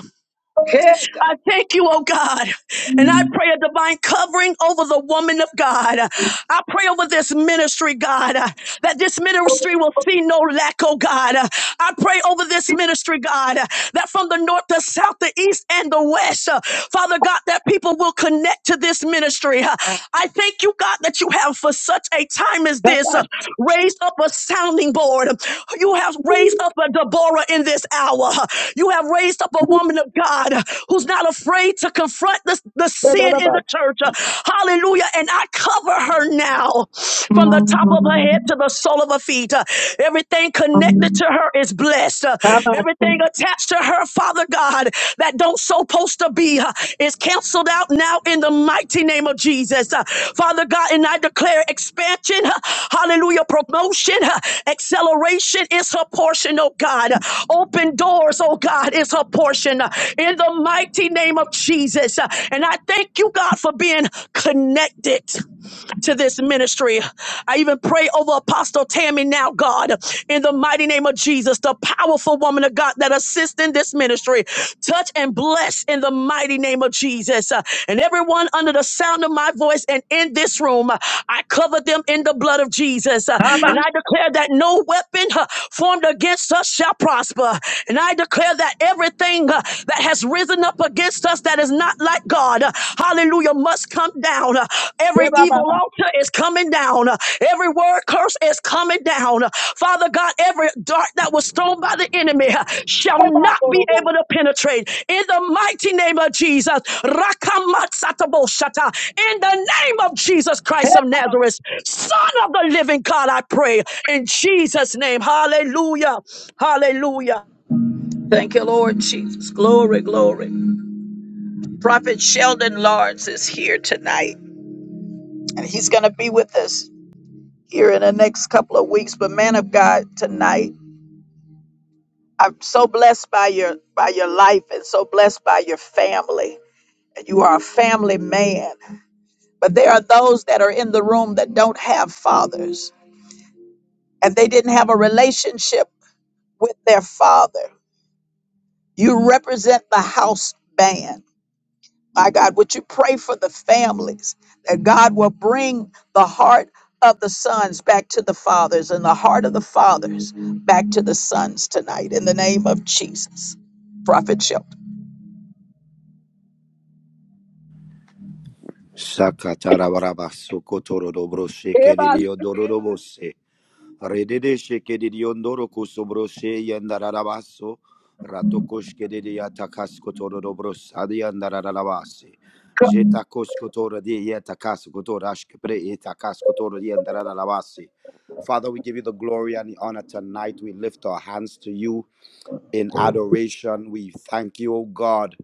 S1: Hey, God.
S13: I thank you, oh God. And I pray a divine covering over the woman of God. I pray over this ministry, God, uh, that this ministry will see no lack, oh God. Uh, I pray over this ministry, God, uh, that from the north, the south, the east, and the west, uh, Father God, that people will connect to this ministry. Uh, I thank you, God, that you have for such a time time is this. Uh, Raise up a sounding board. You have raised up a Deborah in this hour. You have raised up a woman of God who's not afraid to confront the, the sin in the church. Hallelujah. And I cover her now from the top of her head to the sole of her feet. Everything connected to her is blessed. Everything attached to her prayer, Father God, that don't supposed to be uh, is canceled out now in the mighty name of Jesus. Uh, Father God, and I declare expansion, uh, hallelujah, promotion, uh, acceleration is her portion, oh God. Uh, Open doors, oh God, is her portion uh, in the mighty name of Jesus. Uh, And I thank you, God, for being connected to this ministry. I even pray over Apostle Tammy now, God, in the mighty name of Jesus, the powerful woman of God that assists in this ministry. Touch and bless in the mighty name of Jesus. Uh, And everyone under the sound of my voice and in this room, uh, I cover them in the blood of Jesus. Uh, And I declare that no weapon uh, formed against us shall prosper. And I declare that Everything uh, that has risen up against us that is not like God, uh, hallelujah, must come down. Uh, Every evil altar is coming down. Uh, Every word curse is coming down. Uh, Father God, every dart that was thrown by the enemy uh, shall not be able to penetrate. In the mighty name of Jesus, Rakamatsatabosata. in the name of Jesus Christ of Nazareth, Son of the living God, I pray in Jesus' name. Hallelujah. Hallelujah.
S1: Thank you, Lord Jesus. Glory, glory. Prophet Sheldon Lawrence is here tonight, and he's going to be with us here in the next couple of weeks. But man of God, tonight, I'm so blessed by your by your life and so blessed by your family. And you are a family man. But there are those that are in the room that don't have fathers, and they didn't have a relationship with their father. You represent the house band. My God, would you pray for the families that God will bring the heart of the sons back to the fathers and the heart of the fathers back to the sons tonight in the name of Jesus? Prophet Shelton.
S15: Shakatarabaraba Sokotoro Dobro Shekeridio Dorobose Redede Shekeridio Doroko Sobroshe Yandararabaso Ratokoshkede Yatakaskotoro Dobro Sadi Yandararabase Jeta Koskotoro de Yatakaskotoro Ashkepre Yatakaskotoro Yandararabase Father, we give you the glory and the honor tonight. We lift our hands to you in adoration. We thank you, O God,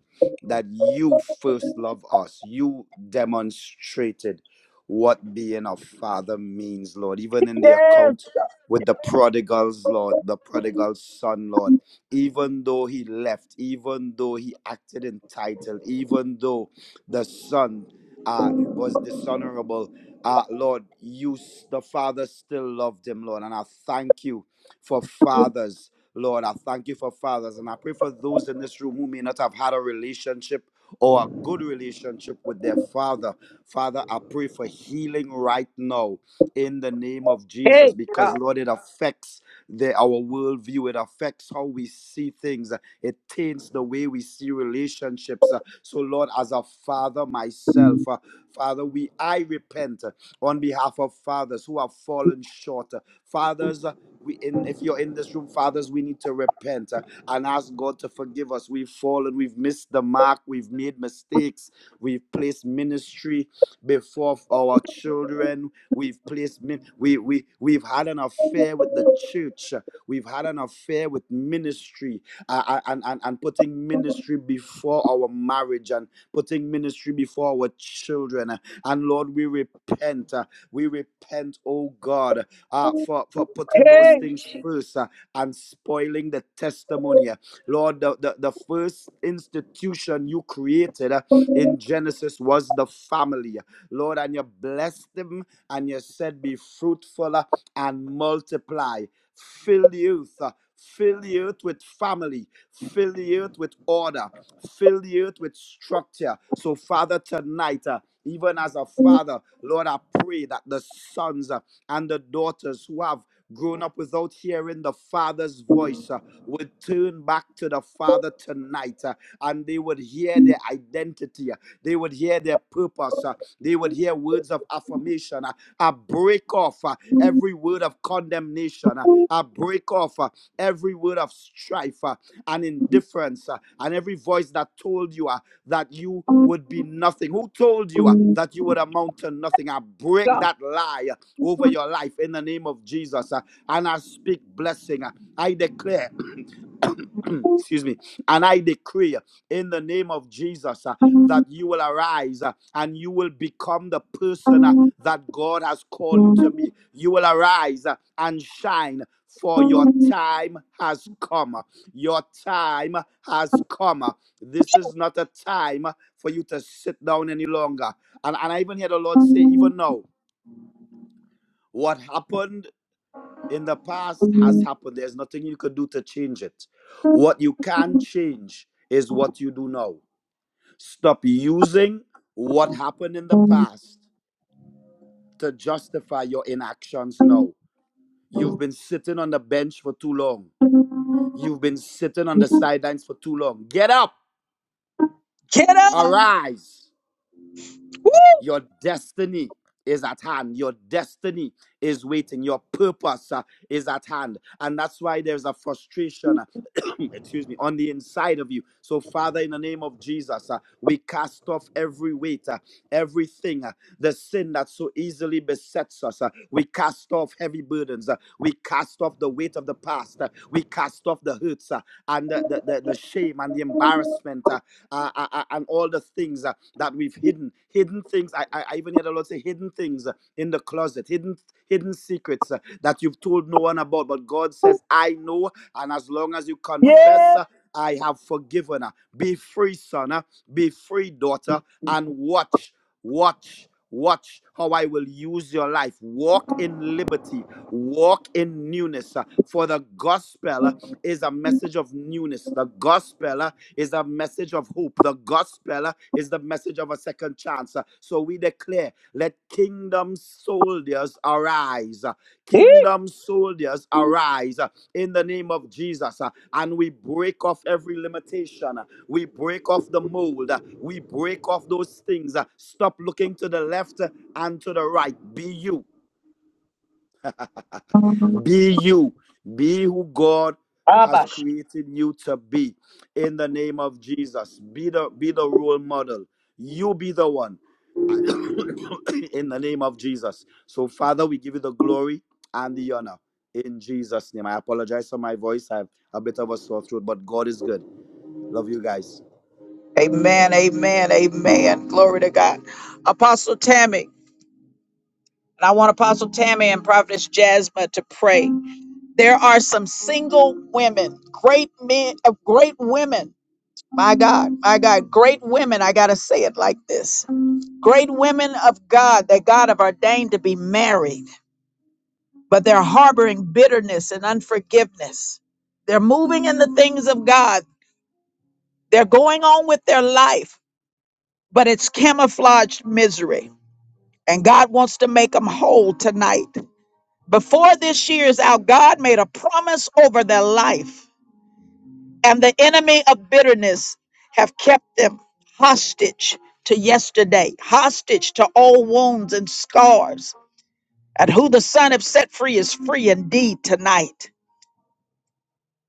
S15: that you first love us. You demonstrated what being a father means, Lord, even in the account with the prodigals, Lord, the prodigal son, Lord. Even though he left, even though he acted entitled, even though the son uh, was dishonorable, uh, Lord, you, the father still loved him, Lord. And I thank you for fathers Lord, I thank you for fathers, and I pray for those in this room who may not have had a relationship or a good relationship with their father. Father, I pray for healing right now in the name of Jesus, because Lord, it affects the, our worldview. It affects how we see things. It taints the way we see relationships. Uh, So, Lord, as a father myself, uh, Father, we I repent uh, on behalf of fathers who have fallen short. Uh, Fathers we in if you're in this room fathers we need to repent uh, and ask god to forgive us we've fallen we've missed the mark we've made mistakes we've placed ministry before our children we've placed min- we we we've had an affair with the church uh, we've had an affair with ministry uh, uh, and, and and putting ministry before our marriage and putting ministry before our children uh, and lord we repent uh, we repent oh god uh, for, for putting those things first uh, and spoiling the testimony. uh. Lord, the, the, the first institution you created uh, in Genesis was the family. uh. Lord, and you blessed them and you said, Be fruitful uh, and multiply, fill the earth. uh, Fill the earth with family, fill the earth with order, fill the earth with structure. So, Father, tonight, uh, even as a father, Lord, I pray that the sons, uh, and the daughters who have grown up without hearing the father's voice uh, would turn back to the father tonight uh, and they would hear their identity uh, they would hear their purpose uh, they would hear words of affirmation uh, a break off uh, every word of condemnation uh, a break off uh, every word of strife uh, and indifference uh, and every voice that told you uh, that you
S1: Go.
S15: would be nothing who told you uh, that you would amount to nothing i break that lie uh, over your life in the name of Jesus. uh, And I speak blessing. uh, I declare, excuse me, and I decree uh, in the name of Jesus uh, that you will arise uh, and you will become the person uh, that God has called you to be. You will arise uh, and shine. For your time has come. uh, Your time has come. uh, This is not a time for you to sit down any longer. And, and I even hear the Lord say, even now, what happened in the past has happened. There's nothing you could do to change it. What you can change is what you do now. Stop using what happened in the past to justify your inactions now. You've been sitting on the bench for too long. You've been sitting on the sidelines for too long. Get up,
S1: Get up.
S15: arise.
S1: Woo!
S15: Your destiny is at hand. Your destiny is waiting. Your purpose uh, is at hand. And that's why there's a frustration, uh, excuse me, on the inside of you. So, Father, in the name of Jesus, uh, we cast off every weight, uh, everything, uh, the sin that so easily besets us. uh, we cast off heavy burdens. uh, we cast off the weight of the past. uh, we cast off the hurts uh, and the, the, the, the shame and the embarrassment. uh, uh, uh, uh, and all the things uh, that we've hidden. Hidden things. I, I, I even heard the Lord say, hidden things uh, in the closet, hidden hidden secrets uh, that you've told no one about. But God says, I know. And as long as you confess, uh, I have forgiven her. Be free, son. uh, Be free, daughter. And watch, watch, watch how I will use your life. Walk in liberty. Walk in newness. uh, For the gospel uh, is a message of newness. The gospel uh, is a message of hope. The gospel uh, is the message of a second chance. Uh, So we declare, let kingdom soldiers arise. Uh, Kingdom soldiers arise uh, in the name of Jesus. Uh, And we break off every limitation. Uh, We break off the mold. Uh, We break off those things. Uh, Stop looking to the left uh, and to the right. Be you. Be you. Be who God has
S1: Abash.
S15: created you to be in the name of Jesus. Be the be the role model. You be the one in the name of Jesus. So, Father, we give you the glory and the honor in Jesus' name. I apologize for my voice. I have a bit of a sore throat, but God is good. Love you guys.
S1: Amen, amen, amen. Glory to God. Apostle Tammy. And I want Apostle Tammy and Prophetess Jasmine to pray. There are some single women, great men, uh, great women. My God, my God, great women. I got to say it like this great women of God that God have ordained to be married, but they're harboring bitterness and unforgiveness. They're moving in the things of God, they're going on with their life, but it's camouflaged misery. And God wants to make them whole tonight. Before this year is out, God made a promise over their life and the enemy of bitterness have kept them hostage to yesterday, hostage to old wounds and scars. And who the Son have set free is free indeed tonight.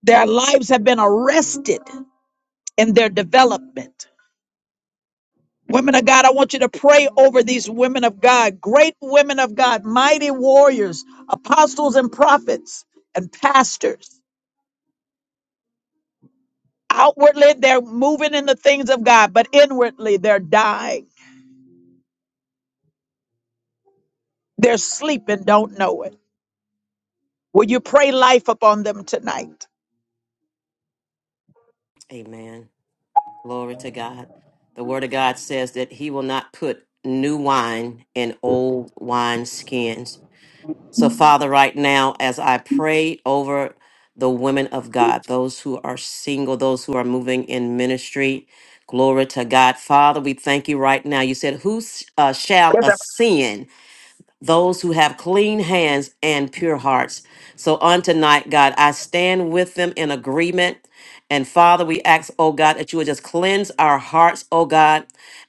S1: Their lives have been arrested in their development. Women of God, I want you to pray over these women of God, great women of God, mighty warriors, apostles and prophets and pastors. Outwardly, they're moving in the things of God, but inwardly, they're dying. They're sleeping, don't know it. Will you pray life upon them tonight?
S3: Amen. Glory to God. The word of God says that he will not put new wine in old wine skins. So Father, right now as I pray over the women of God, those who are single, those who are moving in ministry, glory to God. Father, we thank you right now. You said, "Who uh, shall ascend?" those who have clean hands and pure hearts. So on tonight, God, I stand with them in agreement. And Father, we ask, oh God, that you would just cleanse our hearts, oh God,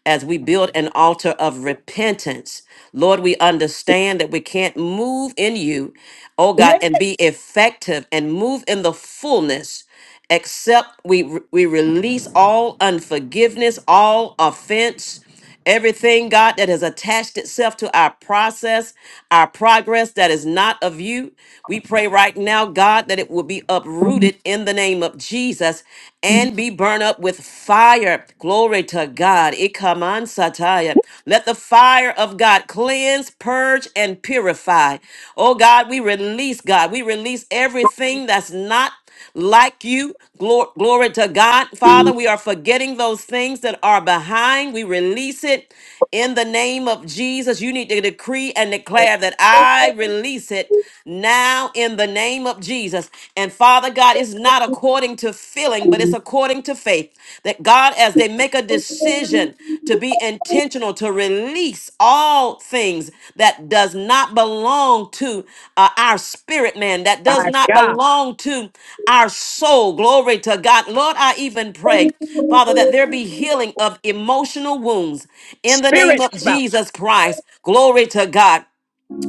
S3: as we build an altar of repentance. Lord, we understand that we can't move in you, oh God, and be effective and move in the fullness except we we release all unforgiveness, all offense, everything God that has attached itself to our process, our progress that is not of you. We pray right now, God, that it will be uprooted in the name of Jesus and be burned up with fire. Glory to God. Ikaman sataya. Let the fire of God cleanse, purge, and purify. Oh God, we release, God, we release everything that's not like you. Glo- glory to God. Father, we are forgetting those things that are behind. We release it in the name of Jesus. You need to decree and declare that I release it now in the name of Jesus. And Father God, it's not according to feeling, but it's according to faith. That God, as they make a decision, decision to be intentional to release all things that does not belong to uh, our spirit man, that does not belong to our soul. Glory to God. Lord, I even pray, Father, that there be healing of emotional wounds in the name of Jesus Christ. Glory to God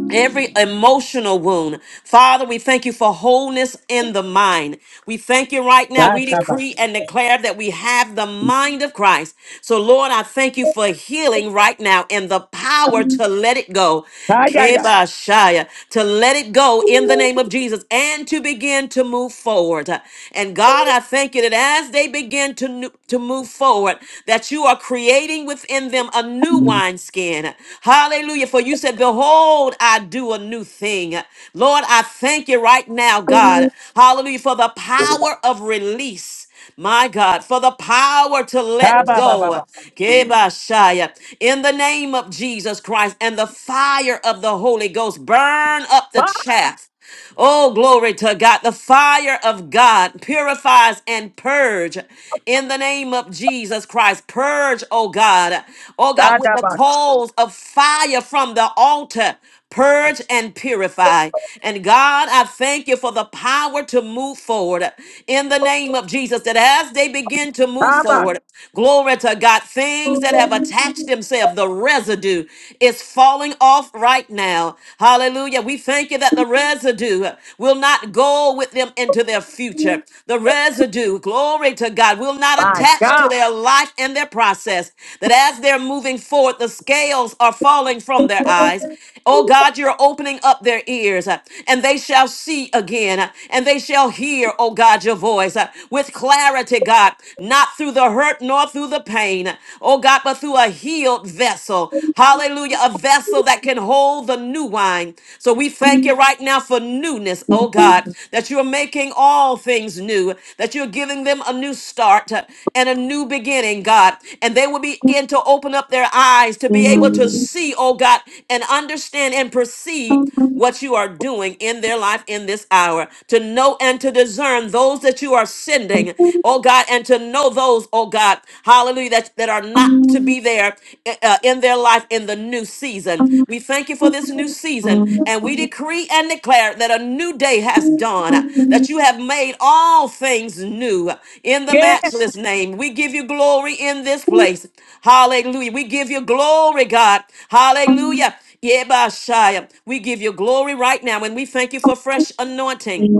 S3: every emotional wound. Father, we thank you for wholeness in the mind. We thank you right now. We decree and declare that we have the mind of Christ. So, Lord, I thank you for healing right now and the power to let it go. Kebashaya, to let it go in the name of Jesus and to begin to move forward. And God, I thank you that as they begin to, to move forward, that you are creating with worketh in them a new wineskin. Hallelujah. For you said, Behold, I do a new thing. Lord, I thank you right now, God. Hallelujah. For the power of release. My God, for the power to let go. Kebashaya. In the name of Jesus Christ and the fire of the Holy Ghost, burn up the chaff. Oh, glory to God. The fire of God purifies and purge in the name of Jesus Christ. Purge, oh God. Oh God, with the
S1: Ba-da-da-ba-sha-ba.
S3: coals of fire from the altar. Purge and purify. And God, I thank you for the power to move forward in the name of Jesus. That as they begin to move forward, glory to God, things that have attached themselves, the residue is falling going off right now. Hallelujah. We thank you that the residue will not go with them into their future. The residue, glory to God, will not
S1: My
S3: attach to
S1: God.
S3: their life and their process. That as they're moving forward, the scales are falling from their eyes. Oh God, you're opening up their ears uh, and they shall see again uh, and they shall hear, oh God, your voice uh, with clarity, God, not through the hurt nor through the pain, oh God, but through a healed vessel. Hallelujah. A vessel that can hold the new wine. So we thank you right now for newness, oh God, that you are making all things new that you're giving them a new start uh, and a new beginning, God. And they will begin to open up their eyes to be able to see, oh God, and understand and perceive what you are doing in their life in this hour, to know and to discern those that you are sending, oh God, and to know those, oh God, hallelujah, that, that are not to be there eh, uh, in their life in the new season. We thank you for this new season, and we decree and declare that a new day has dawned, that you have made all things new in the matchless name. We give you glory in this place. Hallelujah. We give you glory, God. Hallelujah. Yebashaya. We give you glory right now, and we thank you for fresh anointing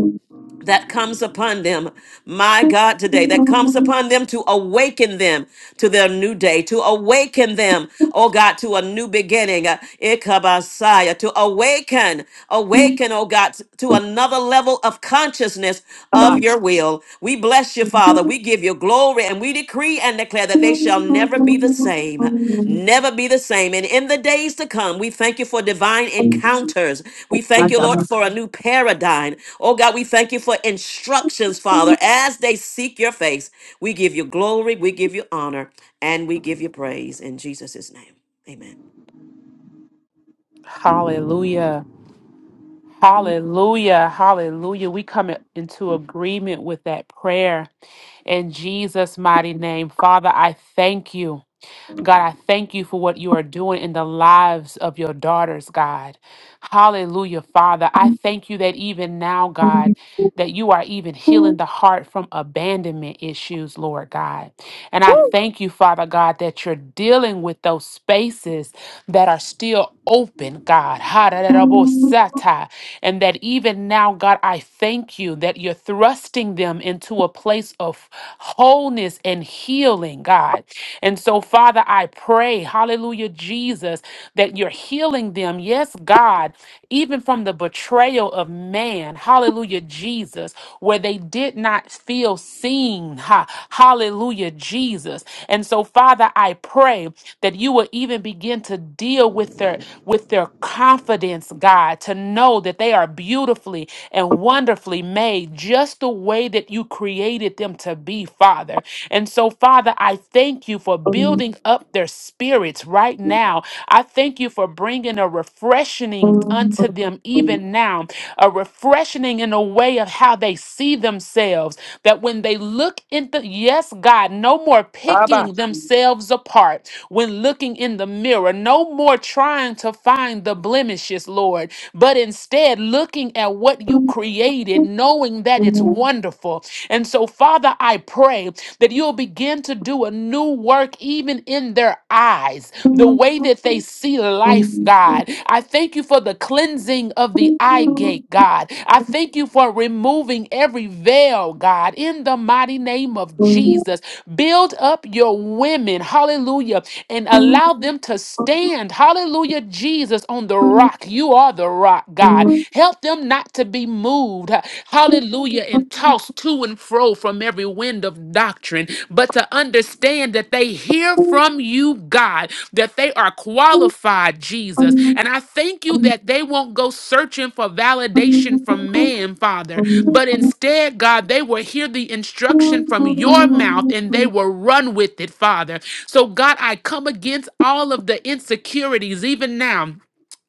S3: that comes upon them, my God, today, that comes upon them to awaken them to their new day, to awaken them, oh God, to a new beginning, uh, Ikabasaya, to awaken, awaken, oh God, to another level of consciousness of
S1: Ba-ba.
S3: your will. We bless you, Father. We give you glory and we decree and declare that they shall never be the same, never be the same. And in the days to come, we thank you for divine encounters. We thank you, Lord, for a new paradigm. Oh God, we thank you for instructions, Father, as they seek your face. We give you glory, we give you honor, and we give you praise in Jesus' name. Amen.
S9: Hallelujah. Hallelujah. Hallelujah. We come into agreement with that prayer thank you. God, I thank you for what you are doing in the lives of your daughters, God. Hallelujah, Father. I thank you that even now, God, that you are even healing the heart from abandonment issues, Lord God. And I thank you, Father God, that you're dealing with those spaces that are still open, God. Ha-da-da-da-bo-sa-ta. And that even now, God, I thank you that you're thrusting them into a place of wholeness and healing, God. And so, Father, I pray, hallelujah, Jesus, that you're healing them, yes, God, even from the betrayal of man, hallelujah, Jesus, where they did not feel seen, ha, hallelujah, Jesus. And so, Father, I pray that you will even begin to deal with their with their confidence, God, to know that they are beautifully and wonderfully made, just the way that that you created them to be, Father. And so, Father, I thank you for building up their spirits right now. I thank you for bringing a refreshing unto them even now, a refreshing in a way of how they see themselves. That when they look in the, yes, God, no more picking themselves apart when looking in the mirror, no more trying to find the blemishes, Lord, but instead looking at what you created created,
S1: Woo.
S9: knowing that it's
S1: ba
S9: wonderful. And so, Father, I pray that you'll begin to do a new work even in their eyes, the
S1: Oh,
S9: way that they see life, God. I thank you for the cleansing of the eye gate, God. I thank you for removing every veil, God, in the mighty name of Jesus. Build up your women, hallelujah, and allow them to stand, hallelujah, Jesus, on the rock. You are the rock, God. God. Help them not to be moved, hallelujah, and tossed to and fro from every wind of doctrine, but to understand that they hear from you, God, that they are qualified, Jesus. And I thank you that they won't go searching for validation from man, Father, but instead, God, they will hear the instruction from your mouth and they will run with it, Father. So, God, I come against all of the insecurities even now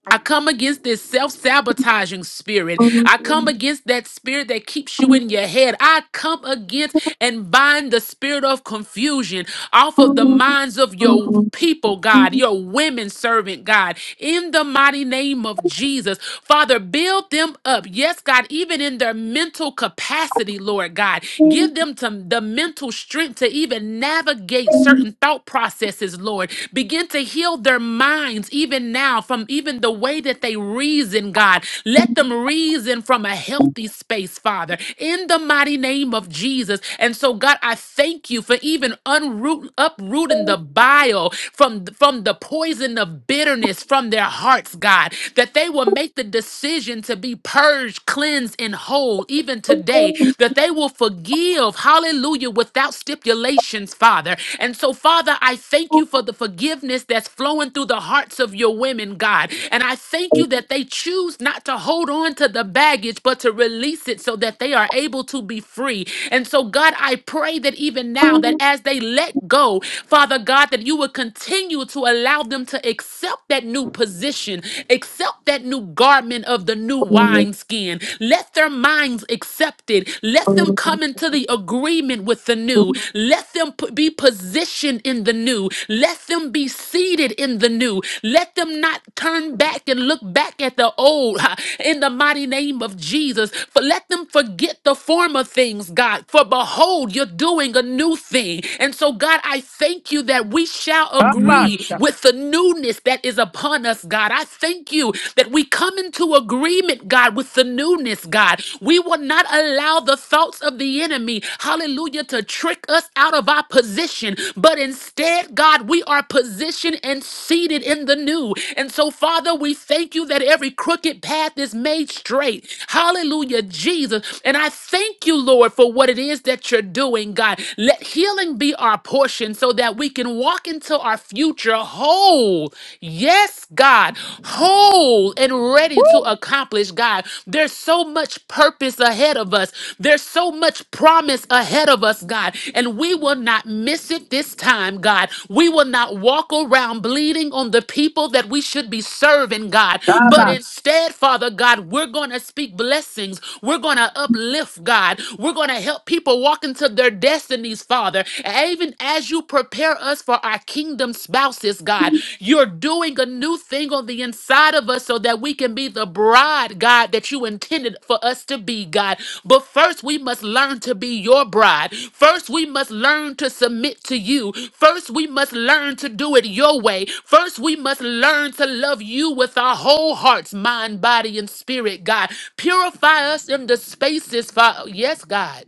S9: I come against this self sabotaging spirit. I come against that spirit that keeps you in your head. I come against and bind the spirit of confusion off of the minds of your people, God, your women servant, God, in the mighty name of Jesus. Father, build them up. Yes, God, even in their mental capacity, Lord God. Give them to the mental strength to even navigate certain thought processes, Lord, Begin to heal their minds even now from even the way that they reason, God. Let them reason from a healthy space, Father, in the mighty name of Jesus. And so, God, I thank you for even unroot, uprooting the bile from, from the poison of bitterness from their hearts, God, that they will make the decision to be purged, cleansed, and whole even today, that they will forgive, hallelujah, without still stipulations, Father. And so, Father, I thank you for the forgiveness that's flowing through the hearts of your women, God. And I thank you that they choose not to hold on to the baggage, but to release it so that they are able to be free. And so, God, I pray that even now, that as they let go, Father God, that you would continue to allow them to accept that new position, accept that new garment of the new wineskin. Let their minds accept accepted. Let them come into the agreement with the new. Let them p- be positioned in the new. Let them be seated in the new. Let them not turn back and look back at the old ha, in the mighty name of Jesus. For let them forget the former things, God. For behold, you're doing a new thing. And so, God, I thank you that we shall agree with the newness that is upon us, God. I thank you that we come into into agreement, God, with the newness, God. We will not allow the thoughts of the enemy, hallelujah, to trick us out of our position. But instead, God, we are positioned and seated in the new. And so, Father, we thank you that every crooked path is made straight. Hallelujah, Jesus. And I thank you, Lord, for what it is that you're doing, God. Let healing be our portion so that we can walk into our future whole whole. Yes, God, whole and ready to accomplish, God. There's so much purpose ahead of us, there's so much promise ahead of us, God, and we will not miss it this time, God. We will not walk around bleeding on the people that we should be serving, God, but instead, Father God, we're going to speak blessings, we're going to uplift, God, we're going to help people walk into their destinies, Father, even as as you prepare us for our kingdom spouses, God, you're doing a new thing on the inside of us so that we can be the bride, God, that you intended for us to be, God. But first, we must learn to be your bride. First, we must learn to submit to you. First, we must learn to do it your way. First, we must learn to love you with our whole hearts, mind, body, and spirit, God. Purify us in the spaces, Father. Yes, God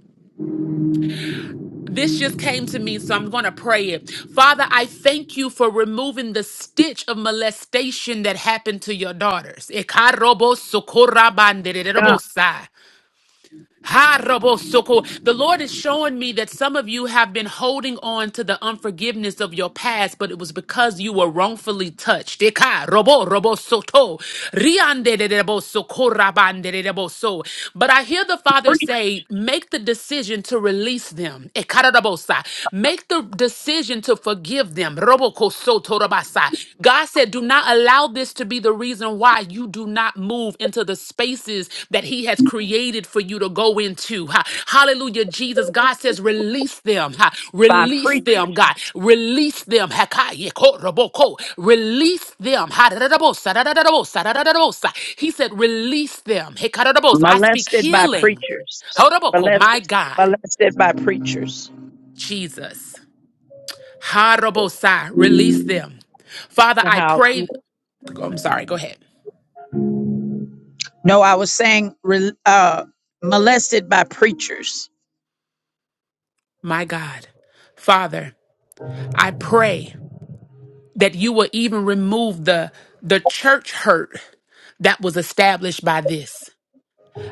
S9: this just came to me, so I'm going to pray it. Father, I thank you for removing the stitch of molestation that happened to your daughters. Ekarobo sokorabandedebosai. Ha Rabosoko. The Lord is showing me that some of you have been holding on to the unforgiveness of your past, but it was because you were wrongfully touched. Eka Robo Robosoto. Riande de Rebosoko Rabande de Reboso. But I hear the Father say, make the decision to release them. Eka Rabosa. Make the decision to forgive them. Roboko God said, Do not allow this to be the reason why you do not move into the spaces that He has created for you to go into. Ha- Hallelujah, Jesus. God says, Release them. ha. Release them, God. Release them. Hakaye koroboko. Release them. ha da da He said, Release them. Hekaradabos. I speak
S1: molested by
S9: healing.
S1: preachers.
S9: Horoboko, My
S1: Molested,
S9: God,
S1: molested by preachers.
S9: Jesus. Harabosai. Release them. Father,
S13: The
S9: I
S13: house.
S9: pray. I'm sorry, go ahead.
S1: No, I was saying re- uh, molested by preachers.
S9: My God, Father, I pray that you will even remove the the church hurt that was established by this.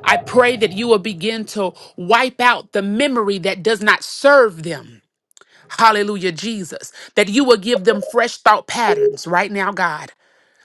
S9: I pray that you will begin to wipe out the memory that does not serve them. Hallelujah, Jesus. That you will give them fresh thought patterns right now, God.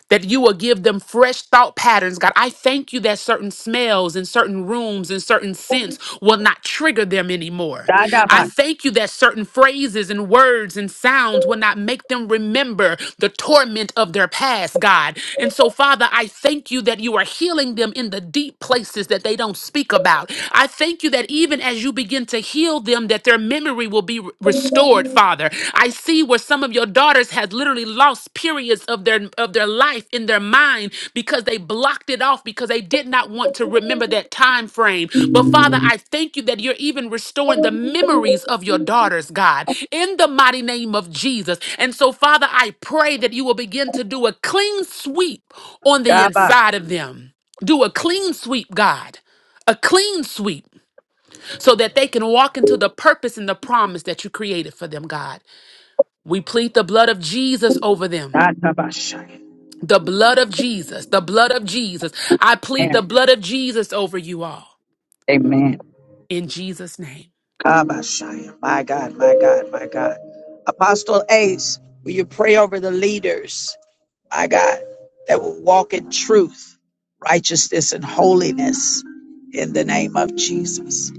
S9: that you will give them fresh thought patterns, God. I thank you that certain smells and certain rooms and certain scents will not trigger them anymore. I
S1: Da-da-ba,
S9: thank you that certain phrases and words and sounds will not make them remember the torment of their past, God. And so, Father, I thank you that you are healing them in the deep places that they don't speak about. I thank you that even as you begin to heal them, that their memory will be restored restored, Father. I see where some of your daughters has literally lost periods of their of their life in their mind because they blocked it off because they did not want to remember that time frame. But Father, I thank you that you're even restoring the
S1: daba,
S9: memories of your daughters, God, in the mighty name of Jesus. And so, Father, I pray that you will begin to do a clean sweep on the inside of them. Do a clean sweep, God. A clean sweep so that they can walk into the purpose and the promise that you created for them, God. We plead the blood of Jesus over them.
S1: dadabashaya.
S9: The blood of Jesus, the blood of Jesus. I plead the blood of Jesus over you all
S1: Amen.
S9: in Jesus' name.
S1: Kaba, My God, my God, my God. Apostle Ace, will you pray over the leaders, my God, that will walk in truth, righteousness, and holiness in the name of Jesus?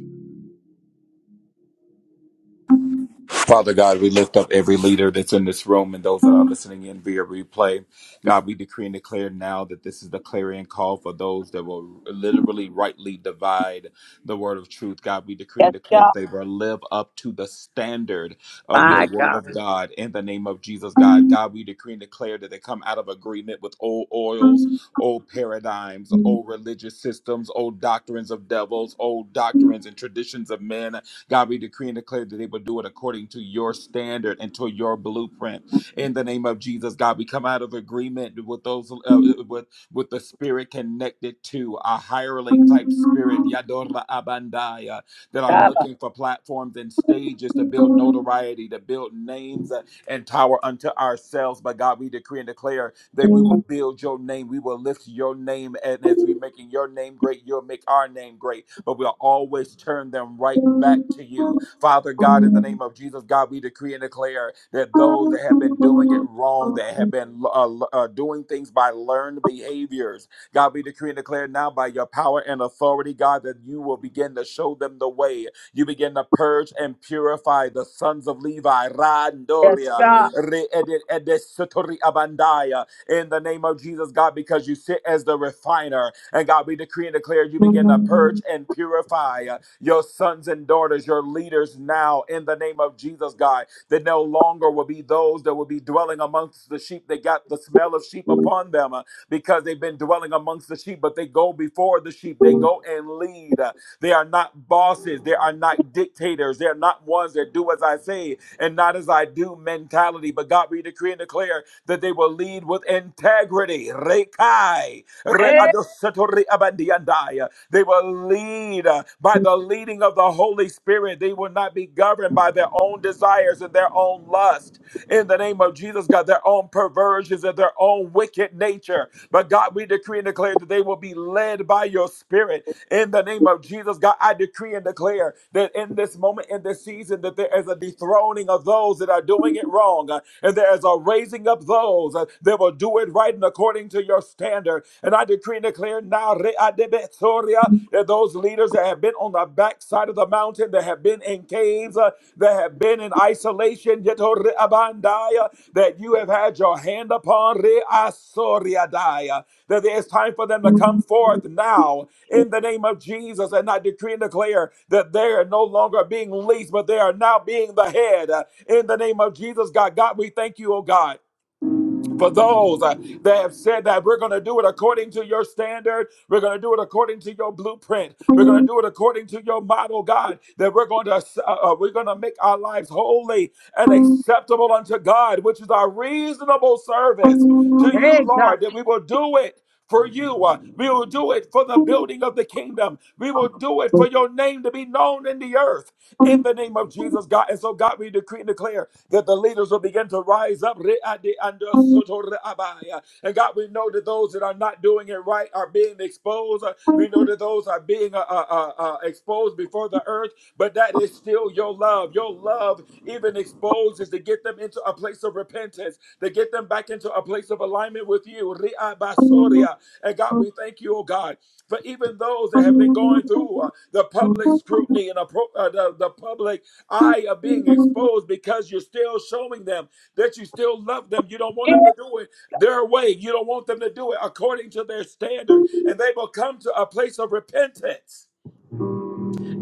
S8: Father God, we lift up every leader that's in this room and those that are listening in via replay. God, we decree and declare now that this is the clarion call for those that will literally rightly divide the word of truth. God, we decree and declare
S1: Yeah.
S8: that they will live up to the standard of your word of God in the name of Jesus, God. God, we decree and declare that they come out of agreement with old oils, old paradigms, old religious systems, old doctrines of devils, old doctrines and traditions of men God, we decree and declare that they will do it according to your standard and to your blueprint. In the name of Jesus, God, we come out of agreement with those uh, with with the spirit connected to a hireling type spirit, Yadora Abandaya, that are looking for platforms and stages to build notoriety, to build names uh, and tower unto ourselves. But God, we decree and declare that we will build your name, we will lift your name, and as we making your name great, you'll make our name great. But we'll always turn them right back to you, Father God. In the name of Jesus, God, we decree and declare
S1: Ah, hey, yeah.
S8: that those that have been doing it wrong, that have been uh, uh, doing things by learned behaviors, God, we decree and declare now by your power and authority, God, that you will begin to show them the way. You begin to purge and purify the sons of Levi, Randoria, Re- Ede- Edesotori Abandaya, in the name of Jesus, God, because you sit as the refiner. And God, we decree and declare you begin to purge and purify uh, your sons and daughters, your leaders now in the name of Jesus, God, that no longer will be those that will be dwelling amongst the sheep They got the smell of sheep upon them uh, because they've been dwelling amongst the sheep, but they go before the sheep. They go and lead. Uh, They are not bosses. They are not dictators. They are not ones that do as I say and not as I do mentality. But God, we decree and declare that they will lead with integrity. Rekai, re- adosatori abandiandai. They will lead uh, by the leading of the Holy Spirit. They will not be governed by their own desires and their own lust in the name of Jesus, God, their own perversions and their own wicked nature. But God, we decree and declare that they will be led by your spirit in the name of Jesus. God, I decree and declare that in this moment, in this season, that there is a dethroning of those that are doing it wrong, uh, and there is a raising up those uh, that will do it right and according to your standard. And I decree and declare now, re- adebe- soria, that those leaders that have been on the backside of the mountain, that have been in caves, uh, that have been in isolation, Yetori that you have had your hand upon, Reasoriadaya, that there is time for them to come forth now in the name of Jesus. And I decree and declare that they are no longer being least, but they are now being the head uh, in the name of Jesus, God. God, we thank you, oh God for those uh, that have said that we're going to do it according to your standard, we're going to do it according to your blueprint, we're going to do it according to your model, God. That we're going to uh, uh, we're going to make our lives holy and acceptable unto God, which is our reasonable service to you, Lord. That we will do it. For you, Uh, we will do it for the building of the kingdom. We will do it for your name to be known in the earth in the name of Jesus, God. And so, God, we decree and declare that the leaders will begin to rise up. And God, we know that those that are not doing it right are being exposed. Uh, We know that those are being uh, uh, uh, uh, exposed before the earth, but that is still your love. Your love, even exposed, is to get them into a place of repentance, to get them back into a place of alignment with you. And God, we thank you, oh God, for even those that have been going through uh, the public scrutiny and appro- uh, the, the public I are being exposed because you're still showing them that you still love them. You don't want them to do it their way. You don't want them to do it according to their standard. And they will come to a place of repentance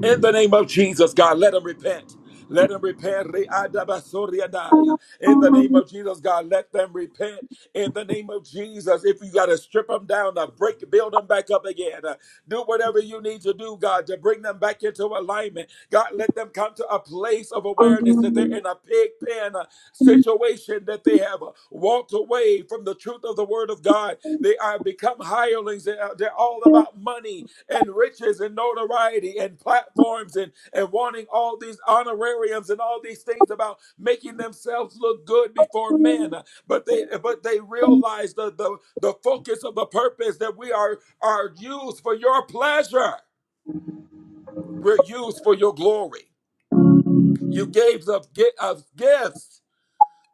S8: in the name of Jesus, God, let them repent. Let them repent. Re-adabasoriadai. In the name of Jesus, God, let them repent. In the name of Jesus, if you got to strip them down, uh, break, build them back up again. uh, do whatever you need to do, God, to bring them back into alignment. God, let them come to a place of awareness that they're in a pig pen uh, situation, that they have uh, walked away from the truth of the word of God. They are become hirelings. They are, they're all about money and riches and notoriety and platforms and, and wanting all these honorariums and all these things about making themselves look good before men. But they but they realize the the, the focus of the purpose that we are are used for your pleasure. We're used for your glory. You gave us gi- us gifts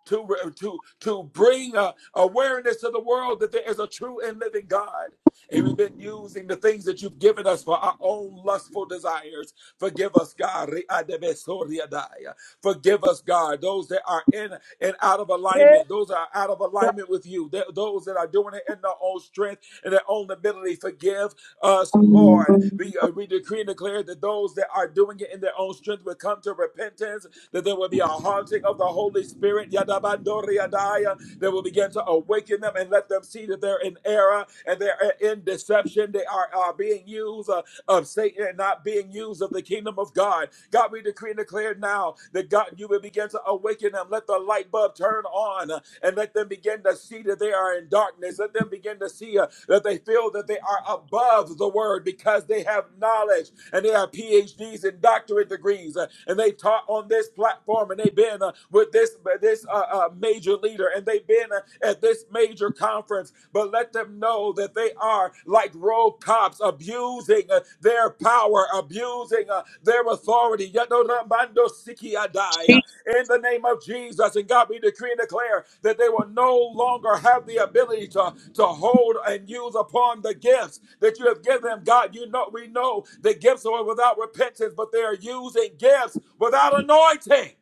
S8: to, to, to bring uh, awareness to the world that there is a true and living God. And we've been using the things that you've given us for our own lustful desires. Forgive us, God. Re-adebesoriadaya. Forgive us, God. Those that are in and out of alignment, those that are out of alignment with you, Th- those that are doing it in their own strength and their own ability. Forgive us, Lord. We, uh, we decree and declare that those that are doing it in their own strength will come to repentance that there will be a haunting of the Holy Spirit. Yadabandoriadaya, That will begin to awaken them and let them see that they're in error and they're in deception. They are, are being used uh, of Satan and not being used of the kingdom of God. God, we decree and declare now that God, you will begin to awaken them. Let the light bulb turn on uh, and let them begin to see that they are in darkness. Let them begin to see uh, that they feel that they are above the word because they have knowledge and they are PhDs and doctorates doctorate degrees, uh, and they taught on this platform, and they've been uh, with this uh, this uh, uh, major leader, and they've been uh, at this major conference. But let them know that they are like rogue cops, abusing uh, their power, abusing uh, their authority. Yadorabando sikiadai in the name of Jesus. And God, we decree and declare that they will no longer have the ability to, to hold and use upon the gifts that you have given them. God, you know, we know the gifts are without repentance, but they are using gifts without anointing.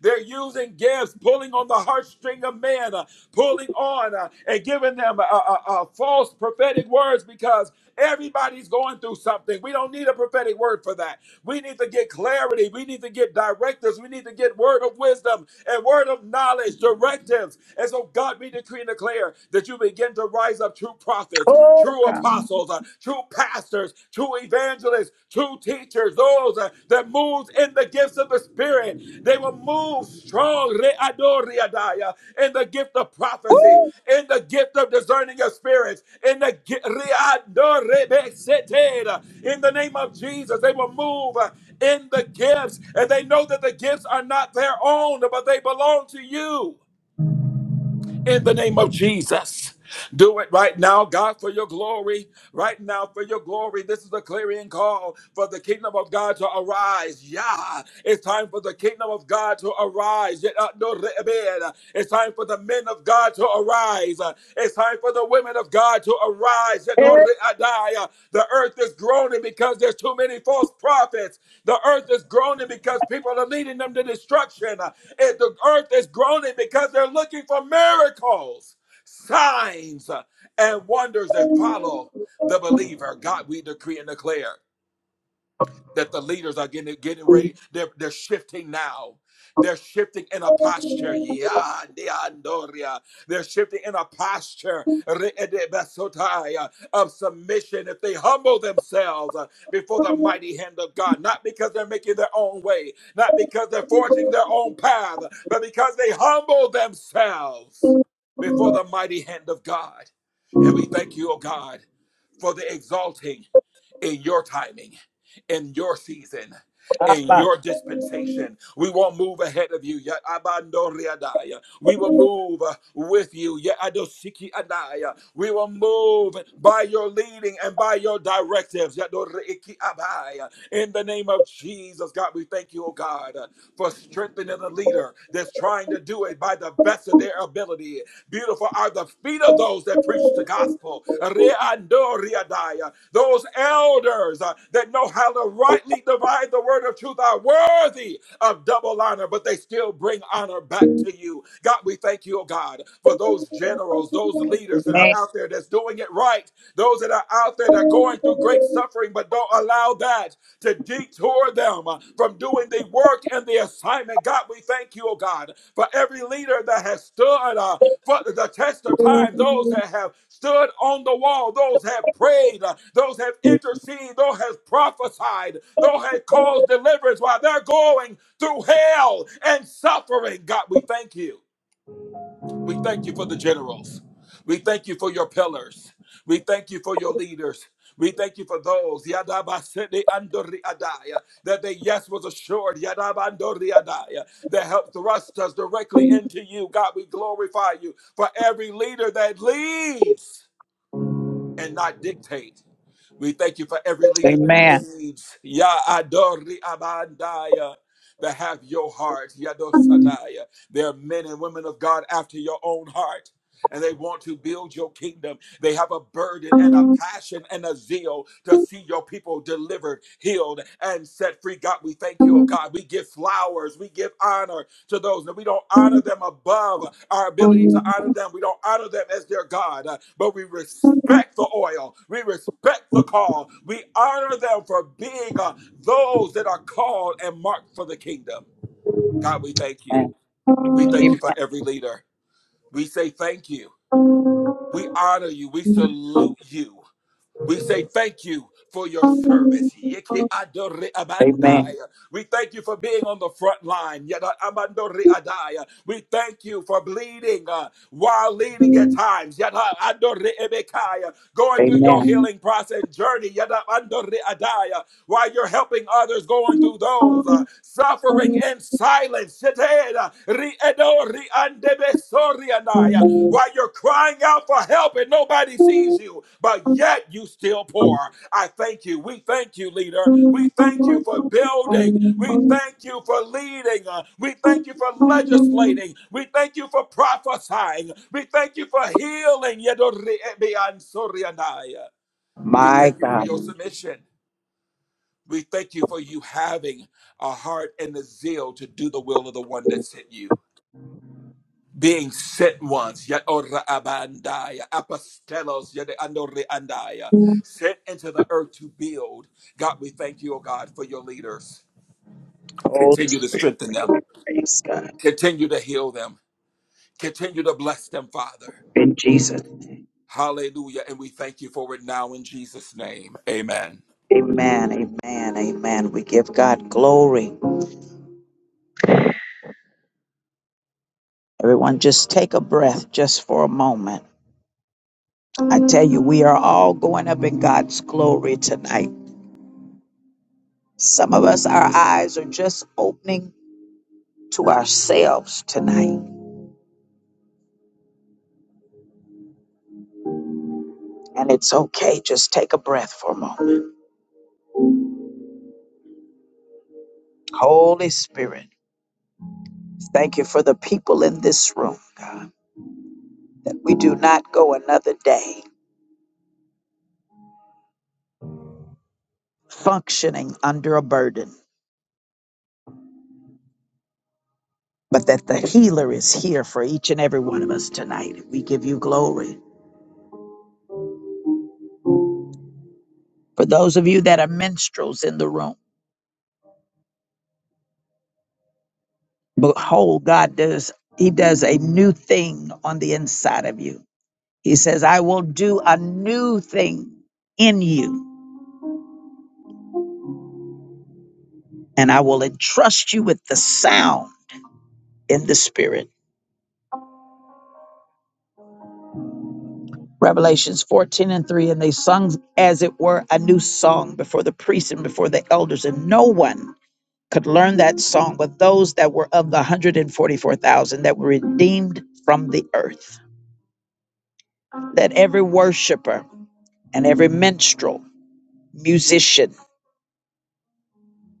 S8: They're using gifts, pulling on the heartstring of men, uh, pulling on uh, and giving them uh, uh, uh, false prophetic words because everybody's going through something. We don't need a prophetic word for that. We need to get clarity. We need to get directives. We need to get word of wisdom and word of knowledge, directives. And so, God, we decree and declare that you begin to rise up true prophets, true apostles, uh, true pastors, true evangelists, true teachers, those uh, that moves in the gifts of the Spirit. They will move strong readoriadaya, in the gift of prophecy, in the gift of discerning of spirits, in the gi- readorebesetera. in the name of Jesus. They will move uh, in the gifts, and they know that the gifts are not their own, but they belong to you in the name of Jesus. Do it right now, God, for your glory. Right now, for your glory. This is a clarion call for the kingdom of God to arise. Yeah, it's time for the kingdom of God to arise. uh, no, It's time for the men of God to arise. Uh, It's time for the women of God to arise. no, The earth is groaning because there's too many false prophets. The earth is groaning because people are leading them to destruction. Uh, and the earth is groaning because they're looking for miracles, signs, uh, and wonders that follow the believer. God, we decree and declare that the leaders are getting getting ready. They're they're shifting now. They're shifting in a posture. Yeah, They're shifting in a posture of submission. If they humble themselves uh, before the mighty hand of God, not because they're making their own way, not because they're forging their own path, but because they humble themselves before the mighty hand of God. And we thank you, oh God, for the exalting in your timing, in your season, in your dispensation. We won't move ahead of you. Yet abandoriadaya. We will move uh, with you. Yet adosiki adaya. We will move by your leading and by your directives. Yet doriiki abaya. In the name of Jesus, God, we thank you, oh God, uh, for strengthening the leader that's trying to do it by the best of their ability. Beautiful are the feet of those that preach the gospel. Re'ando riadaya. Those elders uh, that know how to rightly divide the word of truth are worthy of double honor, but they still bring honor back to you. God, we thank you, oh God, for those generals, those leaders that are out there that's doing it right, those that are out there that are going through great suffering, but don't allow that to detour them uh, from doing the work and the assignment. God, we thank you, oh God, for every leader that has stood. uh, for the test of time. Those that have stood on the wall, those have prayed, uh, those have interceded, those have prophesied, those have caused deliverance while they're going through hell and suffering. God, we thank you. We thank you for the generals. We thank you for your pillars. We thank you for your leaders. We thank you for those Yadabasede andori adaya, that they yes was assured Yadabandori adaya, that helped thrust us directly into you. God, we glorify you for every leader that leads and not dictates. We thank you for every leader that
S1: Amen.
S8: leads. Ya adori abandaya. That have your heart, Yadosadaya. There are men and women of God after your own heart, and they want to build your kingdom. They have a burden and a
S1: Amen.
S8: passion and a zeal to see your people delivered, healed, and set free. God, we thank you, oh God. We give flowers, we give honor, to those and we don't honor them above our ability to honor them. We don't honor them as their God, uh, but we respect the oil. We respect the call. We honor them for being uh, those that are called and marked for the kingdom. God, we thank you. We thank you for every leader. We say thank you. We honor you. We salute you. We say thank you for your service. Yeke adore abandai. We thank you for being on the front line. Yada abandore adai. We thank you for bleeding uh, while leading at times. Yada adore ebekai. Going through your healing process journey. Yada adore adai. While you're helping others going through those uh,
S1: Amen.
S8: suffering in silence. Shete, uh, ri edo ri andebe sori adai while you're crying out for help and nobody sees you, but yet you still pour. I thank you. We thank you, leader. We thank you for building. We thank you for leading. Uh, We thank you for
S1: Amen.
S8: legislating. We thank you for prophesying. We thank you for healing. Yedoribiansorianaya. We thank you for your submission. We thank you for you having a heart and a zeal to do the will of the one that sent you being sent ones, yet ora abandaya, apostelos, yet andore andaya, sent into the earth to build. God, we thank you, oh God, for your leaders.
S1: Holy
S8: Continue to
S1: Spirit,
S8: strengthen
S1: we
S8: them,
S1: give you praise, God.
S8: continue to heal them, continue to bless them, Father.
S1: In Jesus' name.
S8: Hallelujah. And we thank you for it now in Jesus' name. Amen.
S1: Amen, amen, amen. We give God glory. Everyone, just take a breath just for a moment. I tell you, we are all going up in God's glory tonight. Some of us, our eyes are just opening to ourselves tonight. And it's okay. Just take a breath for a moment. Holy Spirit, thank you for the people in this room, God. that We do not go another day functioning under a burden but that the healer is here for each and every one of us tonight. We give you glory. For those of you that are minstrels in the room, behold, God does, He does a new thing on the inside of you. He says, I will do a new thing in you, and I will entrust you with the sound in the spirit. Revelations 14 and 3, and they sung as it were a new song before the priests and before the elders, and no one could learn that song, but those that were of the 144,000 that were redeemed from the earth. That every worshiper and every minstrel, musician,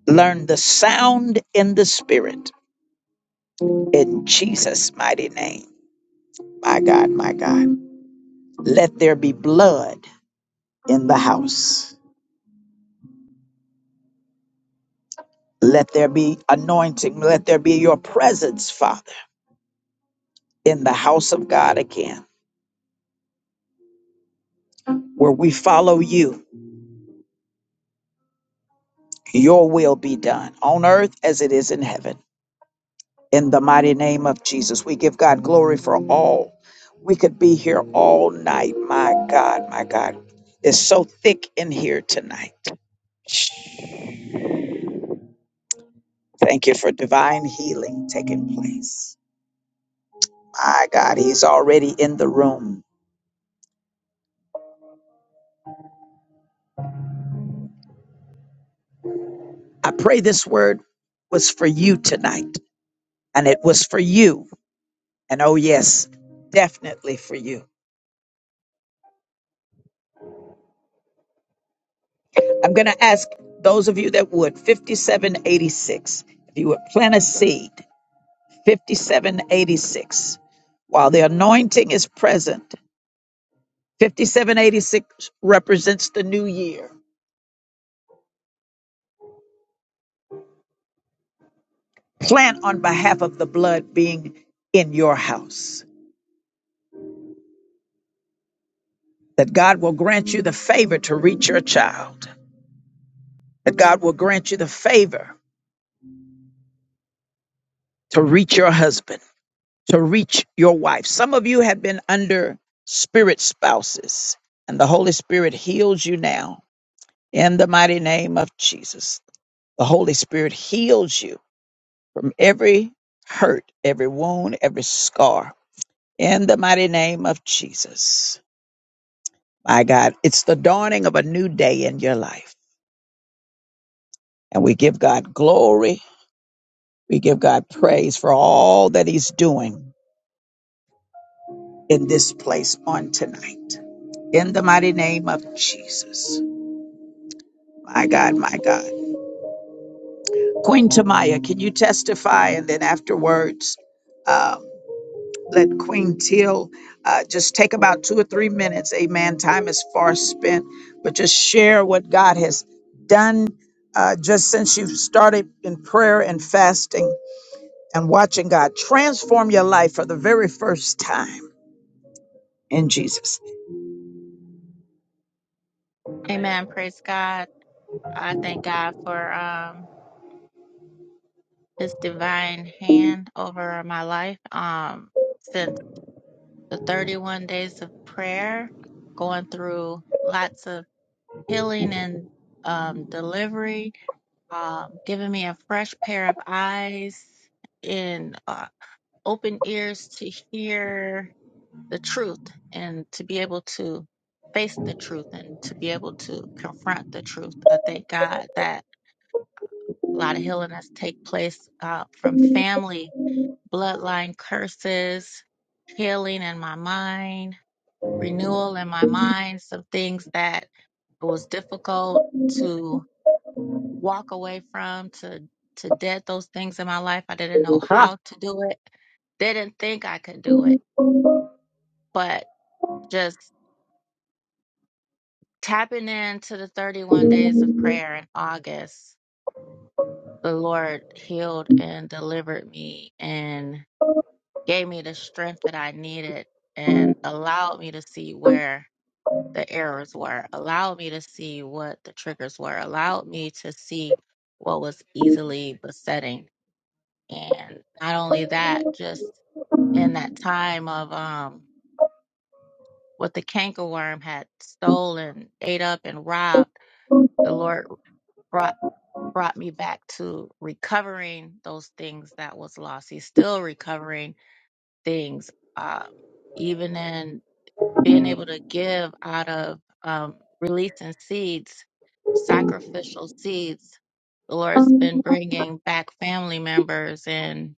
S1: learn the sound in the spirit in Jesus' mighty name. My God, my God. Let there be blood in the house. Let there be anointing. Let there be your presence, Father, in the house of God again, where we follow you. Your will be done on earth as it is in heaven. in the mighty name of Jesus. We give God glory for all. We could be here all night. My God, my God. It's so thick in here tonight. Thank you for divine healing taking place. My God, He's already in the room. I pray this word was for you tonight, and it was for you. And oh, yes, definitely for you. I'm going to ask those of you that would 5786, if you would plant a seed 5786. While the anointing is present, 5786 represents the new year. Plan on behalf of the blood being in your house. That God will grant you the favor to reach your child. That God will grant you the favor to reach your husband, to reach your wife. Some of you have been under spirit spouses, and the Holy Spirit heals you now in the mighty name of Jesus. The Holy Spirit heals you from every hurt, every wound, every scar. In the mighty name of Jesus. My God, it's the dawning of a new day in your life. And we give God glory. We give God praise for all that He's doing in this place on tonight. In the mighty name of Jesus. My God, my God. Queen Tamaya, can you testify? And then afterwards, um, let Queen Teal uh, just take about two or three minutes. Amen. Time is far spent, but just share what God has done uh, just since you've started in prayer and fasting and watching God transform your life for the very first time in Jesus.
S5: Amen. Praise God. I thank God for um his divine hand over my life. Um since the 31 days of prayer, going through lots of healing and um, delivery, uh, giving me a fresh pair of eyes and uh, open ears to hear the truth and to be able to face the truth and to be able to confront the truth. I thank God that a lot of healing has take place uh, from family bloodline curses, healing in my mind renewal in my mind, some things that it was difficult to walk away from, to to dead those things in my life. I didn't know
S1: Ah.
S5: how to do it. Didn't think I could do it, but just tapping into the 31 days of prayer in August, the Lord healed and delivered me and gave me the strength that I needed and allowed me to see where the errors were, allowed me to see what the triggers were, allowed me to see what was easily besetting. And not only that, just in that time of um, what the cankerworm had stolen, ate up, and robbed, the Lord brought brought me back to recovering those things that was lost. He's still recovering things, uh, even in being able to give out of um, releasing seeds, sacrificial seeds. The Lord's been bringing back family members and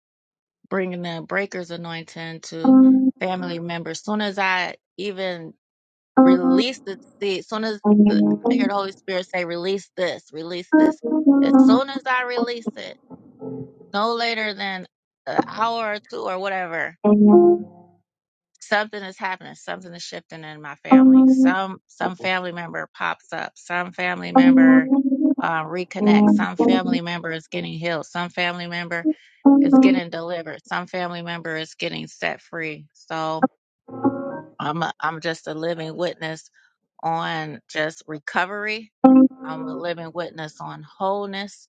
S5: bringing the breakers anointing to family members. Soon as I even release the seed, soon as the, I hear the Holy Spirit say, "Release this, release this." As soon as I release it, no later than an hour or two or whatever, something is happening something is shifting in my family some some family member pops up some family member uh, reconnects some family member is getting healed some family member is getting delivered some family member is getting set free so i'm a, i'm just a living witness on just recovery i'm a living witness on wholeness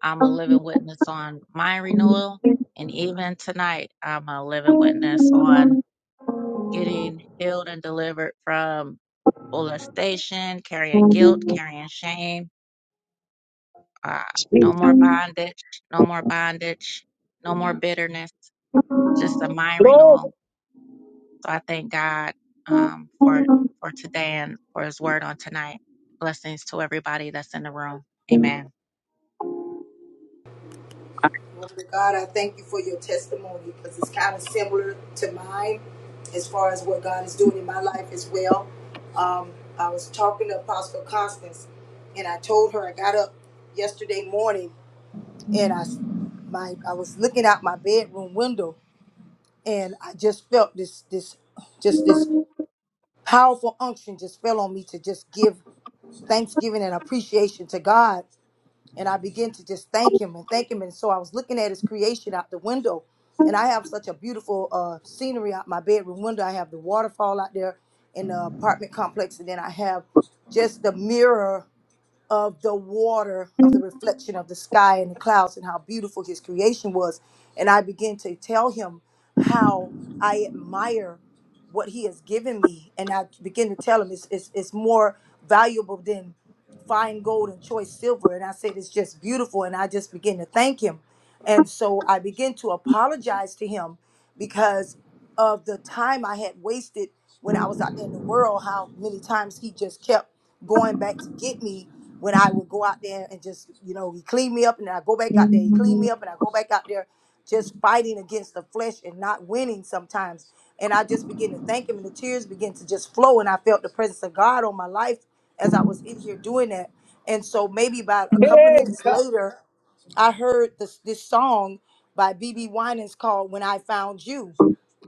S5: i'm a living witness on mind renewal and even tonight i'm a living witness on getting healed and delivered from molestation, carrying guilt, carrying shame, uh, no more bondage, no more bondage, no more bitterness, just a mind renewal. So I thank God um, for for today and for His word on tonight. Blessings to everybody that's in the room. Amen.
S4: Lord God, I thank you for your testimony because it's kind of similar to mine as far as what God is doing in my life as well. Um, I was talking to Apostle Constance, and I told her I got up yesterday morning and I s- my I was looking out my bedroom window and I just felt this this just this powerful unction just fell on me to just give thanksgiving and appreciation to God and I began to just thank him and thank him. And so I was looking at his creation out the window, and I have such a beautiful uh, scenery out my bedroom window. I have the waterfall out there in the apartment complex, and then I have just the mirror of the water, of the reflection of the sky and the clouds, and how beautiful his creation was. And I began to tell him how I admire what he has given me. And I begin to tell him it's, it's, it's more valuable than fine gold and choice silver. And I said, it's just beautiful. And I just begin to thank him. And so I begin to apologize to him because of the time I had wasted when I was out there in the world, how many times he just kept going back to get me when I would go out there and just, you know, he cleaned me up and then I go back out there, he cleaned me up and I go back out there just fighting against the flesh and not winning sometimes. And I just began to thank him and the tears began to just flow and I felt the presence of God on my life as I was in here doing that. And so maybe about a couple of minutes later, I heard this this song by BB Winans called "When I Found You,"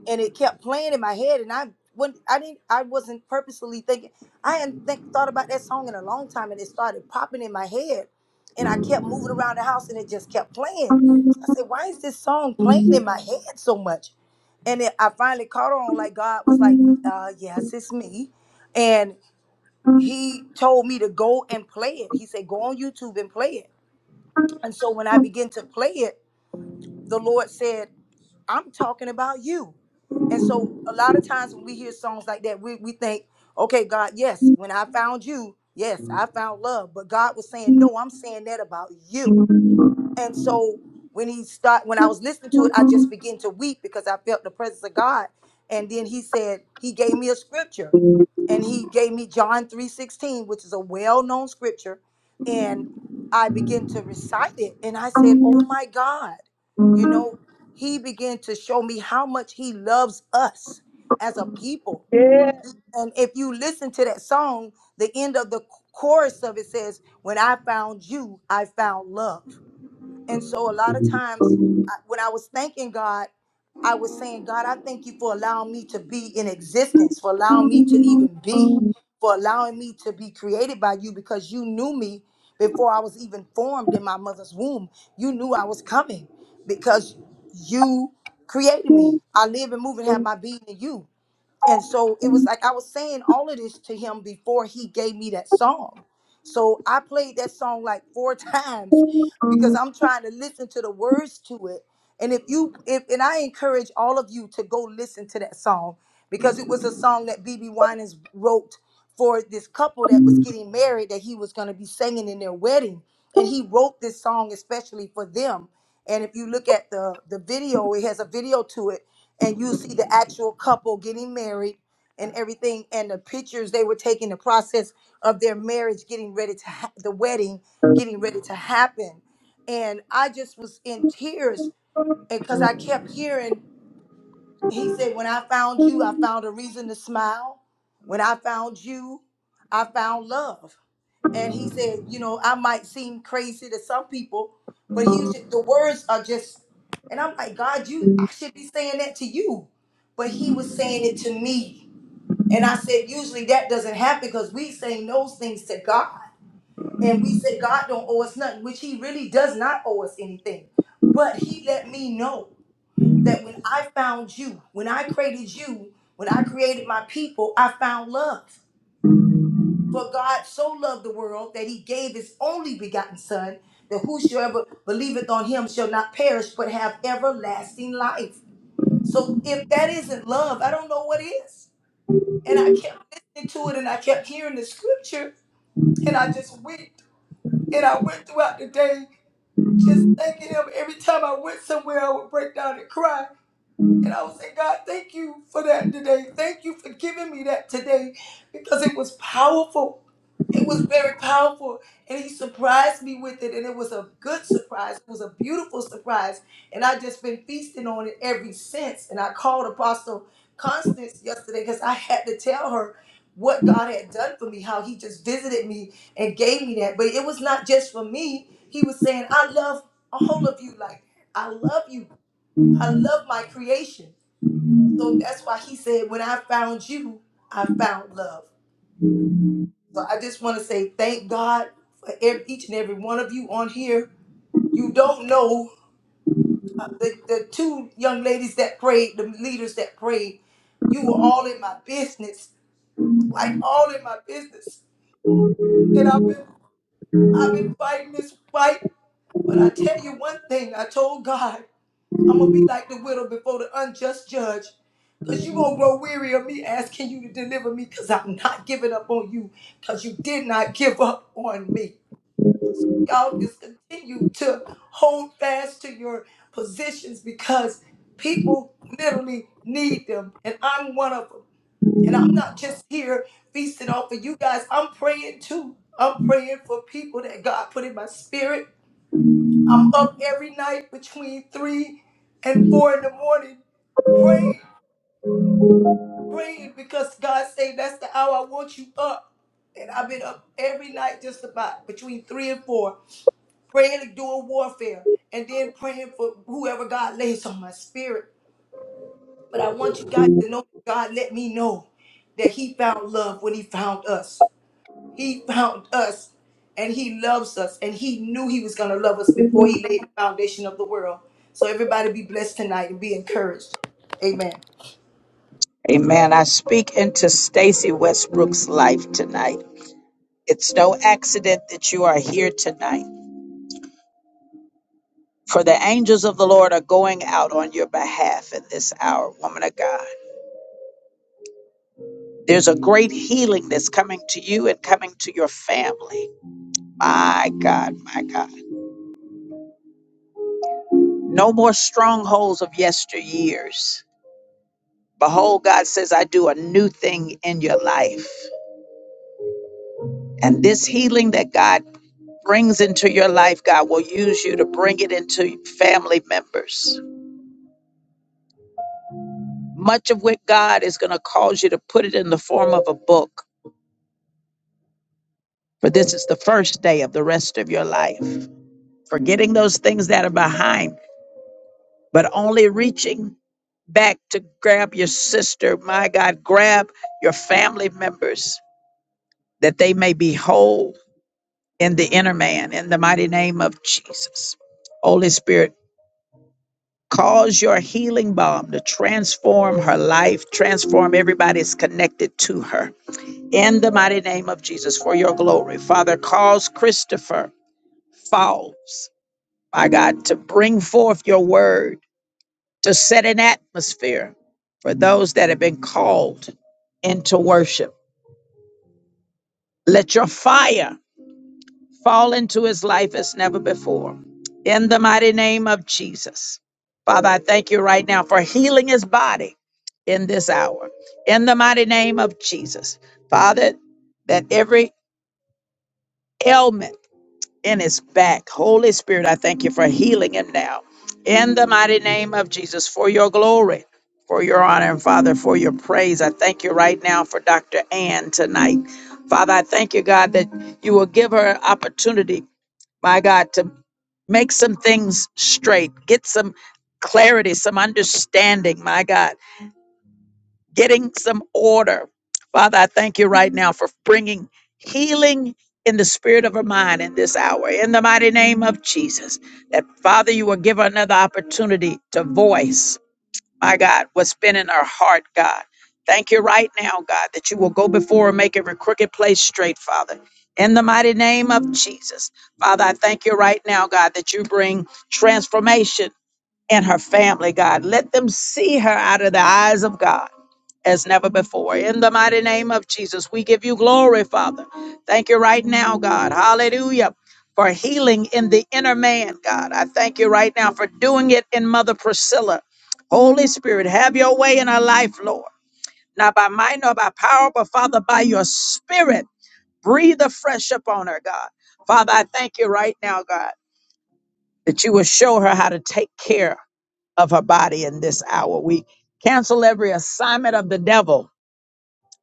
S4: and it kept playing in my head and I when I didn't I wasn't purposefully thinking I hadn't think, thought about that song in a long time and it started popping in my head and I kept moving around the house and it just kept playing. So I said, why is this song playing in my head so much? And it, I finally caught on like God was like, uh, yes, it's me. And he told me to go and play it. He said, go on YouTube and play it. And so when I began to play it, the Lord said. I'm talking about you. And so a lot of times when we hear songs like that, we, we think, okay, God, yes, when I found you, yes, I found love. But God was saying, no, I'm saying that about you. And so when he start when I was listening to it, I just began to weep because I felt the presence of God. And then he said, he gave me a scripture. And he gave me John 3:16, which is a well-known scripture. And I began to recite it. And I said, Oh my God. You know, he began to show me how much he loves us as a people. And if you listen to that song, the end of the chorus of it says, When I found you, I found love and so a lot of times I- when I was thanking God, I was saying, God, I thank you for allowing me to be in existence, for allowing me to even be, for allowing me to be created by you because you knew me before I was even formed in my mother's womb. You knew I was coming because you created me. I live and move and have my being in you. And so it was like I was saying all of this to him before he gave me that song. So I played that song like four times because I'm trying to listen to the words to it. And if you if and I encourage all of you to go listen to that song because it was a song that BB Winans wrote for this couple that was getting married that he was going to be singing in their wedding and he wrote this song especially for them and if you look at the the video it has a video to it and you see the actual couple getting married and everything and the pictures they were taking the process of their marriage getting ready to ha- the wedding getting ready to happen and i just was in tears and because i kept hearing he said, When I found you, I found a reason to smile. When I found you, I found love. And he said, You know, I might seem crazy to some people, but he was ju- the words are just, and I'm like, God, you, I should be saying that to you. But he was saying it to me. And I said, Usually that doesn't happen because we saying those things to God. And we said, God don't owe us nothing, which he really does not owe us anything. But he let me know that when I found you, when I created you, when I created my people, I found love. For God so loved the world that he gave his only begotten Son, that whosoever believeth on him shall not perish but have everlasting life. So if that isn't love, I don't know what is. And I kept listening to it and I kept hearing the scripture and I just wept. And I went throughout the day just thanking him. Every time I went somewhere, I would break down and cry And I was saying, God, thank you for that today. Thank you for giving me that today because it was powerful. It was very powerful. And He surprised me with it. And it was a good surprise. It was a beautiful surprise. And i just been feasting on it ever since. And I called Apostle Constance yesterday because I had to tell her what God had done for me, how He just visited me and gave me that. But it was not just for me. He was saying, I love all of you. Like, I love you. I love my creation. So that's why he said, When I found you, I found love. So I just want to say thank God for ev each and every one of you on here. You don't know uh, the, the two young ladies that prayed, the leaders that prayed, you were all in my business, like all in my business. And I've been I've been fighting this fight. But I tell you one thing, I told God. I'm gonna be like the widow before the unjust judge. Cause you gonna grow weary of me asking you to deliver me because I'm not giving up on you because you did not give up on me. Y'all just continue to hold fast to your positions because people literally need them. And I'm one of them. And I'm not just here feasting off of you guys. I'm praying too. I'm praying for people that God put in my spirit I'm up every night between three and four in the morning praying, praying because God say that's the hour I want you up. And I've been up every night just about between three and four, praying and doing warfare, and then praying for whoever God lays on my spirit. But I want you guys to know God let me know that He found love when He found us. He found us and he loves us and he knew he was going to love us before he laid the foundation of the world. So everybody be blessed tonight and be encouraged. Amen.
S1: Amen. I speak into Stacy Westbrook's life tonight. It's no accident that you are here tonight. For the angels of the Lord are going out on your behalf in this hour, woman of God. There's a great healing that's coming to you and coming to your family. My God, my God. No more strongholds of yesteryears. Behold, God says, I do a new thing in your life. And this healing that God brings into your life, God will use you to bring it into family members. Much of what God is going to cause you to put it in the form of a book, for this is the first day of the rest of your life. Forgetting those things that are behind but only reaching back to grab your sister. My God, grab your family members that they may be whole in the inner man in the mighty name of Jesus. Holy Spirit, cause your healing balm to transform her life, transform everybody that's connected to her in the mighty name of Jesus for your glory. Father, cause Christopher Falls, my God, to bring forth your word to set an atmosphere for those that have been called into worship. Let your fire fall into his life as never before. In the mighty name of Jesus. Father, I thank you right now for healing his body in this hour. In the mighty name of Jesus. Father, that every ailment, in his back. Holy Spirit, I thank you for healing him now. In the mighty name of Jesus, for your glory, for your honor, and Father, for your praise. I thank you right now for Dr. Ann tonight. Father, I thank you, God, that you will give her an opportunity, my God, to make some things straight, get some clarity, some understanding, my God getting some order. Father, I thank you right now for bringing healing in the spirit of her mind in this hour, in the mighty name of Jesus. That, Father, you will give her another opportunity to voice, my God, what's been in her heart, God. Thank you right now, God, that you will go before and make every crooked place straight, Father. In the mighty name of Jesus. Father, I thank you right now, God, that you bring transformation and her family, God. Let them see her out of the eyes of God as never before. In the mighty name of Jesus, we give you glory, Father. Thank you right now, God. Hallelujah. For healing in the inner man, God. I thank you right now for doing it in Mother Priscilla. Holy Spirit, have your way in her life, Lord. Not by might nor by power, but Father, by your spirit. Breathe afresh upon her, God. Father, I thank you right now, God that you will show her how to take care of her body in this hour. We cancel every assignment of the devil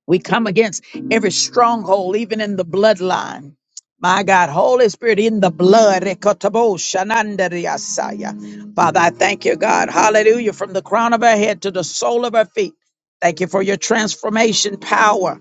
S1: we come against every stronghold, even in the bloodline. My God, Holy Spirit in the blood. Rekotabo shanandariasaya. Father, I thank you, God. Hallelujah. From the crown of our head to the sole of our feet. Thank you for your transformation power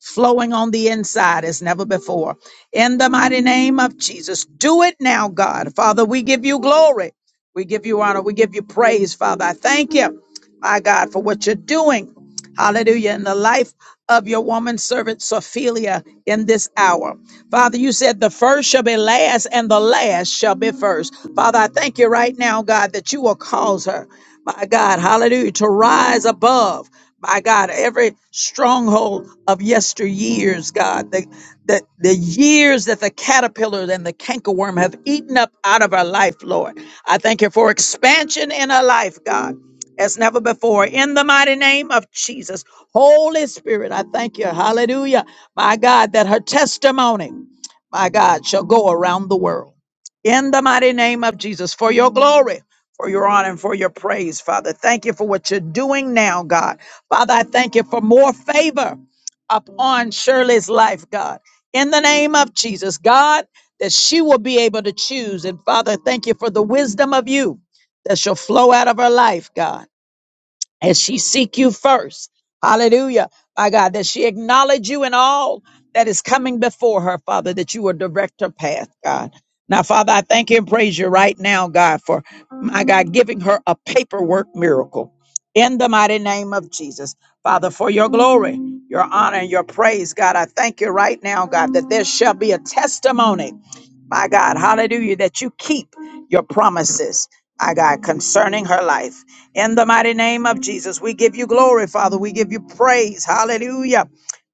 S1: flowing on the inside as never before. In the mighty name of Jesus, do it now, God. Father, we give you glory. We give you honor. We give you praise, Father. I thank you, my God, for what you're doing. Hallelujah. In the life of your woman servant Sophia in this hour. Father, you said the first shall be last and the last shall be first. Father, I thank you right now, God, that you will cause her, my God, hallelujah, to rise above, my God, every stronghold of yesteryears, God, the, the, the years that the caterpillar and the cankerworm have eaten up out of our life, Lord. I thank you for expansion in our life, God, as never before. In the mighty name of Jesus. Holy Spirit, I thank you. Hallelujah. My God, that her testimony, my God, shall go around the world. In the mighty name of Jesus, for your glory, for your honor, and for your praise, Father. Thank you for what you're doing now, God. Father, I thank you for more favor upon Shirley's life, God. In the name of Jesus, God, that she will be able to choose. And Father, thank you for the wisdom of you that shall flow out of her life, God as she seek you first. Hallelujah. My God, that she acknowledge you in all that is coming before her, Father, that you will direct her path, God. Now, Father, I thank you and praise you right now, God, for my God giving her a paperwork miracle in the mighty name of Jesus. Father, for your glory, your honor, and your praise, God, I thank you right now, God, that there shall be a testimony my God, hallelujah, that you keep your promises, my God, concerning her life. In the mighty name of Jesus, we give you glory, Father. We give you praise, hallelujah,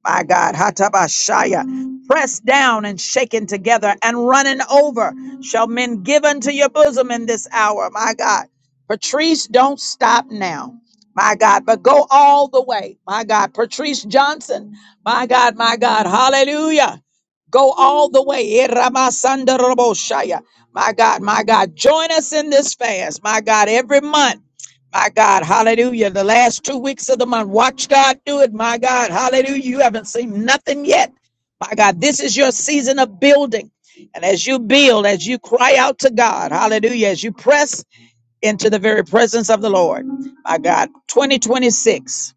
S1: my God, hatabashaya. Pressed down and shaken together and running over shall men give unto your bosom in this hour, my God. Patrice, don't stop now. My God, but go all the way. My God, Patrice Johnson. My God, my God, hallelujah. Go all the way. Eh, Ramasanda Roboshaya. My God, my God, join us in this fast. My God, every month. My God, hallelujah. The last two weeks of the month. Watch God do it. My God, hallelujah. You haven't seen nothing yet. My God, this is your season of building. And as you build, as you cry out to God, hallelujah, as you press into the very presence of the Lord, my God, 2026,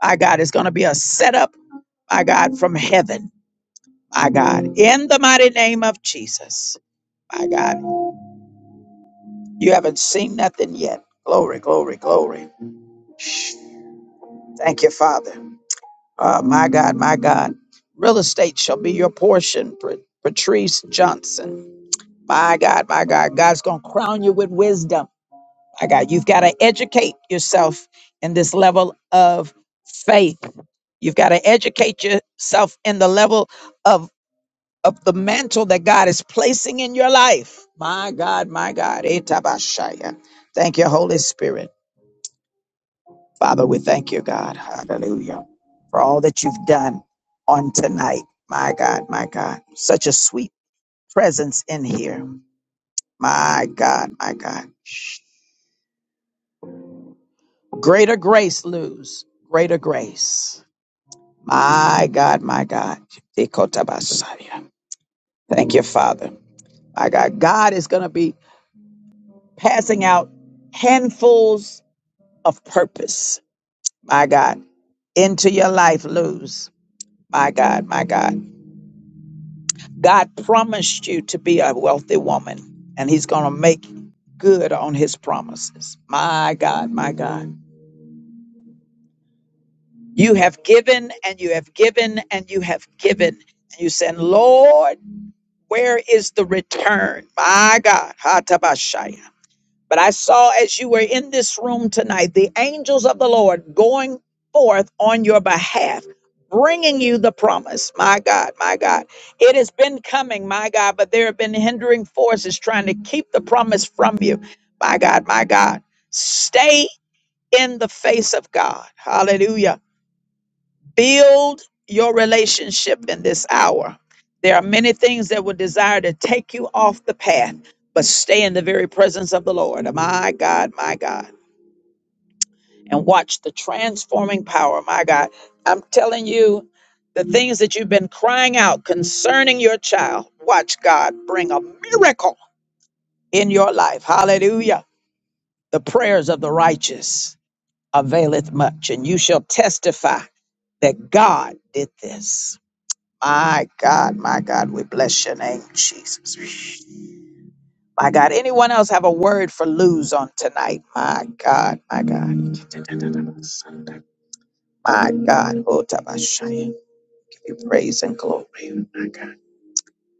S1: my God, is going to be a setup, my God, from heaven. My God, in the mighty name of Jesus. My God, you haven't seen nothing yet. Glory, glory, glory. Shh. Thank you, Father. Oh, my God, my God. Real estate shall be your portion, Pat- Patrice Johnson. My God, my God. God's going to crown you with wisdom. My God, you've got to educate yourself in this level of faith. You've got to educate yourself in the level of of the mantle that God is placing in your life. My God, my God. Etabashaya. Thank you, Holy Spirit. Father, we thank you, God. Hallelujah. For all that you've done on tonight. My God, my God. Such a sweet presence in here. My God, my God. Greater grace, Luz. Greater grace. My God, my God. Ekotabasaya. Thank you, Father. My God. God is going to be passing out handfuls of purpose, my God, into your life, Luz. My God, my God. God promised you to be a wealthy woman, and He's going to make good on His promises. My God, my God. You have given and you have given and you have given. And you said, Lord, where is the return? My God. Hatabashaya. But I saw as you were in this room tonight, the angels of the Lord going forth on your behalf, bringing you the promise. My God, my God. It has been coming, my God, but there have been hindering forces trying to keep the promise from you. My God, my God. Stay in the face of God. Hallelujah. Build your relationship in this hour. There are many things that would desire to take you off the path, but stay in the very presence of the Lord. My God, my God. And watch the transforming power. My God. I'm telling you, the things that you've been crying out concerning your child, watch God bring a miracle in your life. Hallelujah. The prayers of the righteous availeth much, and you shall testify that God did this. My God, my God, we bless your name, Jesus. My God, anyone else have a word for lose on tonight? My God, my God. My God, oh, Tabashaya, give you praise and glory. My God,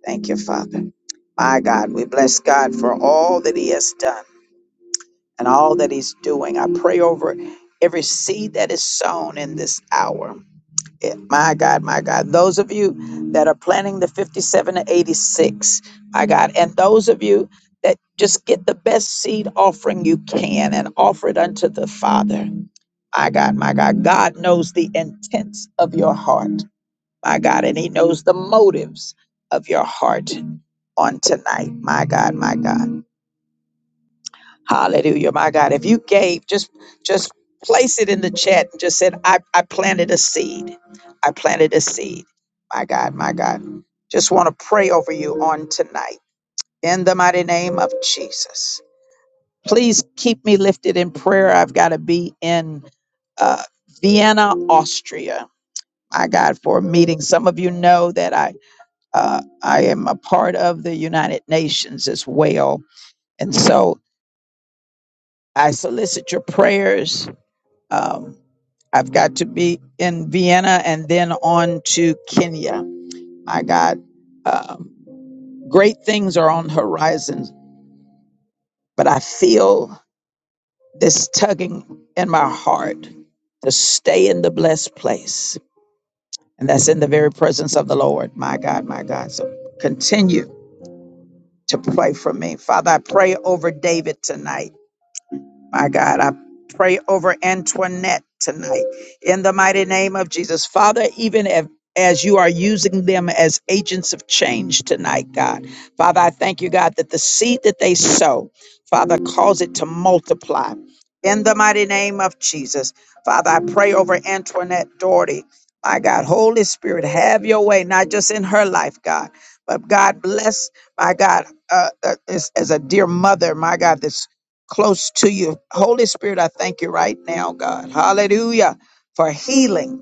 S1: thank you, Father. My God, we bless God for all that He has done and all that He's doing. I pray over every seed that is sown in this hour. it. My God, my God. Those of you that are planning the 57 to 86, my God. And those of you that just get the best seed offering you can and offer it unto the Father. My God, my God. God knows the intents of your heart, my God, and He knows the motives of your heart on tonight. My God, my God. Hallelujah, my God. If you gave, just just place it in the chat and just said, I, I planted a seed. I planted a seed. My God, my God. Just want to pray over you on tonight. In the mighty name of Jesus. Please keep me lifted in prayer. I've got to be in uh, Vienna, Austria. My God, for a meeting. Some of you know that I uh, I am a part of the United Nations as well, and so I solicit your prayers Um, I've got to be in Vienna and then on to Kenya. My God, um, great things are on horizons, but I feel this tugging in my heart to stay in the blessed place. And that's in the very presence of the Lord. My God, my God. So continue to pray for me. Father, I pray over David tonight. My God, I pray over Antoinette tonight in the mighty name of Jesus. Father, even if as you are using them as agents of change tonight, God. Father, I thank you, God, that the seed that they sow, Father, cause it to multiply. In the mighty name of Jesus, Father, I pray over Antoinette Doherty. My God, Holy Spirit, have your way, not just in her life, God, but God bless, my God, uh, uh, as, as a dear mother, my God, this close to you. Holy Spirit, I thank you right now, God. Hallelujah for healing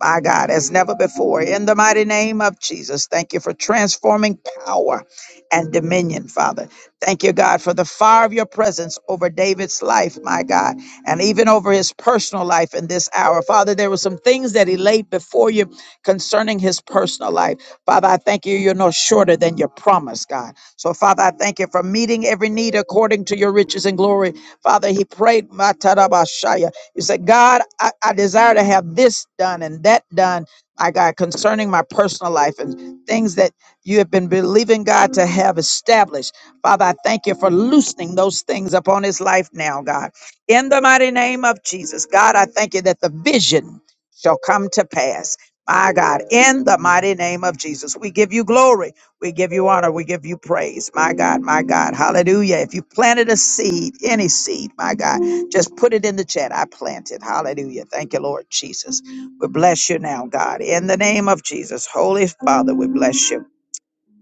S1: my God, as never before. In the mighty name of Jesus, thank you for transforming power and dominion, Father. Thank you, God, for the fire of your presence over David's life, my God, and even over his personal life in this hour. Father, there were some things that he laid before you concerning his personal life. Father, I thank you, you're no shorter than your promise, God. So, Father, I thank you for meeting every need according to your riches and glory. Father, he prayed, "Matarabashaya." You say, God, I, I desire to have this done and that done, my God, concerning my personal life and things that you have been believing God to have established. Father, I thank you for loosening those things upon his life now, God. In the mighty name of Jesus, God, I thank you that the vision shall come to pass. My God, in the mighty name of Jesus, we give you glory. We give you honor. We give you praise. My God, my God. Hallelujah. If you planted a seed, any seed, my God. Just put it in the chat. I planted. Hallelujah. Thank you, Lord Jesus. We bless you now, God. In the name of Jesus, Holy Father, we bless you.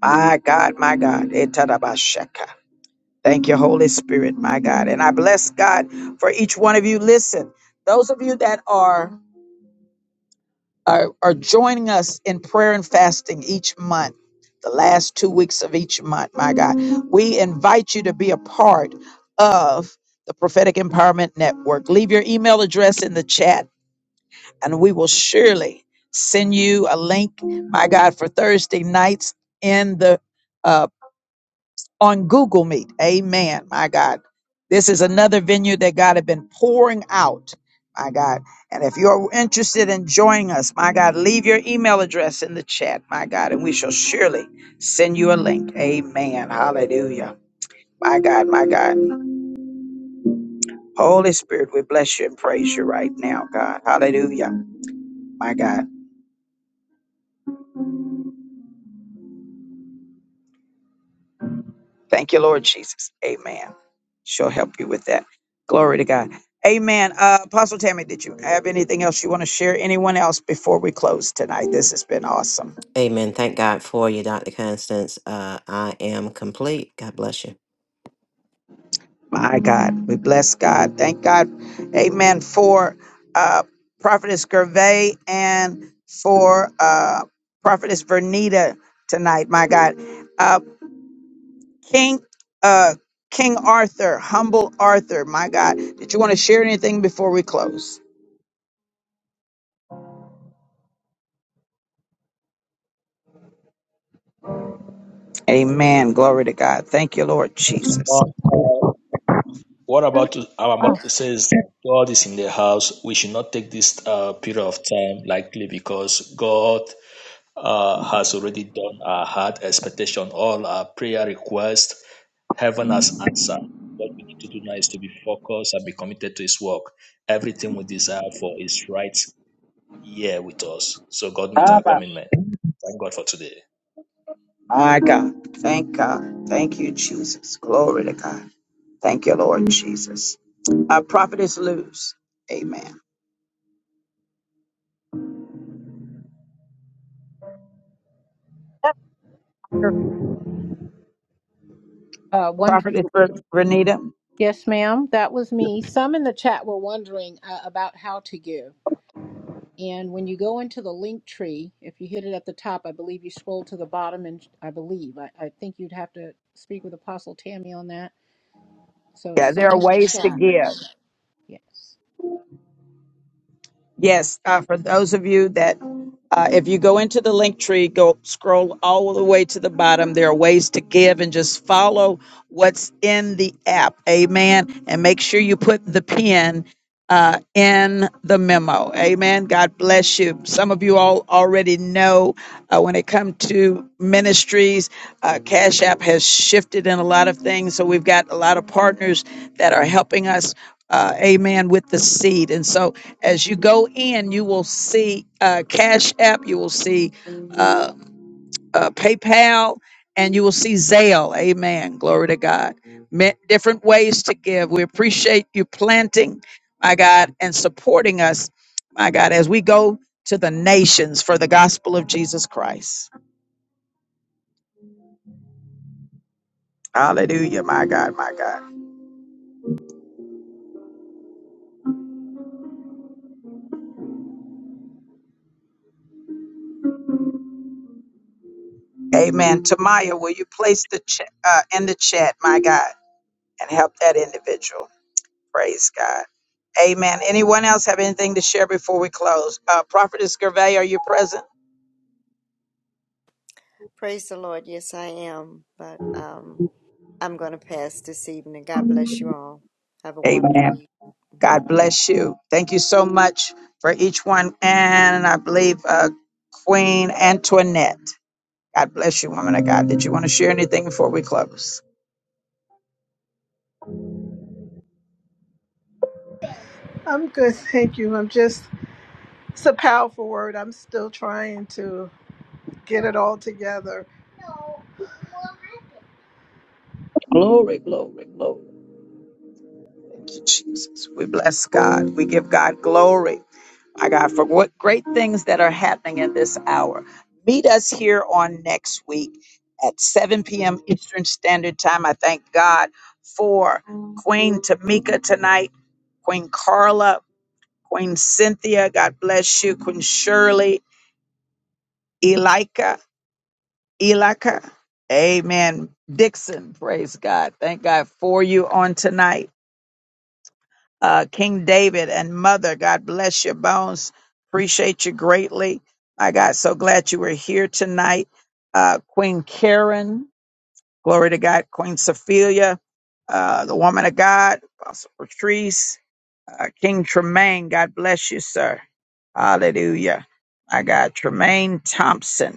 S1: My God, my God. Etarabashaka. Thank you, Holy Spirit, my God. And I bless God for each one of you. Listen, those of you that are are, are joining us in prayer and fasting each month, the last two weeks of each month, my God. We invite you to be a part of the Prophetic Empowerment Network. Leave your email address in the chat, and we will surely send you a link, my God, for Thursday nights in the uh, on Google Meet. Amen. My God. This is another venue that God has been pouring out. My God. And if you're interested in joining us, my God, leave your email address in the chat, my God, and we shall surely send you a link. Amen. Hallelujah. My God, my God. Holy Spirit, we bless you and praise you right now, God. Hallelujah. My God. Thank you, Lord Jesus. Amen. She'll help you with that. Glory to God. Amen. Uh, Apostle Tammy, did you have anything else you want to share? Anyone else before we close tonight? This has been awesome.
S3: Amen. Thank God for you, Dr. Constance. Uh, I am complete. God bless you.
S1: My God, we bless God. Thank God. Amen. For uh, Prophetess Gervais and for uh, Prophetess Vernita tonight. My God. Uh, King. Uh, King Arthur, humble Arthur, my God. Did you want to share anything before we close? Amen. Glory to God. Thank you, Lord Jesus.
S11: uh, what about to, I'm about
S16: Oh,
S11: to say is that God is in the house. We should not take this uh, period of time lightly because God uh, has already done our heart expectation, all our prayer requests. Heaven has answered. What we need to do now is to be focused and be committed to His work. Everything we desire for is right here with us. So God needs our commitment. Thank God for today.
S1: My God. Thank God. Thank you, Jesus. Glory to God. Thank you, Lord Jesus. Our prophetess lose. Amen.
S16: that's your, uh, wondering.
S1: Prophetess Renita.
S16: Yes, ma'am. That was me. Some in the chat were wondering uh, about how to give. And when you go into the link tree, if you hit it at the top, I believe you scroll to the bottom, and I believe I, I think you'd have to speak with Apostle Tammy on that. So,
S1: Yeah,
S16: so
S1: there are
S16: in the
S1: ways to
S16: chat,
S1: give.
S16: yes.
S1: Yes, uh, for those of you that, uh, if you go into the link tree, go scroll all the way to the bottom. There are ways to give and just follow what's in the app. Amen. And make sure you put the pin uh, in the memo. Amen. God bless you. Some of you all already know uh, when it comes to ministries, uh, Cash App has shifted in a lot of things. So we've got a lot of partners that are helping us uh, amen with the seed and so as you go in you will see uh, cash app you will see uh, uh, paypal and you will see zelle amen glory to god Ma- different ways to give we appreciate you planting my god and supporting us my god as we go to the nations for the gospel of jesus christ hallelujah my god my god amen tamaya will you place the ch- uh, in the chat my god and help that individual Praise God. Amen. Anyone else have anything to share before we close? Uh, Prophetess Gervais, are you present?
S14: Praise the Lord. Yes, I am. But um, I'm going to pass this evening. God bless you all. Have a wonderful
S1: Amen.
S14: evening.
S1: God bless you. Thank you
S14: Mhm.
S1: so much for each one. And I believe uh, Queen Antoinette. God bless you, woman of God. Did you want to share anything before we close?
S10: I'm good, thank you. I'm just, it's a powerful word. I'm still trying to get it all together.
S1: Glory, glory, glory. Thank you, Jesus. We bless God. We give God glory. my God, for what great things that are happening in this hour. Meet us here on next week at 7 p.m. Eastern Standard Time. I thank God for Queen Tamika tonight, Queen Carla, Queen Cynthia. God bless you, Queen Shirley, Elika, Elika. Amen. Dixon, praise God. Thank God for you on tonight. uh, King David and Mother. God bless your bones. Appreciate you greatly. My God, so glad you were here tonight. Uh, Queen Karen, glory to God. Queen Sophia, uh, the woman of God, Apostle Patrice, uh, King Tremaine. God bless you, sir. Hallelujah. My God, Tremaine Thompson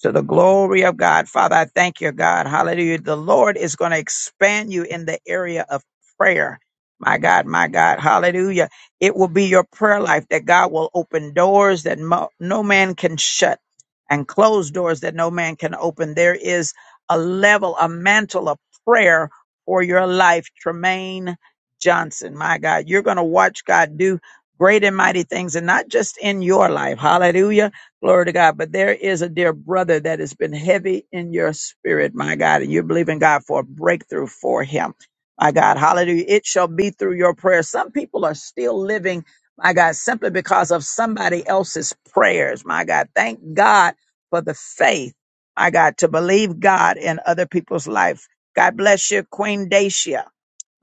S1: to the glory of God. Father, I thank you, God. Hallelujah. The Lord is going to expand you in the area of prayer. My God, my God. Hallelujah. It will be your prayer life that God will open doors that mo- no man can shut and close doors that no man can open. There is a level, a mantle of prayer for your life, Tremaine Johnson. My God, you're going to watch God do great and mighty things and not just in your life. Hallelujah Glory to God. But there is a dear brother that has been heavy in your spirit, my God, and you believe in God for a breakthrough for him. My God, hallelujah. It shall be through your prayers. Some people are still living, my God, simply because of somebody else's prayers, my God. Thank God for the faith, my God, to believe God in other people's life. God bless you, Queen Dacia.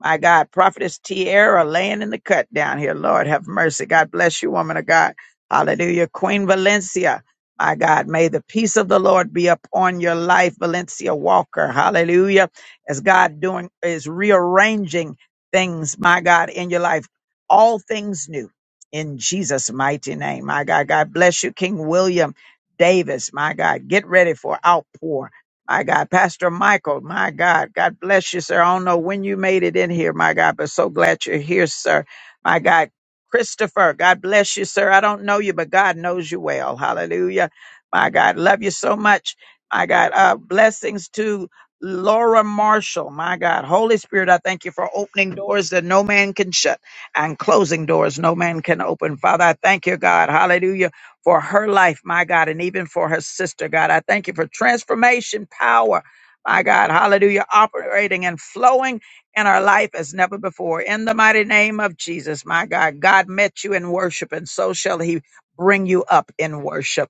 S1: My God, Prophetess Tierra laying in the cut down here. Lord have mercy. God bless you, woman of God. Hallelujah. Queen Valencia, my God, may the peace of the Lord be upon your life, Valencia Walker. Hallelujah. As God doing is rearranging things, my God, in your life. All things new in Jesus' mighty name. My God, God bless you, King William Davis. My God, get ready for outpour. My God, Pastor Michael, my God, God bless you, sir. I don't know when you made it in here, my God, but so glad you're here, sir. My God, Christopher, God bless you, sir. I don't know you, but God knows you well. Hallelujah. My God, love you so much. My God, uh, blessings to Laura Marshall. My God, Holy Spirit, I thank you for opening doors that no man can shut and closing doors no man can open. Father, I thank you, God. Hallelujah for her life, my God, and even for her sister, God. I thank you for transformation power, my God. Hallelujah. Operating and flowing in our life as never before. In the mighty name of Jesus, my God, God met you in worship, and so shall he bring you up in worship.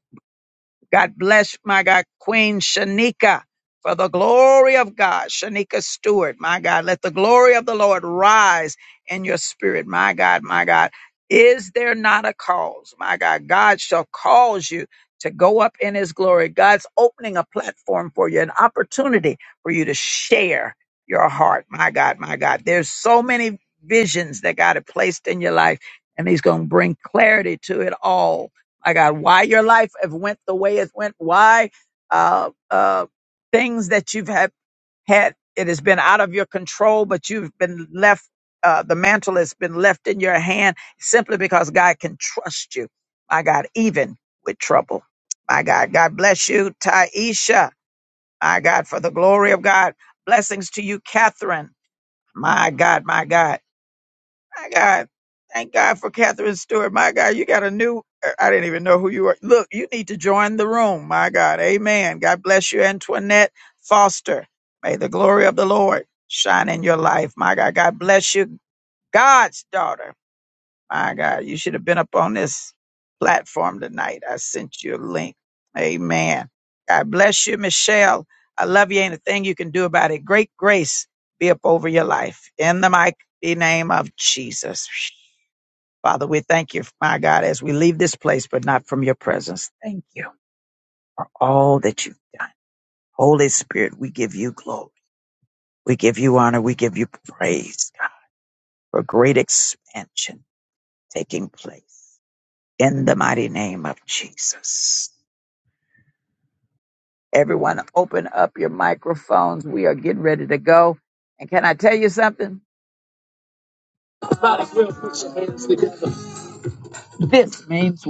S1: God bless my God, Queen Shanika for the glory of God. Shanika Stewart, my God, let the glory of the Lord rise in your spirit, my God, my God. Is there not a cause, my God? God shall cause you to go up in his glory. God's opening a platform for you, an opportunity for you to share your heart, my God, my God. There's so many visions that God had placed in your life, and he's going to bring clarity to it all my God, why your life have went the way it went, why uh, uh, things that you've had, had, it has been out of your control, but you've been left, uh, the mantle has been left in your hand simply because God can trust you, my God, even with trouble. My God, God bless you, Taisha. My God, for the glory of God. Blessings to you, Catherine. My God, my God. My God. Thank God for Catherine Stewart. My God, you got a new, uh, I didn't even know who you were. Look, you need to join the room. My God. Amen. God bless you, Antoinette Foster. May the glory of the Lord shine in your life. My God. God bless you, God's daughter. My God. You should have been up on this platform tonight. I sent you a link. Amen. God bless you, Michelle. I love you. Ain't a thing you can do about it. Great grace be up over your life. In the mighty name of Jesus. Father, we thank you, my God, as we leave this place, but not from your presence. Thank you for all that you've done. Holy Spirit, we give you glory. We give you honor. We give you praise God, for great expansion taking place in the mighty name of Jesus. Everyone, open up your microphones. We are getting ready to go. And can I tell you something? This means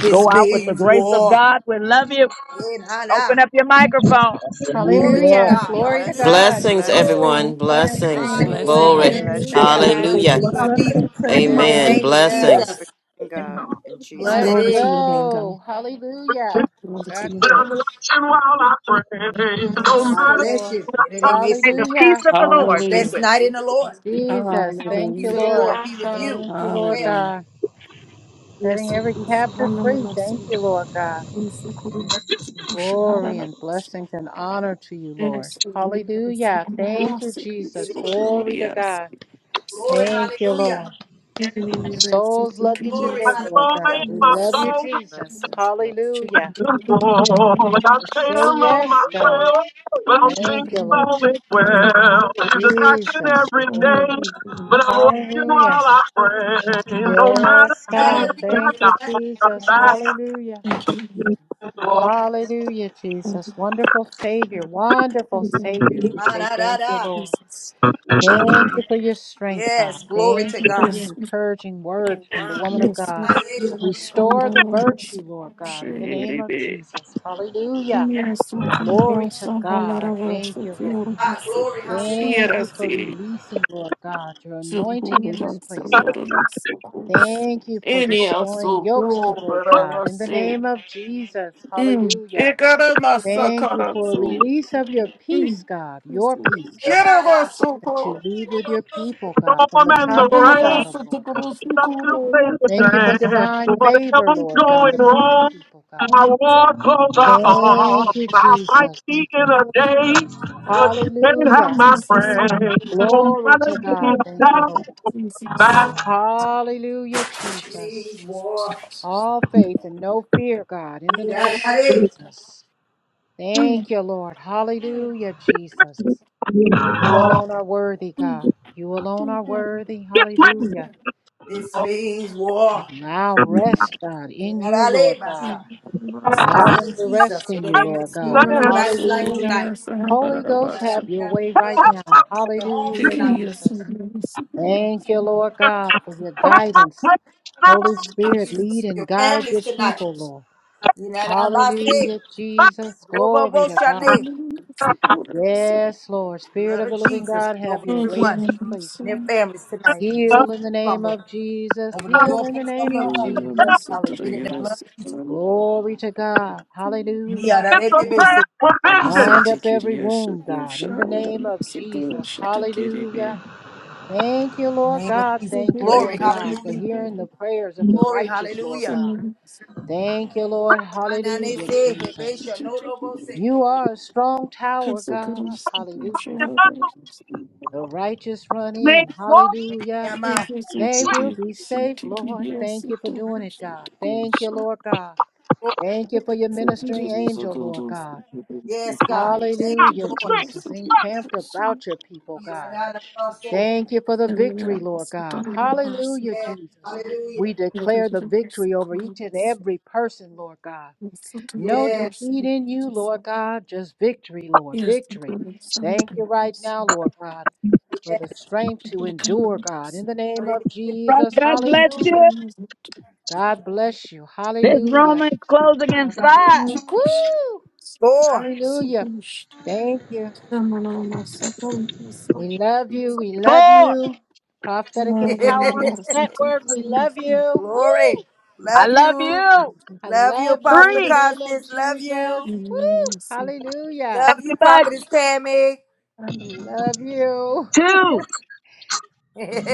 S4: This
S1: go out with the
S4: means
S1: grace of
S4: war.
S1: God. We love you.
S4: Amen.
S1: Open
S4: Hallelujah.
S1: up your microphone.
S4: Glory to
S16: Hallelujah!
S4: God.
S16: Glory to
S14: Blessing,
S4: Hallelujah.
S16: God.
S3: Blessings,
S14: blessing
S16: Woo!
S3: everyone.
S5: Blessings,
S14: all.
S16: Blessings and
S3: Blessings.
S5: blessings,
S16: glory.
S4: Hallelujah.
S14: God
S3: Glory.
S4: Bless
S9: Blessings.
S5: blessings,
S14: bless you.
S4: to
S14: Have
S16: Hallelujah!
S14: a
S4: everyone.
S3: Hallelujah.
S4: Sweet
S5: everybody.
S14: good week.
S4: sleep
S10: Blessings
S4: in the
S10: everyone.
S3: Amen.
S16: Yes,
S4: name of
S14: In
S16: yes.
S3: Blessings.
S4: Jesus.
S14: worshiping God in
S16: Let's
S14: Jesus'
S17: Glory
S4: Hallelujah.
S17: to your name, God.
S16: go. Hallelujah!
S17: Glory to
S16: Got
S17: your
S1: But
S17: name.
S1: I'm
S16: this.
S1: watching while I pray. No
S17: Jesus.
S16: Thank
S4: God
S16: you,
S1: matter
S4: bless
S16: Lord.
S4: you.
S1: what I
S4: And it ain't
S1: talk, May
S4: messy.
S1: the peace
S16: Hallelujah.
S1: of the
S4: Have a
S1: Lord be with
S17: Hallelujah.
S4: blessed
S1: you.
S4: night in the Lord.
S16: Jesus,
S5: I
S4: May the
S5: with
S16: thank
S4: peace
S16: you,
S17: Hallelujah.
S4: of the
S5: you
S4: Lord
S16: Lord.
S4: be with you. as
S5: also.
S16: Thank you, Lord
S4: Well,
S17: Hallelujah.
S16: God.
S17: Yes,
S16: Setting
S17: we
S16: every
S17: bless you.
S16: captive
S17: Hallelujah. We
S16: free.
S17: bless
S16: Thank
S17: you.
S16: you, Lord God.
S17: We
S14: name.
S17: bless you. We should have
S16: Glory
S17: another
S16: and blessings and honor to you, Lord.
S17: Yes, we bless you.
S16: Hallelujah.
S17: We
S16: Thank you,
S17: bless you. We
S16: Jesus.
S17: bless
S4: it
S17: you.
S4: is.
S17: We
S16: Glory to
S17: bless
S16: God.
S17: you. We bless
S4: Glory,
S16: Thank you,
S4: hallelujah.
S16: Lord.
S17: you. And in
S16: Our
S17: your rest, we
S16: souls love
S17: thank you.
S16: you
S17: We
S4: Glory,
S1: I
S17: bless
S16: today,
S17: you. We
S16: Lord
S1: fall in
S4: hallelujah.
S16: God. We
S1: my
S17: bless
S16: love you,
S17: you.
S14: Blessings,
S1: soul.
S16: Jesus.
S14: blessings, blessings.
S16: Hallelujah.
S1: I fall. Like I
S17: Hallelujah.
S16: We
S1: say
S16: say
S1: down on my
S16: yes, God.
S14: Hallelujah.
S1: prayer, but I'm
S17: Thank
S1: singing
S16: Thank you,
S17: you.
S16: Lord.
S1: all is
S17: Thank you.
S1: well. He's
S14: Mm.
S1: attacking
S16: Jesus.
S1: every
S17: Oh,
S1: day,
S17: thank you.
S1: but I'm watching
S16: Hallelujah.
S1: while I pray. No matter
S16: Yes,
S17: Thank
S16: God.
S4: Better be
S17: you.
S1: the
S16: Thank you,
S1: attack,
S4: than
S1: I
S16: Jesus.
S1: got
S16: Hallelujah.
S17: Thank you.
S1: back.
S4: me.
S16: Hallelujah,
S17: Thank you.
S16: Jesus. Wonderful Savior. Wonderful
S17: Thank you,
S16: Savior. We say thank you,
S4: Ma-da-da-da.
S16: Lord.
S17: Jesus.
S16: Thank you for your strength, God.
S4: Yes, glory
S16: Thank
S4: to
S16: you for
S4: God.
S16: your
S17: Yes, yes,
S16: encouraging word from the woman of
S17: yes,
S16: God.
S4: Ah, yeah.
S17: and
S16: Restore the
S17: yes,
S16: virtue, Lord God, in the name of
S17: shiribi.
S16: Jesus. Hallelujah.
S17: Yes,
S16: Glory
S17: yes,
S16: to God. I
S17: halara
S16: thank you,
S4: Yes,
S16: Lord.
S17: shiribi.
S4: God,
S17: Yes,
S4: glory, hallelujah.
S16: Thank you for
S17: shirasi.
S16: releasing, Lord God, your anointing in
S17: Sukubra
S16: this place, God.
S17: sandorun sukus.
S16: Thank you for
S17: Any
S16: destroying
S17: also
S16: yokes today, God.
S17: kubra
S16: In the
S17: se.
S16: name of Jesus,
S17: Mm.
S16: hallelujah.
S17: Ekara
S16: Thank you
S17: masakara
S16: for a
S17: su.
S16: release of your peace,
S17: Mm.
S16: God, your peace,
S4: Yeah,
S16: God,
S17: Jeraba
S4: da-da.
S16: that you
S17: suko.
S16: leave with your people, God, from
S1: storm
S16: the
S1: and the
S16: top to the
S17: Any
S1: rain.
S16: bottom,
S17: also to
S16: Lord God.
S17: kuru
S1: Stuck to
S17: sukuro.
S1: face the
S16: Thank you for
S1: sand.
S16: divine favor,
S1: Whatever's
S16: Lord God,
S1: going
S16: upon the
S1: wrong,
S16: people, God.
S1: my war clothes are on.
S16: Thank you,
S1: I might
S16: Jesus.
S1: speak in a day, but you can't have
S16: Hallelujah.
S1: my
S17: Jesus,
S1: friend. No
S16: Glory
S1: matter
S16: to God.
S1: the
S16: Thank you,
S1: attack,
S16: Lord.
S17: Jesus.
S1: that's
S16: Hallelujah, Jesus.
S4: Means war.
S16: All faith and no fear, God, in the name of
S4: Da-da-da.
S16: Jesus.
S17: Mm,
S16: Thank you, Lord. Hallelujah, Jesus. You alone are worthy,
S17: mm,
S16: God. You alone
S17: mm,
S16: are
S17: God.
S16: worthy. Hallelujah.
S4: This means war.
S16: Allow rest, God, in you, Lord
S4: Da-da-da-da, Basha.
S16: God.
S17: Mm, mm,
S4: The
S16: Allow
S17: mm,
S4: blood
S16: them
S4: of
S16: to rest
S4: Jesus. It
S16: in you,
S4: ain't
S16: Lord
S4: messy over
S16: God.
S17: mm,
S4: everybody's
S17: so
S4: life
S16: Hallelujah.
S4: tonight.
S17: glorious. I have a
S16: Holy
S17: lot of
S16: Ghost,
S17: us.
S16: have your
S4: Da-da-da-da.
S16: way
S4: The blood
S16: right
S4: of Jesus
S16: now.
S4: over your homes
S16: Hallelujah,
S17: Take it
S4: tonight.
S17: yes, and
S16: Jesus.
S17: I'm gonna see it,
S16: Thank
S17: yes,
S16: you,
S17: and
S16: Lord God, for your guidance. Holy
S4: Lord
S16: Spirit,
S4: Jesus, over
S16: lead
S17: Jesus.
S4: your
S16: and guide
S4: families
S16: your
S17: Jesus,
S4: tonight.
S16: people,
S17: Jesus.
S16: Lord.
S4: Da da da. I'm
S16: Hallelujah, Jesus. Glory to God.
S4: Robo-bo-shane.
S17: Hallelujah, so glorious.
S16: Yes, Lord. Spirit
S4: Blood
S16: of
S4: of
S16: the living
S4: Jesus be
S16: God, have
S4: over
S16: your
S17: Oh,
S16: way
S17: God,
S16: in
S4: everyone
S16: this
S17: I'm
S16: place,
S4: and
S17: so
S4: their
S16: Lord.
S4: families tonight. You
S16: Heal
S4: see
S16: in the name
S4: slumber
S16: of Jesus.
S4: over the
S16: Heal in the
S4: doorposts of
S16: name
S4: your
S16: of
S4: home. The
S17: Hallelujah,
S4: blood
S16: Jesus.
S17: so
S4: I
S17: that
S4: pray that the
S16: Hallelujah.
S4: blood of Jesus.
S17: I
S16: Glory to God.
S4: Me out
S16: Hallelujah.
S4: of that baby, say,
S17: Yes,
S16: Bind up
S17: take it,
S16: every
S17: yes, and
S16: wound,
S17: I'm
S16: God, in
S17: sure I
S16: the
S17: will
S16: name
S17: not
S16: of
S17: see it,
S16: Jesus.
S17: yes, take it, yes.
S16: Hallelujah. Thank you,
S4: in the
S16: Lord
S4: name of
S16: God.
S4: Jesus.
S16: Thank
S17: Be,
S16: you,
S17: be,
S4: Glory,
S16: Lord
S17: be, be, be,
S16: God, for
S17: be,
S4: hallelujah.
S16: hearing the prayers of the
S4: Glory,
S16: righteous, Lord
S4: hallelujah.
S16: God.
S17: Someone.
S16: Thank you, Lord.
S4: Oh my nanny
S17: Yes,
S16: Hallelujah,
S4: say, hey, baby,
S16: Jesus.
S4: shall no double say,
S16: You
S4: hey, baby.
S16: are a strong tower,
S17: the good and some of
S16: God.
S17: us. The
S16: Hallelujah. The righteous run in. Hallelujah.
S4: Am I?
S16: They will be safe, Lord. Thank you for doing it, God. Thank you, Lord God.
S4: Oh,
S16: Thank you for your ministering angel, Lord God.
S4: Yes, God. Thank you,
S16: Hallelujah,
S4: Lord.
S16: Jesus. Encamped about your people,
S4: Yeah,
S16: God.
S4: da, da, da, da, so.
S16: Thank you for the victory, Lord God. Hallelujah,
S4: Yes,
S16: Jesus.
S4: hallelujah.
S16: We declare the victory over each and every person, Lord God. No
S4: Yes,
S16: defeat in you, Lord God, just victory, Lord, victory. Thank you right now, Lord God, for the strength to
S17: kind
S16: endure,
S17: of
S16: God. In
S17: person.
S16: the name of
S4: hallelujah.
S16: Jesus,
S1: bless
S17: It
S1: you.
S16: hallelujah.
S17: is.
S16: God bless you, hallelujah.
S1: Closing in five,
S16: Woo!
S4: Lord.
S16: Hallelujah. Thank you. We love you, we love
S1: four.
S16: you. Prophetic Empowerment Network, we love you. Woo!
S4: Glory.
S1: I
S4: Love
S1: love
S4: you.
S1: you.
S16: I
S4: Love you,
S16: love you in
S4: Apostle
S16: the
S1: Three.
S16: name of
S4: Constance. Love
S16: Jesus.
S4: you.
S16: Woo! Hallelujah.
S4: Love you,
S1: Happy batch.
S4: Prophetess Tammy.
S16: Love you.
S1: Two.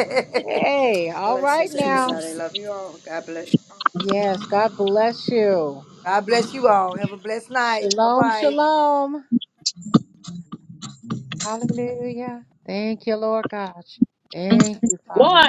S16: Hey, all right
S14: Blessings,
S16: now.
S14: everybody.
S17: Jesus.
S14: Love you all. God bless you.
S16: Yes, God bless you.
S4: God bless you all. Have a blessed night. Bye
S16: Shalom,
S4: bye.
S16: shalom. Hallelujah. Thank you, Lord God. Thank you,
S1: One.
S16: Father.